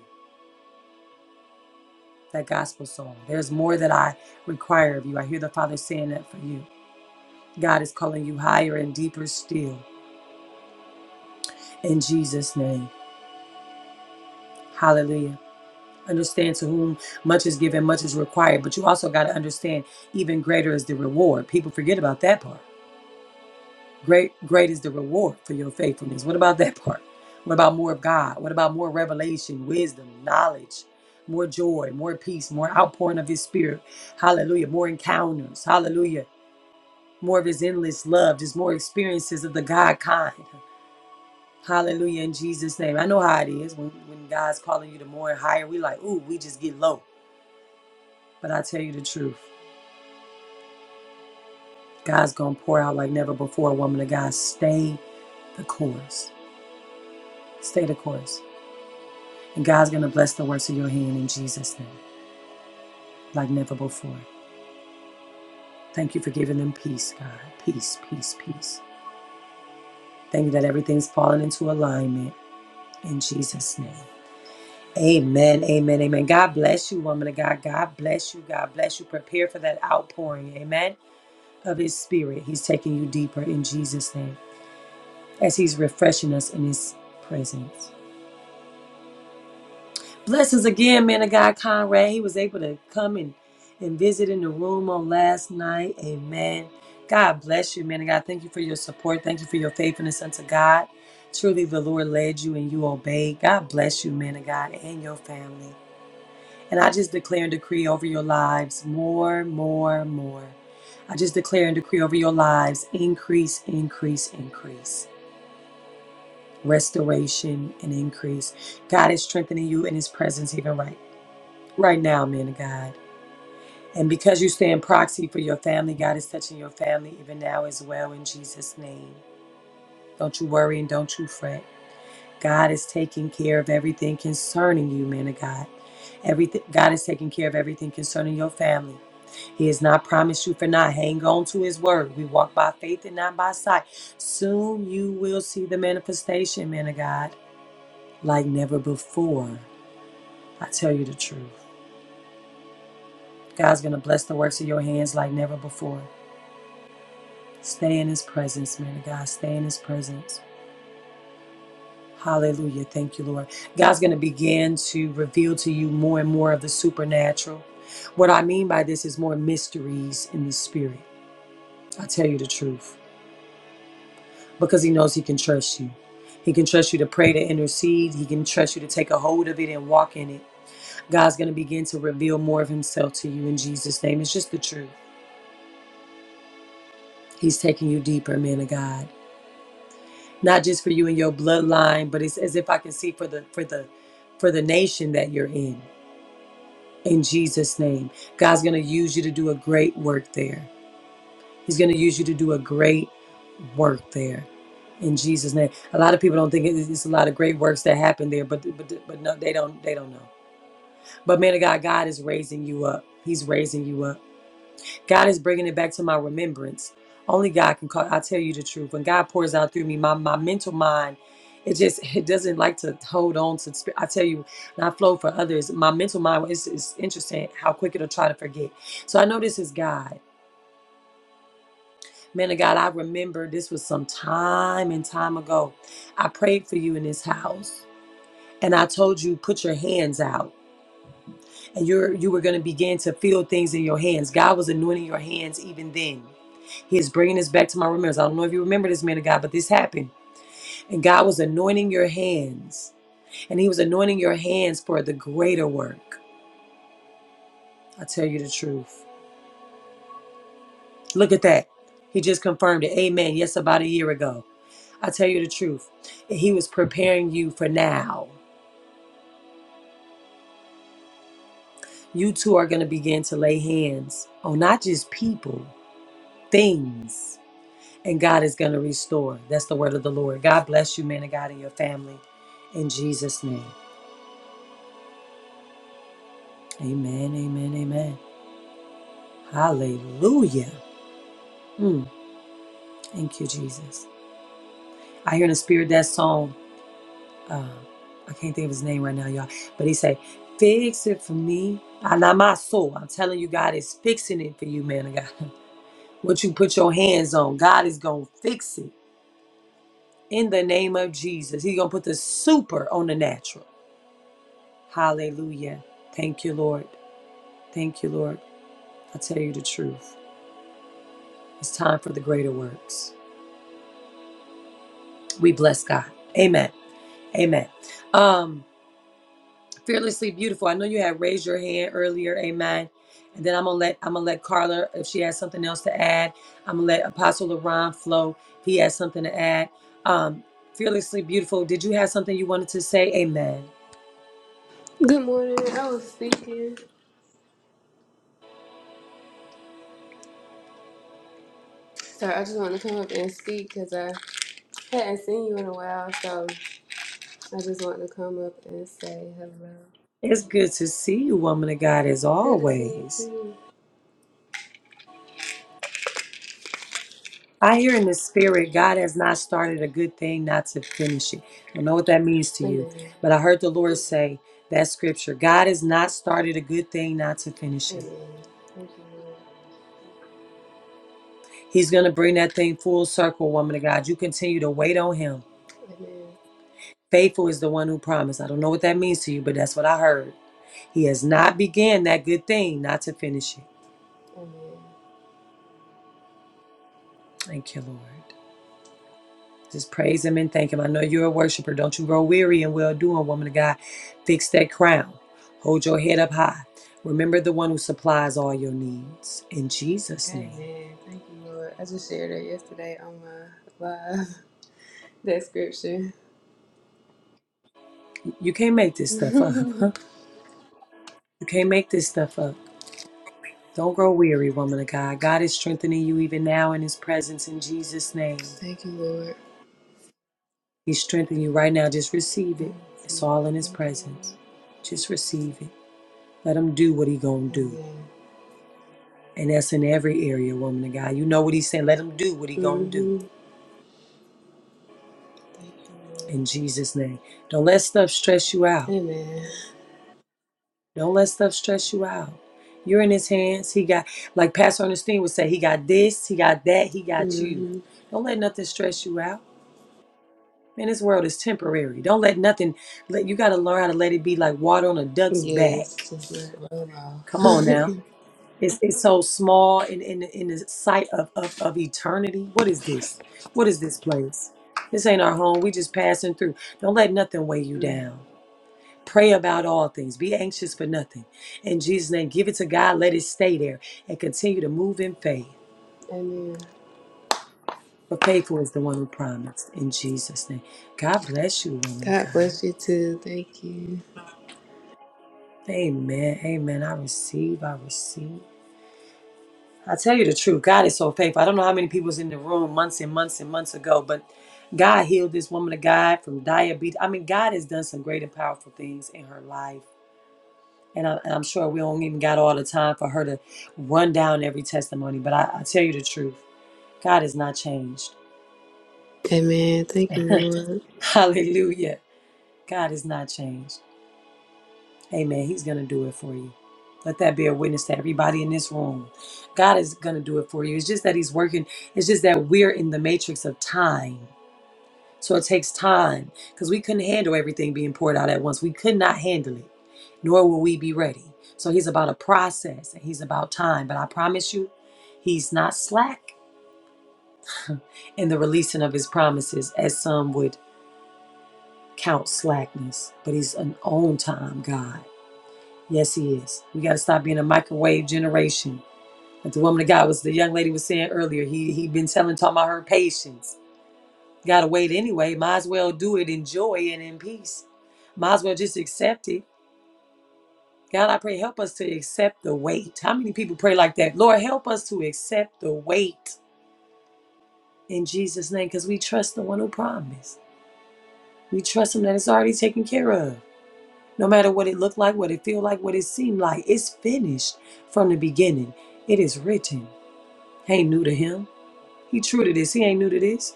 that gospel song. There's more that I require of you. I hear the Father saying that for you. God is calling you higher and deeper still in Jesus' name. Hallelujah. Understand to whom much is given, much is required, but you also got to understand even greater is the reward. People forget about that part. Great, great is the reward for your faithfulness. What about that part? What about more of God? What about more revelation, wisdom, knowledge, more joy, more peace, more outpouring of His Spirit? Hallelujah. More encounters. Hallelujah. More of His endless love, just more experiences of the God kind. Hallelujah. In Jesus' name. I know how it is when, when God's calling you to more and higher. We like, ooh, we just get low. But I tell you the truth, God's going to pour out like never before, woman of God. Stay the course. Stay the course. And God's going to bless the works of your hand in Jesus' name, like never before. Thank you for giving them peace, God. Peace, peace, peace. Thank you that everything's falling into alignment in Jesus' name. Amen, amen, amen. God bless you, woman of God. God bless you. God bless you. Prepare for that outpouring, amen, of His Spirit. He's taking you deeper in Jesus' name as He's refreshing us in His presence. Blessings again, man of God, Conrad. He was able to come and, and visit in the room on last night. Amen. God bless you, man of God. Thank you for your support. Thank you for your faithfulness unto God. Truly, the Lord led you and you obeyed. God bless you, man of God, and your family. And I just declare and decree over your lives more, more, more. I just declare and decree over your lives increase, increase, increase, restoration, and increase. God is strengthening you in His presence even right now right now, man of God. And because you stand proxy for your family, God is touching your family even now as well in Jesus' name. Don't you worry and don't you fret. God is taking care of everything concerning you, man of God. Everything God is taking care of everything concerning your family. He has not promised you for not. Hang on to his word. We walk by faith and not by sight. Soon you will see the manifestation, man of God, like never before. I tell you the truth. God's going to bless the works of your hands like never before. Stay in his presence, man of God. Stay in his presence. Hallelujah. Thank you, Lord. God's going to begin to reveal to you more and more of the supernatural. What I mean by this is more mysteries in the spirit. I tell you the truth because he knows he can trust you. He can trust you to pray, to intercede. He can trust you to take a hold of it and walk in it. God's going to begin to reveal more of himself to you in Jesus' name. It's just the truth. He's taking you deeper, man of God. not just for you and your bloodline, but it's as if I can see for the for the for the nation that you're in. In Jesus' name, God's going to use you to do a great work there. He's going to use you to do a great work there. In Jesus' name, a lot of people don't think it- it's a lot of great works that happen there, but but but no, they don't they don't know. But man of God, God is raising you up. He's raising you up. God is bringing it back to my remembrance. Only God can call. I tell you the truth. When God pours out through me, my, my mental mind, it just it doesn't like to hold on to. sp- I tell you, and I flow for others. My mental mind is it's interesting how quick it'll try to forget. So I know this is God, man of God. I remember this was some time and time ago. I prayed for you in this house, and I told you put your hands out. and you're you were going to begin to feel things in your hands. God was anointing your hands even then. He is bringing this back to my remembrance. I don't know if you remember this man of God, but this happened, and God was anointing your hands, and He was anointing your hands for the greater work. I tell you the truth. Look at that. He just confirmed it. Amen. Yes, about a year ago. I tell you the truth. He was preparing you for now. You two are going to begin to lay hands on not just people, things. and God is going to restore. That's the word of the Lord. God bless you, man of God, and your family. In Jesus' name. Amen, amen, amen. Hallelujah. Mm, thank you, Jesus. I hear in the spirit that song. Uh, I can't think of his name right now, y'all. But he say, fix it for me. I not my soul. I'm telling you, God is fixing it for you, man of God. (laughs) What you put your hands on, God is going to fix it. In the name of Jesus. He's going to put the super on the natural. Hallelujah. Thank you, Lord. Thank you, Lord. I tell you the truth. It's time for the greater works. We bless God. Amen. Amen. Um, fearlessly beautiful. I know you had raised your hand earlier. Amen. And then I'm gonna let I'm gonna let Carla if she has something else to add. I'm gonna let Apostle LaRon flow. If he has something to add. Um, fearlessly beautiful. Did you have something you wanted to say? Amen. Good morning. I was speaking. Sorry, I just wanted to come up and speak because I hadn't seen you in a while. So I just wanted to come up and say hello. It's good to see you, woman of God, as Good to see you always. too. I hear in the spirit, God has not started a good thing not to finish it. I don't know what that means to you, Amen. but I heard the Lord say that scripture God has not started a good thing not to finish it. Amen. Thank you, Lord. He's going to bring that thing full circle, woman of God. You continue to wait on Him. Amen. Faithful is the one who promised. I don't know what that means to you, but that's what I heard. He has not began that good thing not to finish it. Amen. Thank you, Lord. Just praise him and thank him. I know you're a worshiper. Don't you grow weary in well doing, woman of God. Fix that crown. Hold your head up high. Remember the one who supplies all your needs. In Jesus' name. Amen. Thank you, Lord. I just shared it yesterday on my live. (laughs) That scripture. You can't make this stuff up, (laughs) huh? You can't make this stuff up. Don't grow weary, woman of God. God is strengthening you even now in his presence in Jesus' (laughs) name. Thank you, Lord. He's strengthening you right now. Just receive I it. It's receive all it. in his Thank you, presence. Just receive it. Let him do what he gonna Lord. do. Amen. And that's in every area, woman of God. You know what he's saying. Let him do what he gonna do. Mm-hmm. Thank you, Lord. In Jesus' name. Don't let stuff stress you out. Amen. Don't let stuff stress you out. You're in his hands. He got like Pastor Ernestine would say, he got this, he got that, he got you. Mhm. Don't let nothing stress you out. Man, this world is temporary. Don't let nothing let you gotta learn how to let it be like water on a duck's back. Yes, just not roll off. Come on now. (laughs) It's, it's so small in, in, in the sight of, of, of eternity. What is this? What is this place? This ain't our home. We just passing through. Don't let nothing weigh you Mhm. down. Pray about all things. Be anxious for nothing. In Jesus' name, give it to God. Let it stay there and continue to move in faith. Amen. For faithful is the one who promised. In Jesus' name. God bless you, woman of God God. bless you too. Thank you. Amen. Amen. I receive. I receive. I tell you the truth, God is so faithful. I don't know how many people was in the room months and months and months ago, but God healed this woman of God from diabetes. I mean, God has done some great and powerful things in her life. And I, I'm sure we don't even got all the time for her to run down every testimony, but I, I tell you the truth, God has not changed. Amen. Thank you, (laughs) Lord. Hallelujah. God has not changed. Amen. He's going to do it for you. Let that be a witness to everybody in this room. God is going to do it for you. It's just that He's working, it's just that we're in the matrix of time. So it takes time because we couldn't handle everything being poured out at once. We could not handle it, nor will we be ready. So he's about a process and he's about time. But I promise you, he's not slack in the releasing of his promises, as some would count slackness. But he's an on time God. Yes, he is. We got to stop being a microwave generation. Like the woman of God was the young lady was saying earlier, he he been telling talking about her patience. Gotta wait anyway. Might as well do it in joy and in peace. Might as well just accept it. God, I pray, help us to accept the weight. How many people pray like that? Lord, help us to accept the weight in Jesus' name because we trust the one who promised. We trust him that it's already taken care of. No matter what it looked like, what it feel like, what it seemed like, it's finished from the beginning. It is written. Ain't new to him. He true to this. He ain't new to this.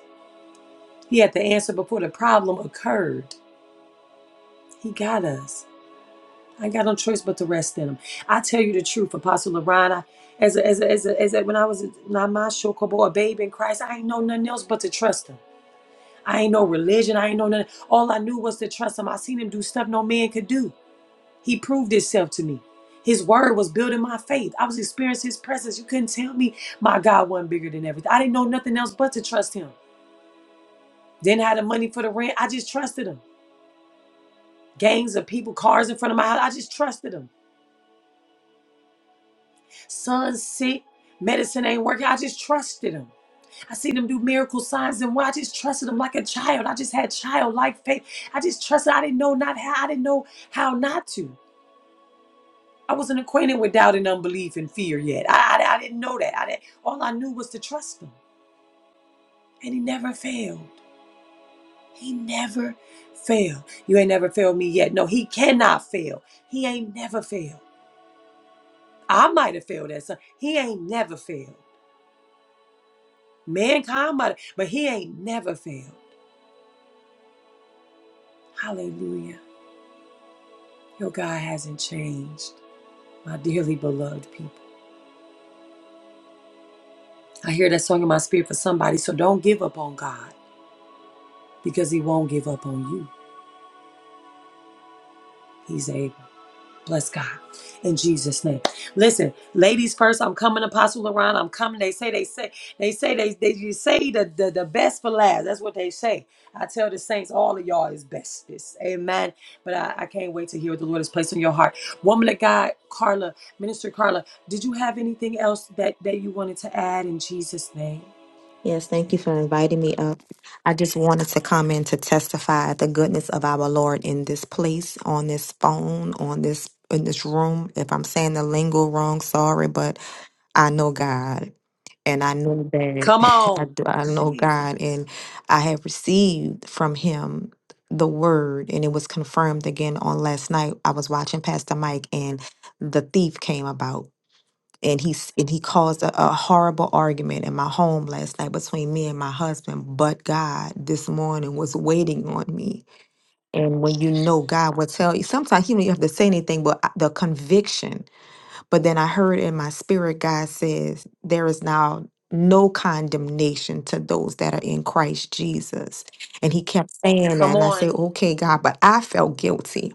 He had the answer before the problem occurred. He got us. I ain't got no choice but to rest in him. I tell you the truth, Apostle Lorraine. I, as a, as a, as a, as a, when I was not my shokobo, a babe in Christ, I ain't know nothing else but to trust him. I ain't no religion. I ain't know nothing. All I knew was to trust him. I seen him do stuff no man could do. He proved himself to me. His word was building my faith. I was experiencing his presence. You couldn't tell me my God wasn't bigger than everything. I didn't know nothing else but to trust him. Didn't have the money for the rent. I just trusted him. Gangs of people, cars in front of my house. I just trusted him. Son's sick. Medicine ain't working. I just trusted him. I seen him do miracle signs and why I just trusted him like a child. I just had childlike faith. I just trusted. I didn't know not how. I didn't know how not to. I wasn't acquainted with doubt and unbelief and fear yet. I, I, I didn't know that. I didn't, all I knew was to trust him. And he never failed. He never failed. You ain't never failed me yet. No, he cannot fail. He ain't never failed. I might have failed at some. He ain't never failed. Mankind might have, but he ain't never failed. Hallelujah. Your God hasn't changed, my dearly beloved people. I hear that song in my spirit for somebody, so don't give up on God because He won't give up on you. He's able. Bless God. In Jesus' name. Listen, ladies first, I'm coming, Apostle Laron. I'm coming. They say they say they say they they you say the, the, the best for last. That's what they say. I tell the saints, all of y'all is best. It's- amen. But I, I can't wait to hear what the Lord has placed on your heart. Woman of God, Carla, Minister Carla, did you have anything else that, that you wanted to add in Jesus' name? Yes, thank you for inviting me up. I just wanted to come in to testify the goodness of our Lord in this place, on this phone, on this in this room. If I'm saying the lingo wrong, sorry, but I know God. And I know that Come (laughs) I on. do I know God Jesus. and I have received from him the word and it was confirmed again on last night. I was watching Pastor Mike and the thief came about and he s- and he caused a, a horrible argument in my home last night between me and my husband. But God, this morning was waiting on me. And when you know God will tell you, sometimes He don't even have to say anything, but I- the conviction. But then I heard in my spirit, God says, "There is now no condemnation to those that are in Christ Jesus." And He kept saying that, Come and I said, on. "Okay, God," but I felt guilty.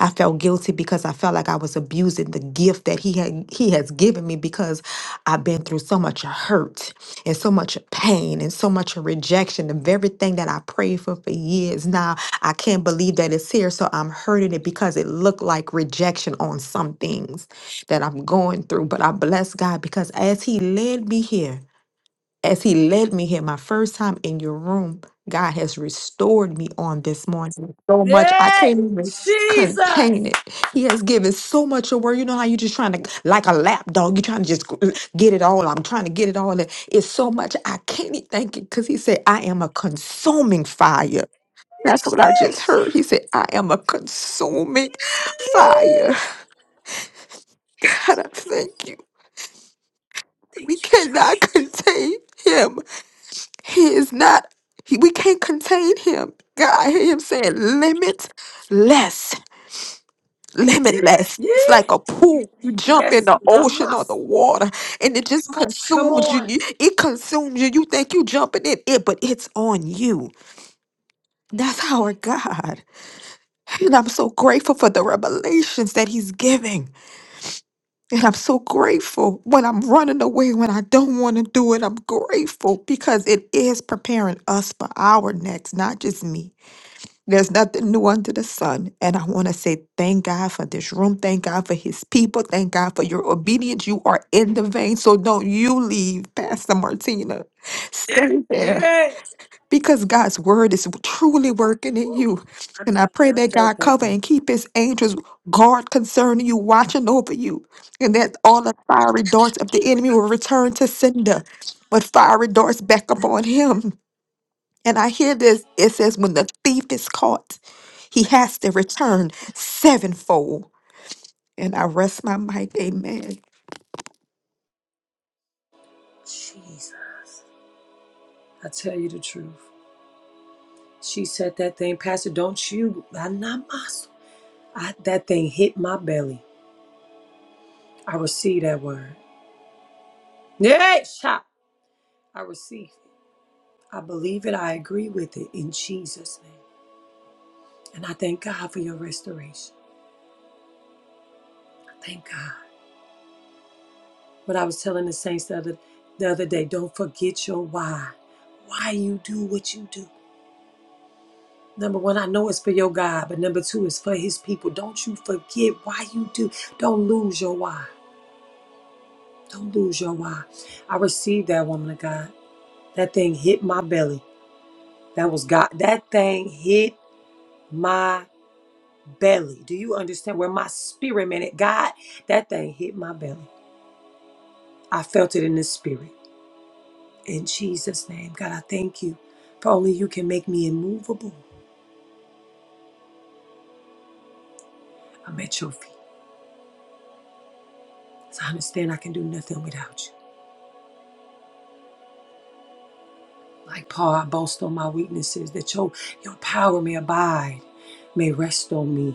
I felt guilty because I felt like I was abusing the gift that he had he has given me because I've been through so much hurt and so much pain and so much rejection of everything that I prayed for for years. Now I can't believe that it's here, so I'm hurting it because it looked like rejection on some things that I'm going through. But I bless God because as He led me here as he led me here my first time in your room god has restored me on this morning so much i Yeah. can't even Jesus. contain it he has given so much of word you know how you are just trying to like a lap dog you're trying to just get it all i'm trying to get it all in. it's so much i can't even thank it because he said i am a consuming fire that's what I just heard. He said, I am a consuming fire. (laughs) God, I thank you. We Thank you, Lord. cannot Thank you. contain him. He is not, he- we can't contain him. God, I hear him saying limitless, limitless. It's Yeah. like a pool. You jump in Yes. the Not ocean or the mass. water and it just Come consumes you. on. you- It consumes you. You think you jumping in it, but it's on you. That's our God. And I'm so grateful for the revelations that he's giving. And I'm so grateful when I'm running away, when I don't want to do it. I'm grateful because it is preparing us for our next, not just me. There's nothing new under the sun. And I want to say thank God for this room. Thank God for his people. Thank God for your obedience. You are in the vein. So don't you leave, Pastor Martina. Stay there Yeah. because God's word is truly working in you. And I pray I that felt God that cover thing. and keep his angels guard concerning you, watching over you. And that all the fiery darts of the enemy will return to sender, but fiery darts back upon him. And I hear this it says, when the thief is caught, he has to return sevenfold. And I rest my mic. Amen. Jesus. I tell you the truth. She said that thing, Pastor, don't you? I not mass. I, that thing hit my belly. I receive that word. Yeah. Shot. I receive it. I believe it. I agree with it in Jesus' name. And I thank God for your restoration. I thank God. What I was telling the saints the other, the other day, don't forget your why. Why you do what you do. Number one, I know it's for your God, but number two, it's for his people. Don't you forget why you do. Don't lose your why. Don't lose your why. I received that woman of God. That thing hit my belly. That was God. That thing hit my belly. Do you understand where my spirit meant it? God, that thing hit my belly. I felt it in the spirit. In Jesus' name, God, I thank you. For only you can make me immovable. I'm at your feet. So I understand I can do nothing without you. Like Paul, I boast on my weaknesses that your, your power may abide, may rest on me.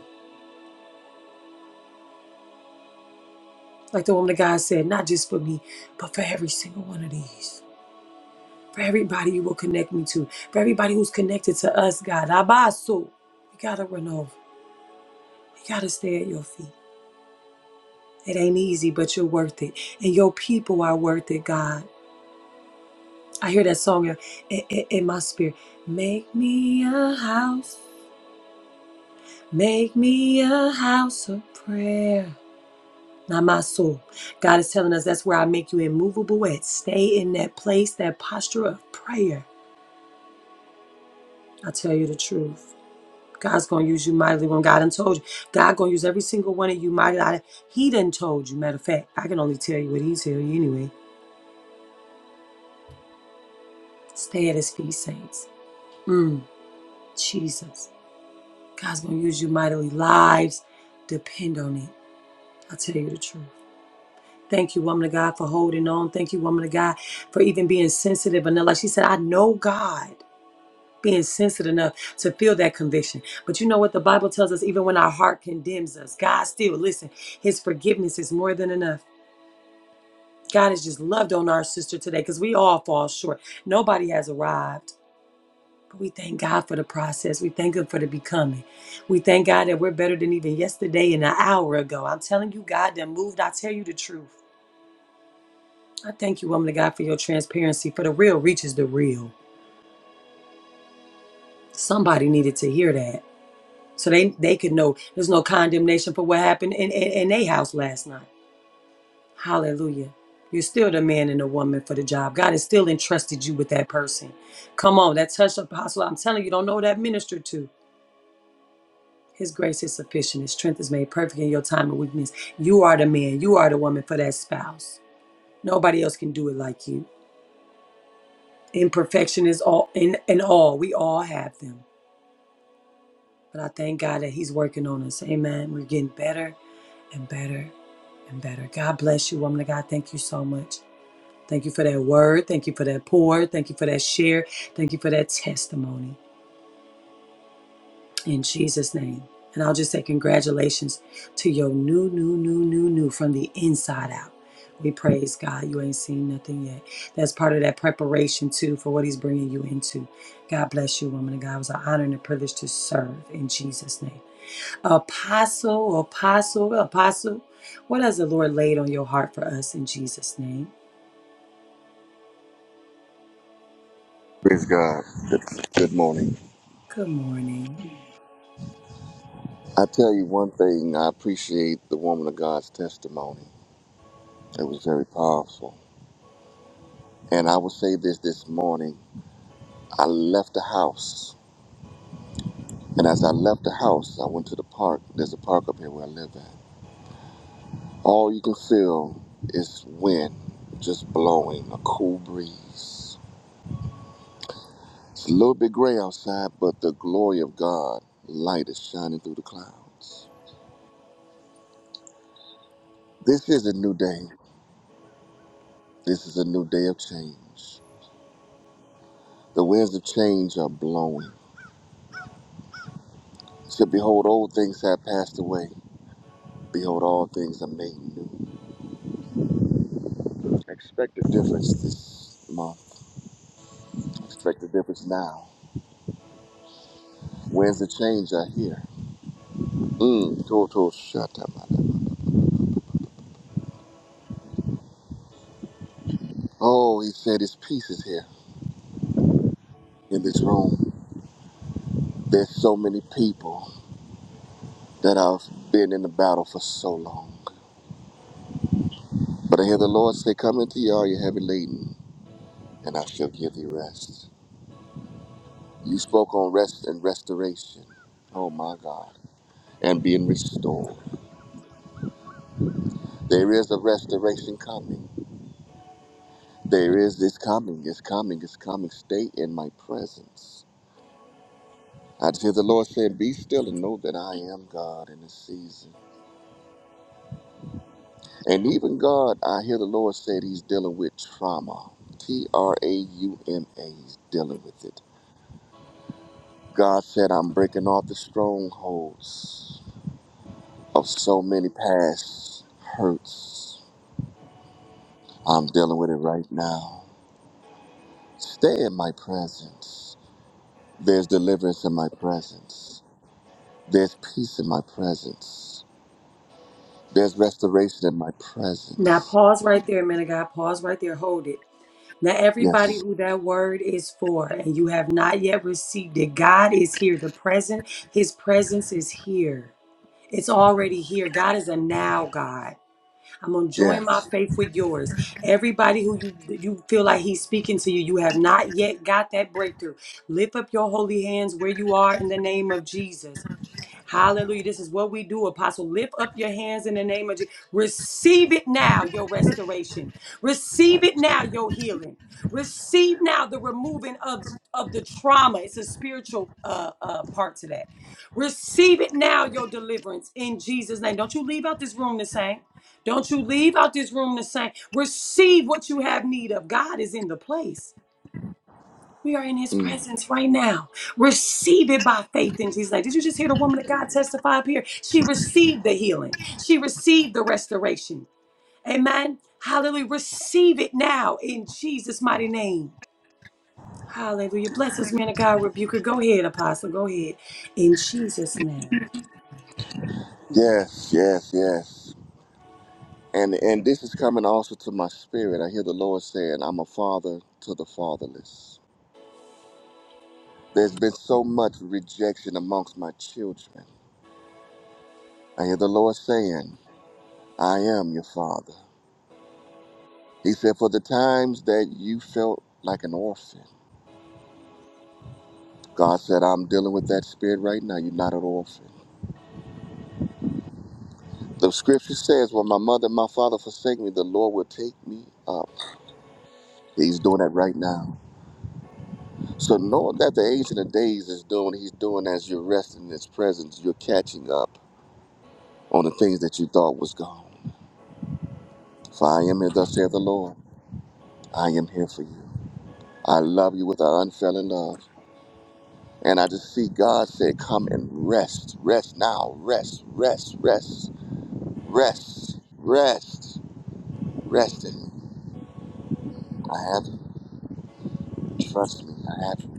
Like the woman of God said, not just for me, but for every single one of these. For everybody you will connect me to. For everybody who's connected to us, God. Abaso. We got to run over. We got to stay at your feet. It ain't easy, but you're worth it. And your people are worth it, God. I hear that song in, in in my spirit. Make me a house. Make me a house of prayer. Not my soul. God is telling us that's where I make you immovable at. Stay in that place, that posture of prayer. I tell you the truth. God's gonna use you mightily when God done told you. God gonna use every single one of you mightily. I- He done told you. Matter of fact, I can only tell you what he tell you anyway. Stay at his feet, saints. Mm, Jesus. God's gonna use you mightily. Lives depend on it. I tell you the truth. Thank you, woman of God, for holding on. Thank you, woman of God, for even being sensitive. And like she said, I know God. being sensitive enough to feel that conviction. But you know what the Bible tells us? Even when our heart condemns us, God still, listen, His forgiveness is more than enough. God has just loved on our sister today because we all fall short. Nobody has arrived. But we thank God for the process. We thank Him for the becoming. We thank God that we're better than even yesterday and an hour ago. I'm telling you, God that moved. I tell you the truth. I thank you, woman of God, for your transparency, for the real reaches the real. Somebody needed to hear that. So they, they could know there's no condemnation for what happened in, in, in their house last night. Hallelujah. You're still the man and the woman for the job. God has still entrusted you with that person. Come on, that touch apostle. I'm telling you, don't know who that minister to. His grace is sufficient. His strength is made perfect in your time of weakness. You are the man. You are the woman for that spouse. Nobody else can do it like you. Imperfection is all in, in all. We all have them. But I thank God that He's working on us. Amen. We're getting better and better and better. God bless you, woman of God. Thank you so much. Thank you for that word. Thank you for that pour. Thank you for that share. Thank you for that testimony. In Jesus' name. And I'll just say congratulations to your new, new, new, new, new from the inside out. We praise God. You ain't seen nothing yet. That's part of that preparation, too, for what He's bringing you into. God bless you, woman of God. It was an honor and a privilege to serve in Jesus' name. Apostle, apostle, apostle, what has the Lord laid on your heart for us in Jesus' name? Praise God. Good, good morning. Good morning. I tell you one thing, I appreciate the woman of God's testimony. It was very powerful. And I will say this this morning. I left the house. And as I left the house, I went to the park. There's a park up here where I live at. All you can feel is wind just blowing, a cool breeze. It's a little bit gray outside, but the glory of God light is shining through the clouds. This is a new day. This is a new day of change. The winds of change are blowing. So behold, old things have passed away. Behold, all things are made new. Expect a difference this month. Expect a difference now. Winds of change are here. Mm, total shut up. Oh, he said his peace is here in this room. There's so many people that have been in the battle for so long. But I hear the Lord say, Come into you all you heavy laden, and I shall give you rest. You spoke on rest and restoration. Oh my God. and being restored. There is a restoration coming. There is this coming, it's coming, it's coming. Stay in my presence. I just hear the Lord saying, Be still and know that I am God in this season. And even God, I hear the Lord said He's dealing with trauma. T R A U M A. He's dealing with it. God said, I'm breaking off the strongholds of so many past hurts. I'm dealing with it right now. Stay in my presence. There's deliverance in my presence. There's peace in my presence. There's restoration in my Now presence. pause right there, man of God. Pause right there. Hold it. Now, everybody Yes. who that word is for and you have not yet received it, God is here. The present, his presence is here. It's already here. God is a now God. I'm gonna join my Yes. faith with yours. Everybody who you you feel like he's speaking to you, you have not yet got that breakthrough. Lift up your holy hands where you are in the name of Jesus. Hallelujah. This is what we do, Apostle. Lift up your hands in the name of Jesus. Receive it now, your restoration. Receive it now, your healing. Receive now the removing of, of the trauma. It's a spiritual uh, uh, part to that. Receive it now, your deliverance in Jesus' name. Don't you leave out this room the same. Don't you leave out this room the same. Receive what you have need of. God is in the place. We are in his Mm. presence right now. Receive it by faith in Jesus' name. Did you just hear the woman of God testify up here? She received the healing, she received the restoration. Amen. Hallelujah. Receive it now in Jesus' mighty name. Hallelujah. Bless us, man of God. Rebuker. Go ahead, Apostle. Go ahead. In Jesus' name. Yes, yes, yes. And and this is coming also to my spirit. I hear the Lord saying, I'm a father to the fatherless. There's been so much rejection amongst my children. I hear the Lord saying, I am your father. He said, For the times that you felt like an orphan, God said, I'm dealing with that spirit right now. You're not an orphan. The scripture says, When my mother and my father forsake me, the Lord will take me up. He's doing that right now. So know that the Ancient of Days is doing, he's doing as you're resting in his presence, you're catching up on the things that you thought was gone. For I am here, thus saith the Lord. I am here for you. I love you with an unfailing love. And I just see God say, Come and rest. Rest now. Rest, rest, rest, rest, rest, rest in me. I have you. Trust me. I have you.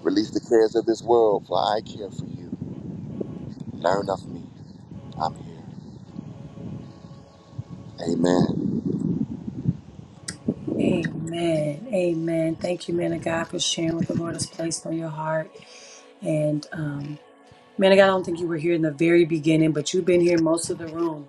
Release the cares of this world, for I care for you. Learn of me. I'm here. Amen. Amen. Amen. Thank you, man of God, for sharing what the Lord has placed on your heart. And um, man of God, I don't think you were here in the very beginning, but you've been here most of the room.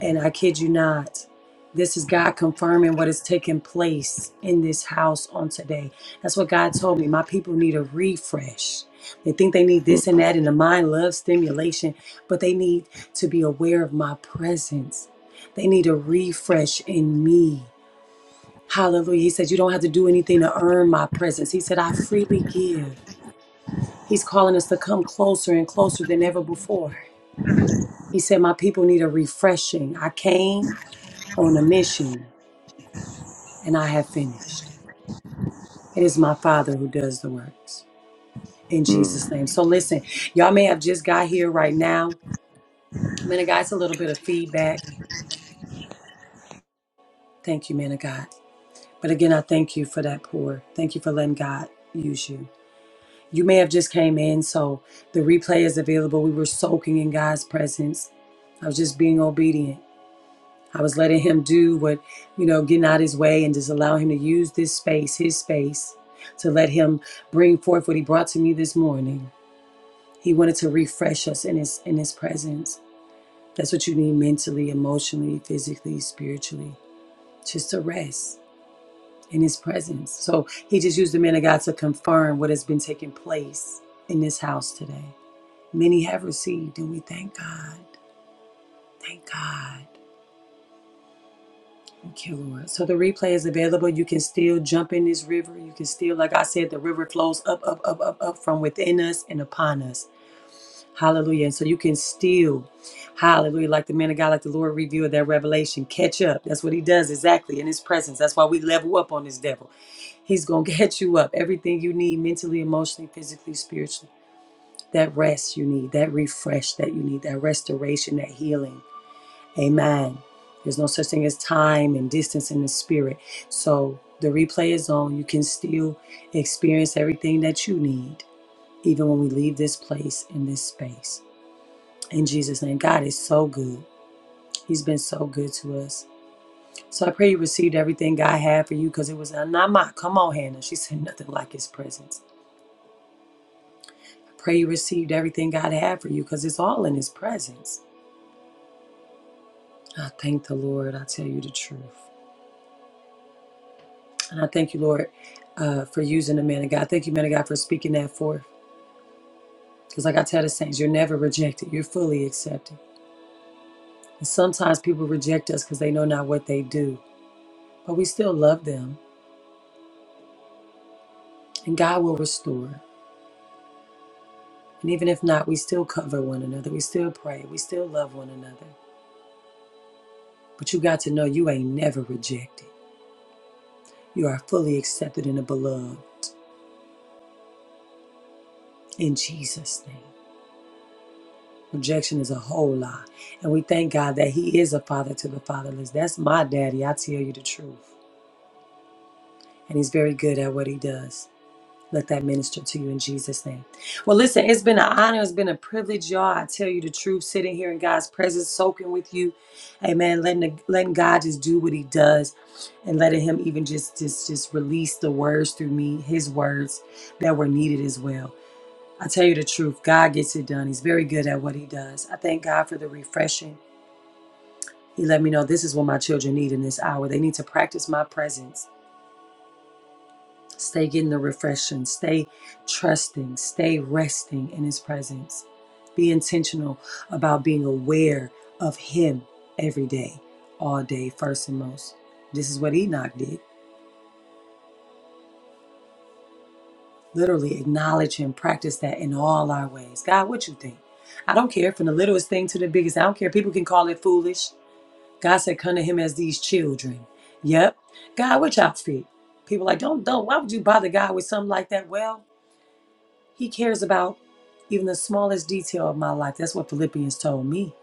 And I kid you not, this is God confirming what is taking place in this house on today. That's what God told me. My people need a refresh. They think they need this and that, and the mind loves stimulation, but they need to be aware of my presence. They need a refresh in me. Hallelujah. He said, You don't have to do anything to earn my presence. He said, I freely give. He's calling us to come closer and closer than ever before. He said, My people need a refreshing. I came on a mission. and I have finished. It is my Father who does the works. In Mm-hmm. Jesus' name. So listen, y'all may have just got here right now. Man of God, it's a little bit of feedback. Thank you, man of God. But again, I thank you for that pour. Thank you for letting God use you. You may have just came in, so the replay is available. We were soaking in God's presence. I was just being obedient. I was letting him do what, you know, getting out his way and just allowing him to use this space, his space, to let him bring forth what he brought to me this morning He wanted to refresh us in his in his presence. That's what you need mentally, emotionally, physically, spiritually. Just to rest in his presence. So he just used the man of God to confirm what has been taking place in this house today. Many have received, and we thank God. Thank God. Thank you, Lord. So the replay is available. You can still jump in this river. You can still, like I said, the river flows up, up, up, up, up from within us and upon us. Hallelujah. And so you can still, hallelujah, like the man of God, like the Lord revealed that revelation, catch up. That's what he does exactly in his presence. That's why we level up on this devil. He's going to get (laughs) you up. Everything you need mentally, emotionally, physically, spiritually. That rest you need, that refresh that you need, that restoration, that healing. Amen. There's no such thing as time and distance in the spirit. So the replay is on. You can still experience everything that you need, even when we leave this place in this space. In Jesus' name, God is so good. He's been so good to us. So I pray you received everything God had for you because it was not mine. Come on, Hannah. She said nothing like His presence. I pray you received everything God had for you because it's all in His presence. I thank the Lord. I tell you the truth. And I thank you, Lord, uh, for using the man of God. Thank you, man of God, for speaking that forth. Because, like I tell the saints, you're never rejected, you're fully accepted. And sometimes people reject us because they know not what they do, but we still love them, and God will restore. And even if not, we still cover one another. We still pray. We still love one another. But you got to know you ain't never rejected. You are fully accepted in the beloved in Jesus' name. Rejection is a whole lie. And we thank God that He is a father to the fatherless. That's my daddy. I tell you the truth. And He's very good at what He does. Let that minister to you in Jesus' name. Well, listen, it's been an honor. It's been a privilege, y'all. I tell you the truth, sitting here in God's presence, soaking with you. Amen. Letting the, letting God just do what He does, and letting Him even just just just release the words through me, His words that were needed as well. I tell you the truth, God gets it done. He's very good at what He does. I thank God for the refreshing. He let me know this is what my children need in this hour. They need to practice my presence. Stay getting the refreshing. Stay trusting. Stay resting in His presence. Be intentional about being aware of Him every day, all day, first and most. This is what Enoch did. Literally acknowledge Him, practice that in all our ways. God, what you think? I don't care from the littlest thing to the biggest. I don't care. People can call it foolish. God said, "Come to Him as these children." Yep. God, what'd you which outfit? People like, don't don't. Why would you bother God with something like that? Well, He cares about even the smallest detail of my life. That's what Philippians told me.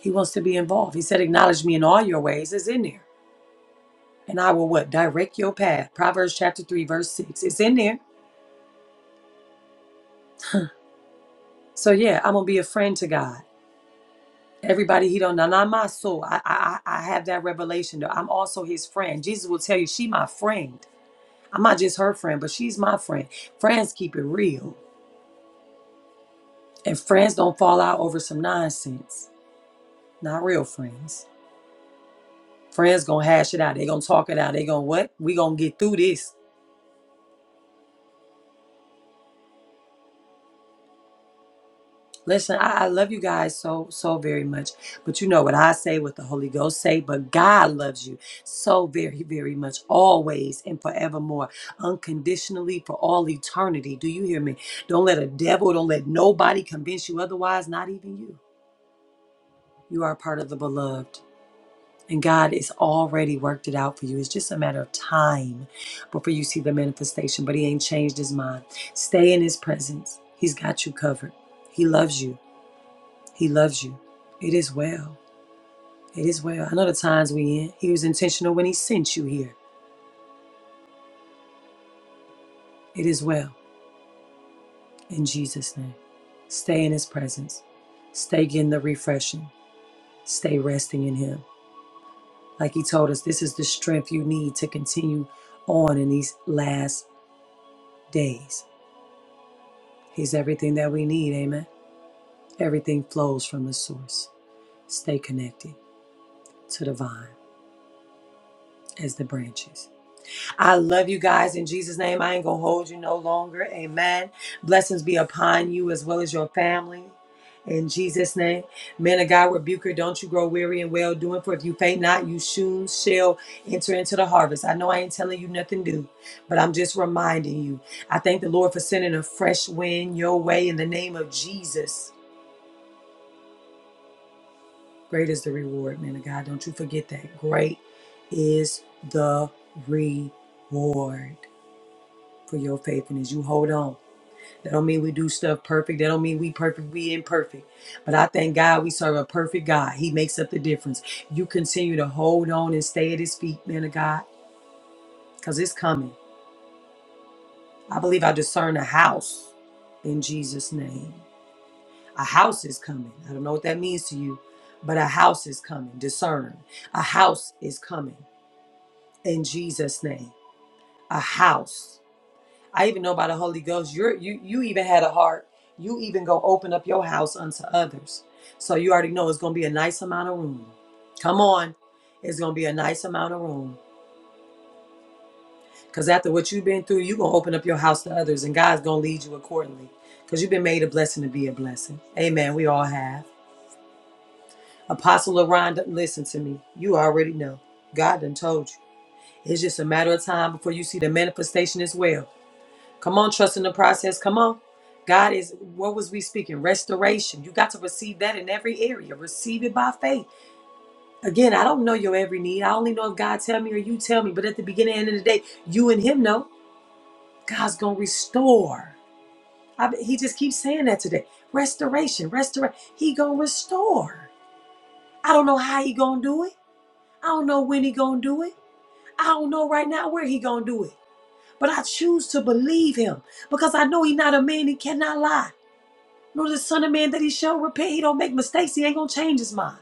He wants to be involved. He said, Acknowledge me in all your ways. It's in there. And I will what? Direct your path. Proverbs chapter 3, verse 6. It's in there. So yeah, I'm gonna be a friend to God. Everybody he don't know, not my soul. I I I I have that revelation though. I'm also his friend. Jesus will tell you, she my friend. I'm not just her friend, but she's my friend. Friends keep it real. And friends don't fall out over some nonsense. Not real friends. Friends gonna hash it out. They gonna talk it out. They gonna what? We gonna get through this. Listen, I, I love you guys so so very much. But you know what I say, what the Holy Ghost say, but God loves you so very, very much, always and forevermore, unconditionally for all eternity. Do you hear me? Don't let a devil, don't let nobody convince you otherwise, not even you. You are part of the beloved. And God has already worked it out for you. It's just a matter of time before you see the manifestation, but He ain't changed His mind. Stay in His presence. He's got you covered. He loves you. He loves you. It is well. It is well. I know the times we in. He was intentional when He sent you here. It is well. In Jesus' name. Stay in His presence. Stay getting the refreshing. Stay resting in Him. Like He told us, this is the strength you need to continue on in these last days. He's everything that we need, amen. Everything flows from the source. Stay connected to the vine as the branches. I love you guys in Jesus' name. I ain't gonna hold you no longer. Amen. Blessings be upon you as well as your family. In Jesus' name. Men of God, rebuke her. Don't you grow weary in well doing, for if you faint not, you soon shall enter into the harvest. I know I ain't telling you nothing new, but I'm just reminding you. I thank the Lord for sending a fresh wind your way in the name of Jesus. Great is the reward, man of God. Don't you forget that. Great is the reward for your faithfulness. You hold on. That don't mean we do stuff perfect. That don't mean we perfect. We imperfect. But I thank God we serve a perfect God. He makes up the difference. You continue to hold on and stay at his feet, man of God, because it's coming. I believe I discern a house in Jesus' name. A house is coming. I don't know what that means to you, but a house is coming. Discern. A house is coming. in Jesus' name. A house. I even know by the Holy Ghost, you're you you even had a heart. You even go open up your house unto others. So you already know it's gonna be a nice amount of room. Come on. It's gonna be a nice amount of room. Cause after what you've been through, you're gonna open up your house to others and God's gonna lead you accordingly. Because you've been made a blessing to be a blessing. Amen. We all have. Apostle Aranda, listen to me. You already know. God done told you. It's just a matter of time before you see the manifestation as well. Come on, trust in the process. Come on. God is, what was we speaking? Restoration. You got to receive that in every area. Receive it by faith. Again, I don't know your every need. I only know if God tell me or you tell me. But at the beginning and end of the day, you and him know God's going to restore. I, he just keeps saying that today. Restoration, restoration. He going to restore. I don't know how he going to do it. I don't know when he going to do it. I don't know right now where he going to do it. But I choose to believe him because I know he not a man. He cannot lie. Nor the Son of Man that he shall repent. He don't make mistakes. He ain't gonna change his mind.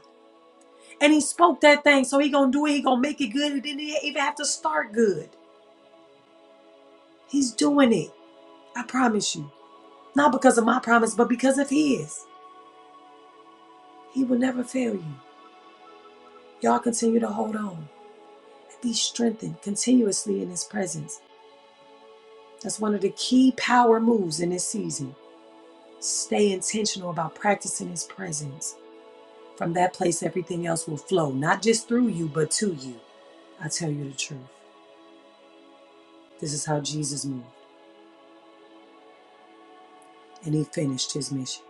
And he spoke that thing, so he gonna do it. He gonna make it good. He didn't even have to start good. He's doing it. I promise you. Not because of my promise, but because of his. He will never fail you. Y'all continue to hold on and be strengthened continuously in his presence. That's one of the key power moves in this season. Stay intentional about practicing his presence. From that place, everything else will flow, not just through you, but to you. I tell you the truth. This is how Jesus moved, and he finished his mission.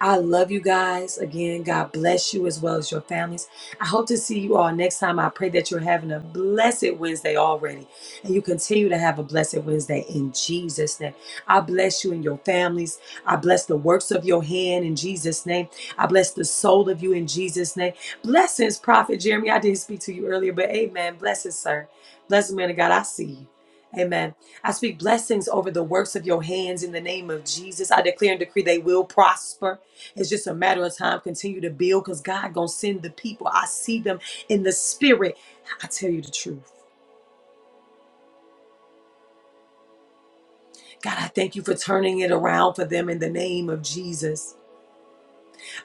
I love you guys. Again, God bless you as well as your families. I hope to see you all next time. I pray that you're having a blessed Wednesday already and you continue to have a blessed Wednesday in Jesus' name. I bless you and your families. I bless the works of your hand in Jesus' name. I bless the soul of you in Jesus' name. Blessings, Prophet Jeremy. I didn't speak to you earlier, but amen. Blessings, sir. Blessed man of God. I see you. Amen. I speak blessings over the works of your hands in the name of Jesus. I declare and decree they will prosper. It's just a matter of time. Continue to build because God gonna send the people. I see them in the spirit. I tell you the truth. God, I thank you for turning it around for them in the name of Jesus.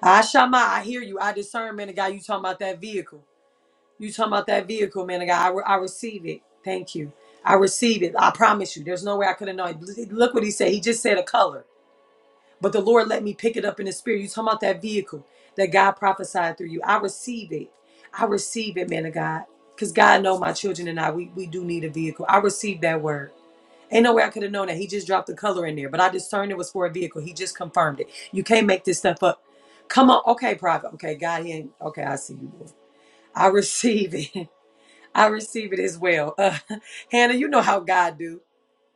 I Shama, I hear you. I discern, man of God, you talking about that vehicle. You talking about that vehicle, man of God. I, re- I receive it. Thank you. I receive it. I promise you. There's no way I could have known. Look what he said. He just said a color. But the Lord let me pick it up in the spirit. You talking about that vehicle that God prophesied through you. I receive it. I receive it, man of God. Because God know my children and I, we, we do need a vehicle. I received that word. Ain't no way I could have known that. He just dropped the color in there. But I discerned it was for a vehicle. He just confirmed it. You can't make this stuff up. Come on. Okay, prophet. Okay, God, he ain't. Okay, I see you. Lord. I receive it. (laughs) I receive it as well. Uh, (laughs) Hannah, you know how God do.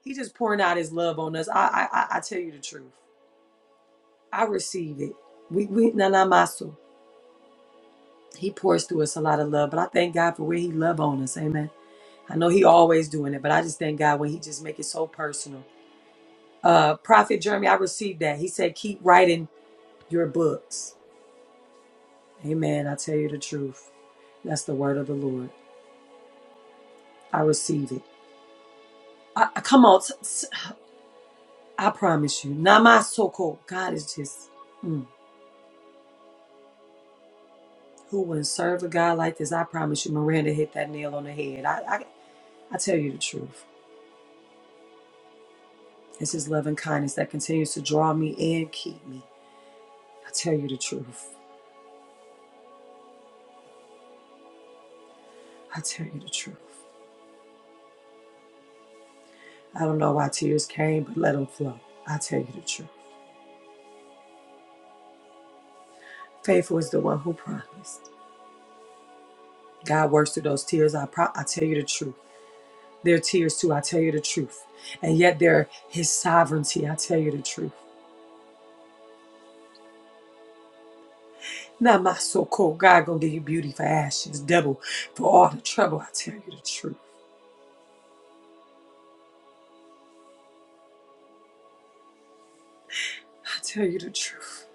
He just pouring out his love on us. I, I, I I tell you the truth. I receive it. We we nanamasu. He pours through us a lot of love, but I thank God for where He love on us. Amen. I know He always doing it, but I just thank God when He just make it so personal. Uh, Prophet Jeremy, I received that. He said, "Keep writing your books." Amen. I tell you the truth. That's the word of the Lord. I receive it. I, I- come on, s- s- I promise you, namasoko. God is just. mm, who wouldn't serve a God like this? I promise you, Miranda hit that nail on the head. I, I, I tell you the truth. It's His love and kindness that continues to draw me and keep me. I tell you the truth. I tell you the truth. I don't know why tears came, but let them flow. I tell you the truth. Faithful is the one who promised. God works through those tears. I, pro- I tell you the truth. They're tears too. I tell you the truth. And yet they're His sovereignty. I tell you the truth. Not my so called God gonna give you beauty for ashes, double for all the trouble. I tell you the truth. I tell you the truth.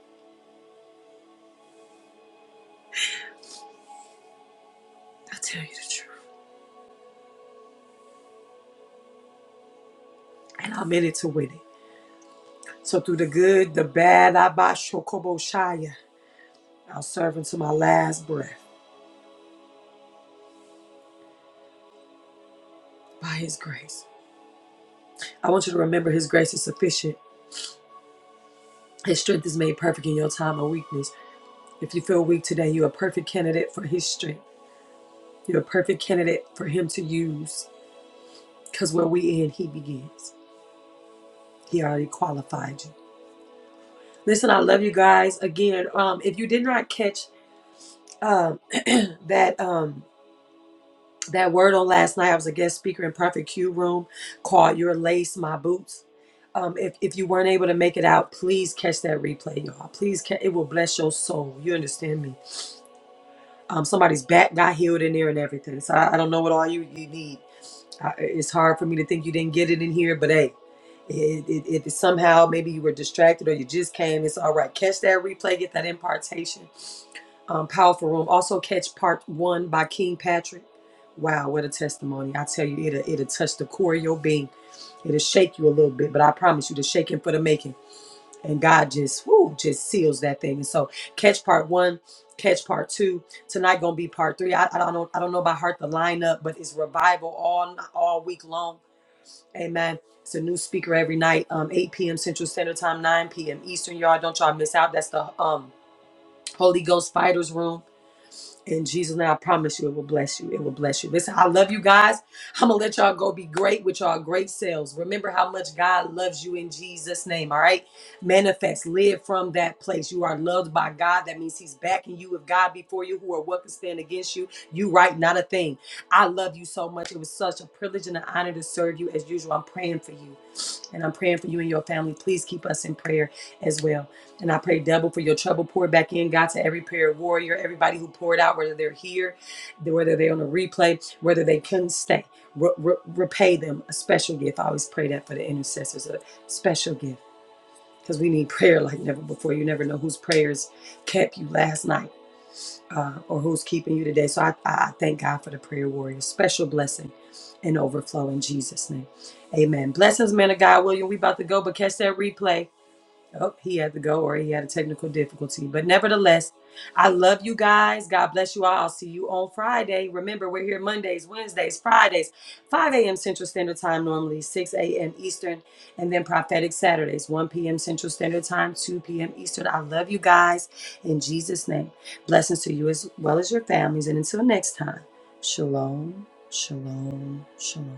I tell you the truth. And I'm in it to win it. So through the good, the bad, Abashokoboshaya, I'll serve until my last breath by his grace. I want you to remember his grace is sufficient. His strength is made perfect in your time of weakness. If you feel weak today, you're a perfect candidate for his strength. You're a perfect candidate for him to use. Because where we end, he begins. He already qualified you. Listen, I love you guys. Again, um, if you did not catch um, (clears throat) that um, that word on last night. I was a guest speaker in Perfect Q Room called Your Lace, My Boots. Um, if, if you weren't able to make it out, please catch that replay, y'all. Please, ca- it will bless your soul. You understand me? Um, somebody's back got healed in there and everything. So I, I don't know what all you, you need. I, it's hard for me to think you didn't get it in here, but hey, it, it, it somehow maybe you were distracted or you just came. It's all right. Catch that replay, get that impartation um, powerful room. Also catch part one by King Patrick. Wow, what a testimony! I tell you, it'll it'll touch the core of your being. It'll shake you a little bit, but I promise you, the shaking for the making. And God just whoo, just seals that thing. And so catch part one, catch part two. Tonight gonna be part three. I, I don't know, I don't know by heart the lineup, but it's revival all all week long. Amen. It's a new speaker every night, um, 8 p.m. Central Standard Time, 9 p.m. Eastern. Y'all, don't y'all miss out. That's the um Holy Ghost Fighters Room. In Jesus' name, I promise you, it will bless you. It will bless you. Listen, I love you guys. I'm gonna let y'all go be great with y'all great selves. Remember how much God loves you in Jesus' name. All right, manifest, live from that place. You are loved by God. That means He's backing you. If God before you, who are what can stand against you? You right, not a thing. I love you so much. It was such a privilege and an honor to serve you as usual. I'm praying for you, and I'm praying for you and your family. Please keep us in prayer as well. And I pray double for your trouble. Pour back in, God, to every prayer warrior, everybody who poured out, whether they're here, whether they're on a replay, whether they couldn't stay. Re- re- repay them a special gift. I always pray that for the intercessors, a special gift, because we need (laughs) prayer like never before. You never know whose prayers kept you last night uh, or who's keeping you today. So I, I thank God for the prayer warrior. Special blessing and overflow in Jesus' name. Amen. Blessings, man of God. William, we about to go, but catch that replay. Oh, he had to go or he had a technical difficulty. But nevertheless, I love you guys. God bless you all. I'll see you on Friday. Remember, we're here Mondays, Wednesdays, Fridays, 5 a.m. Central Standard Time, normally 6 a.m. Eastern, and then prophetic Saturdays, 1 p.m. Central Standard Time, 2 p.m. Eastern. I love you guys in Jesus' name. Blessings to you as well as your families. And until next time, shalom, shalom, shalom.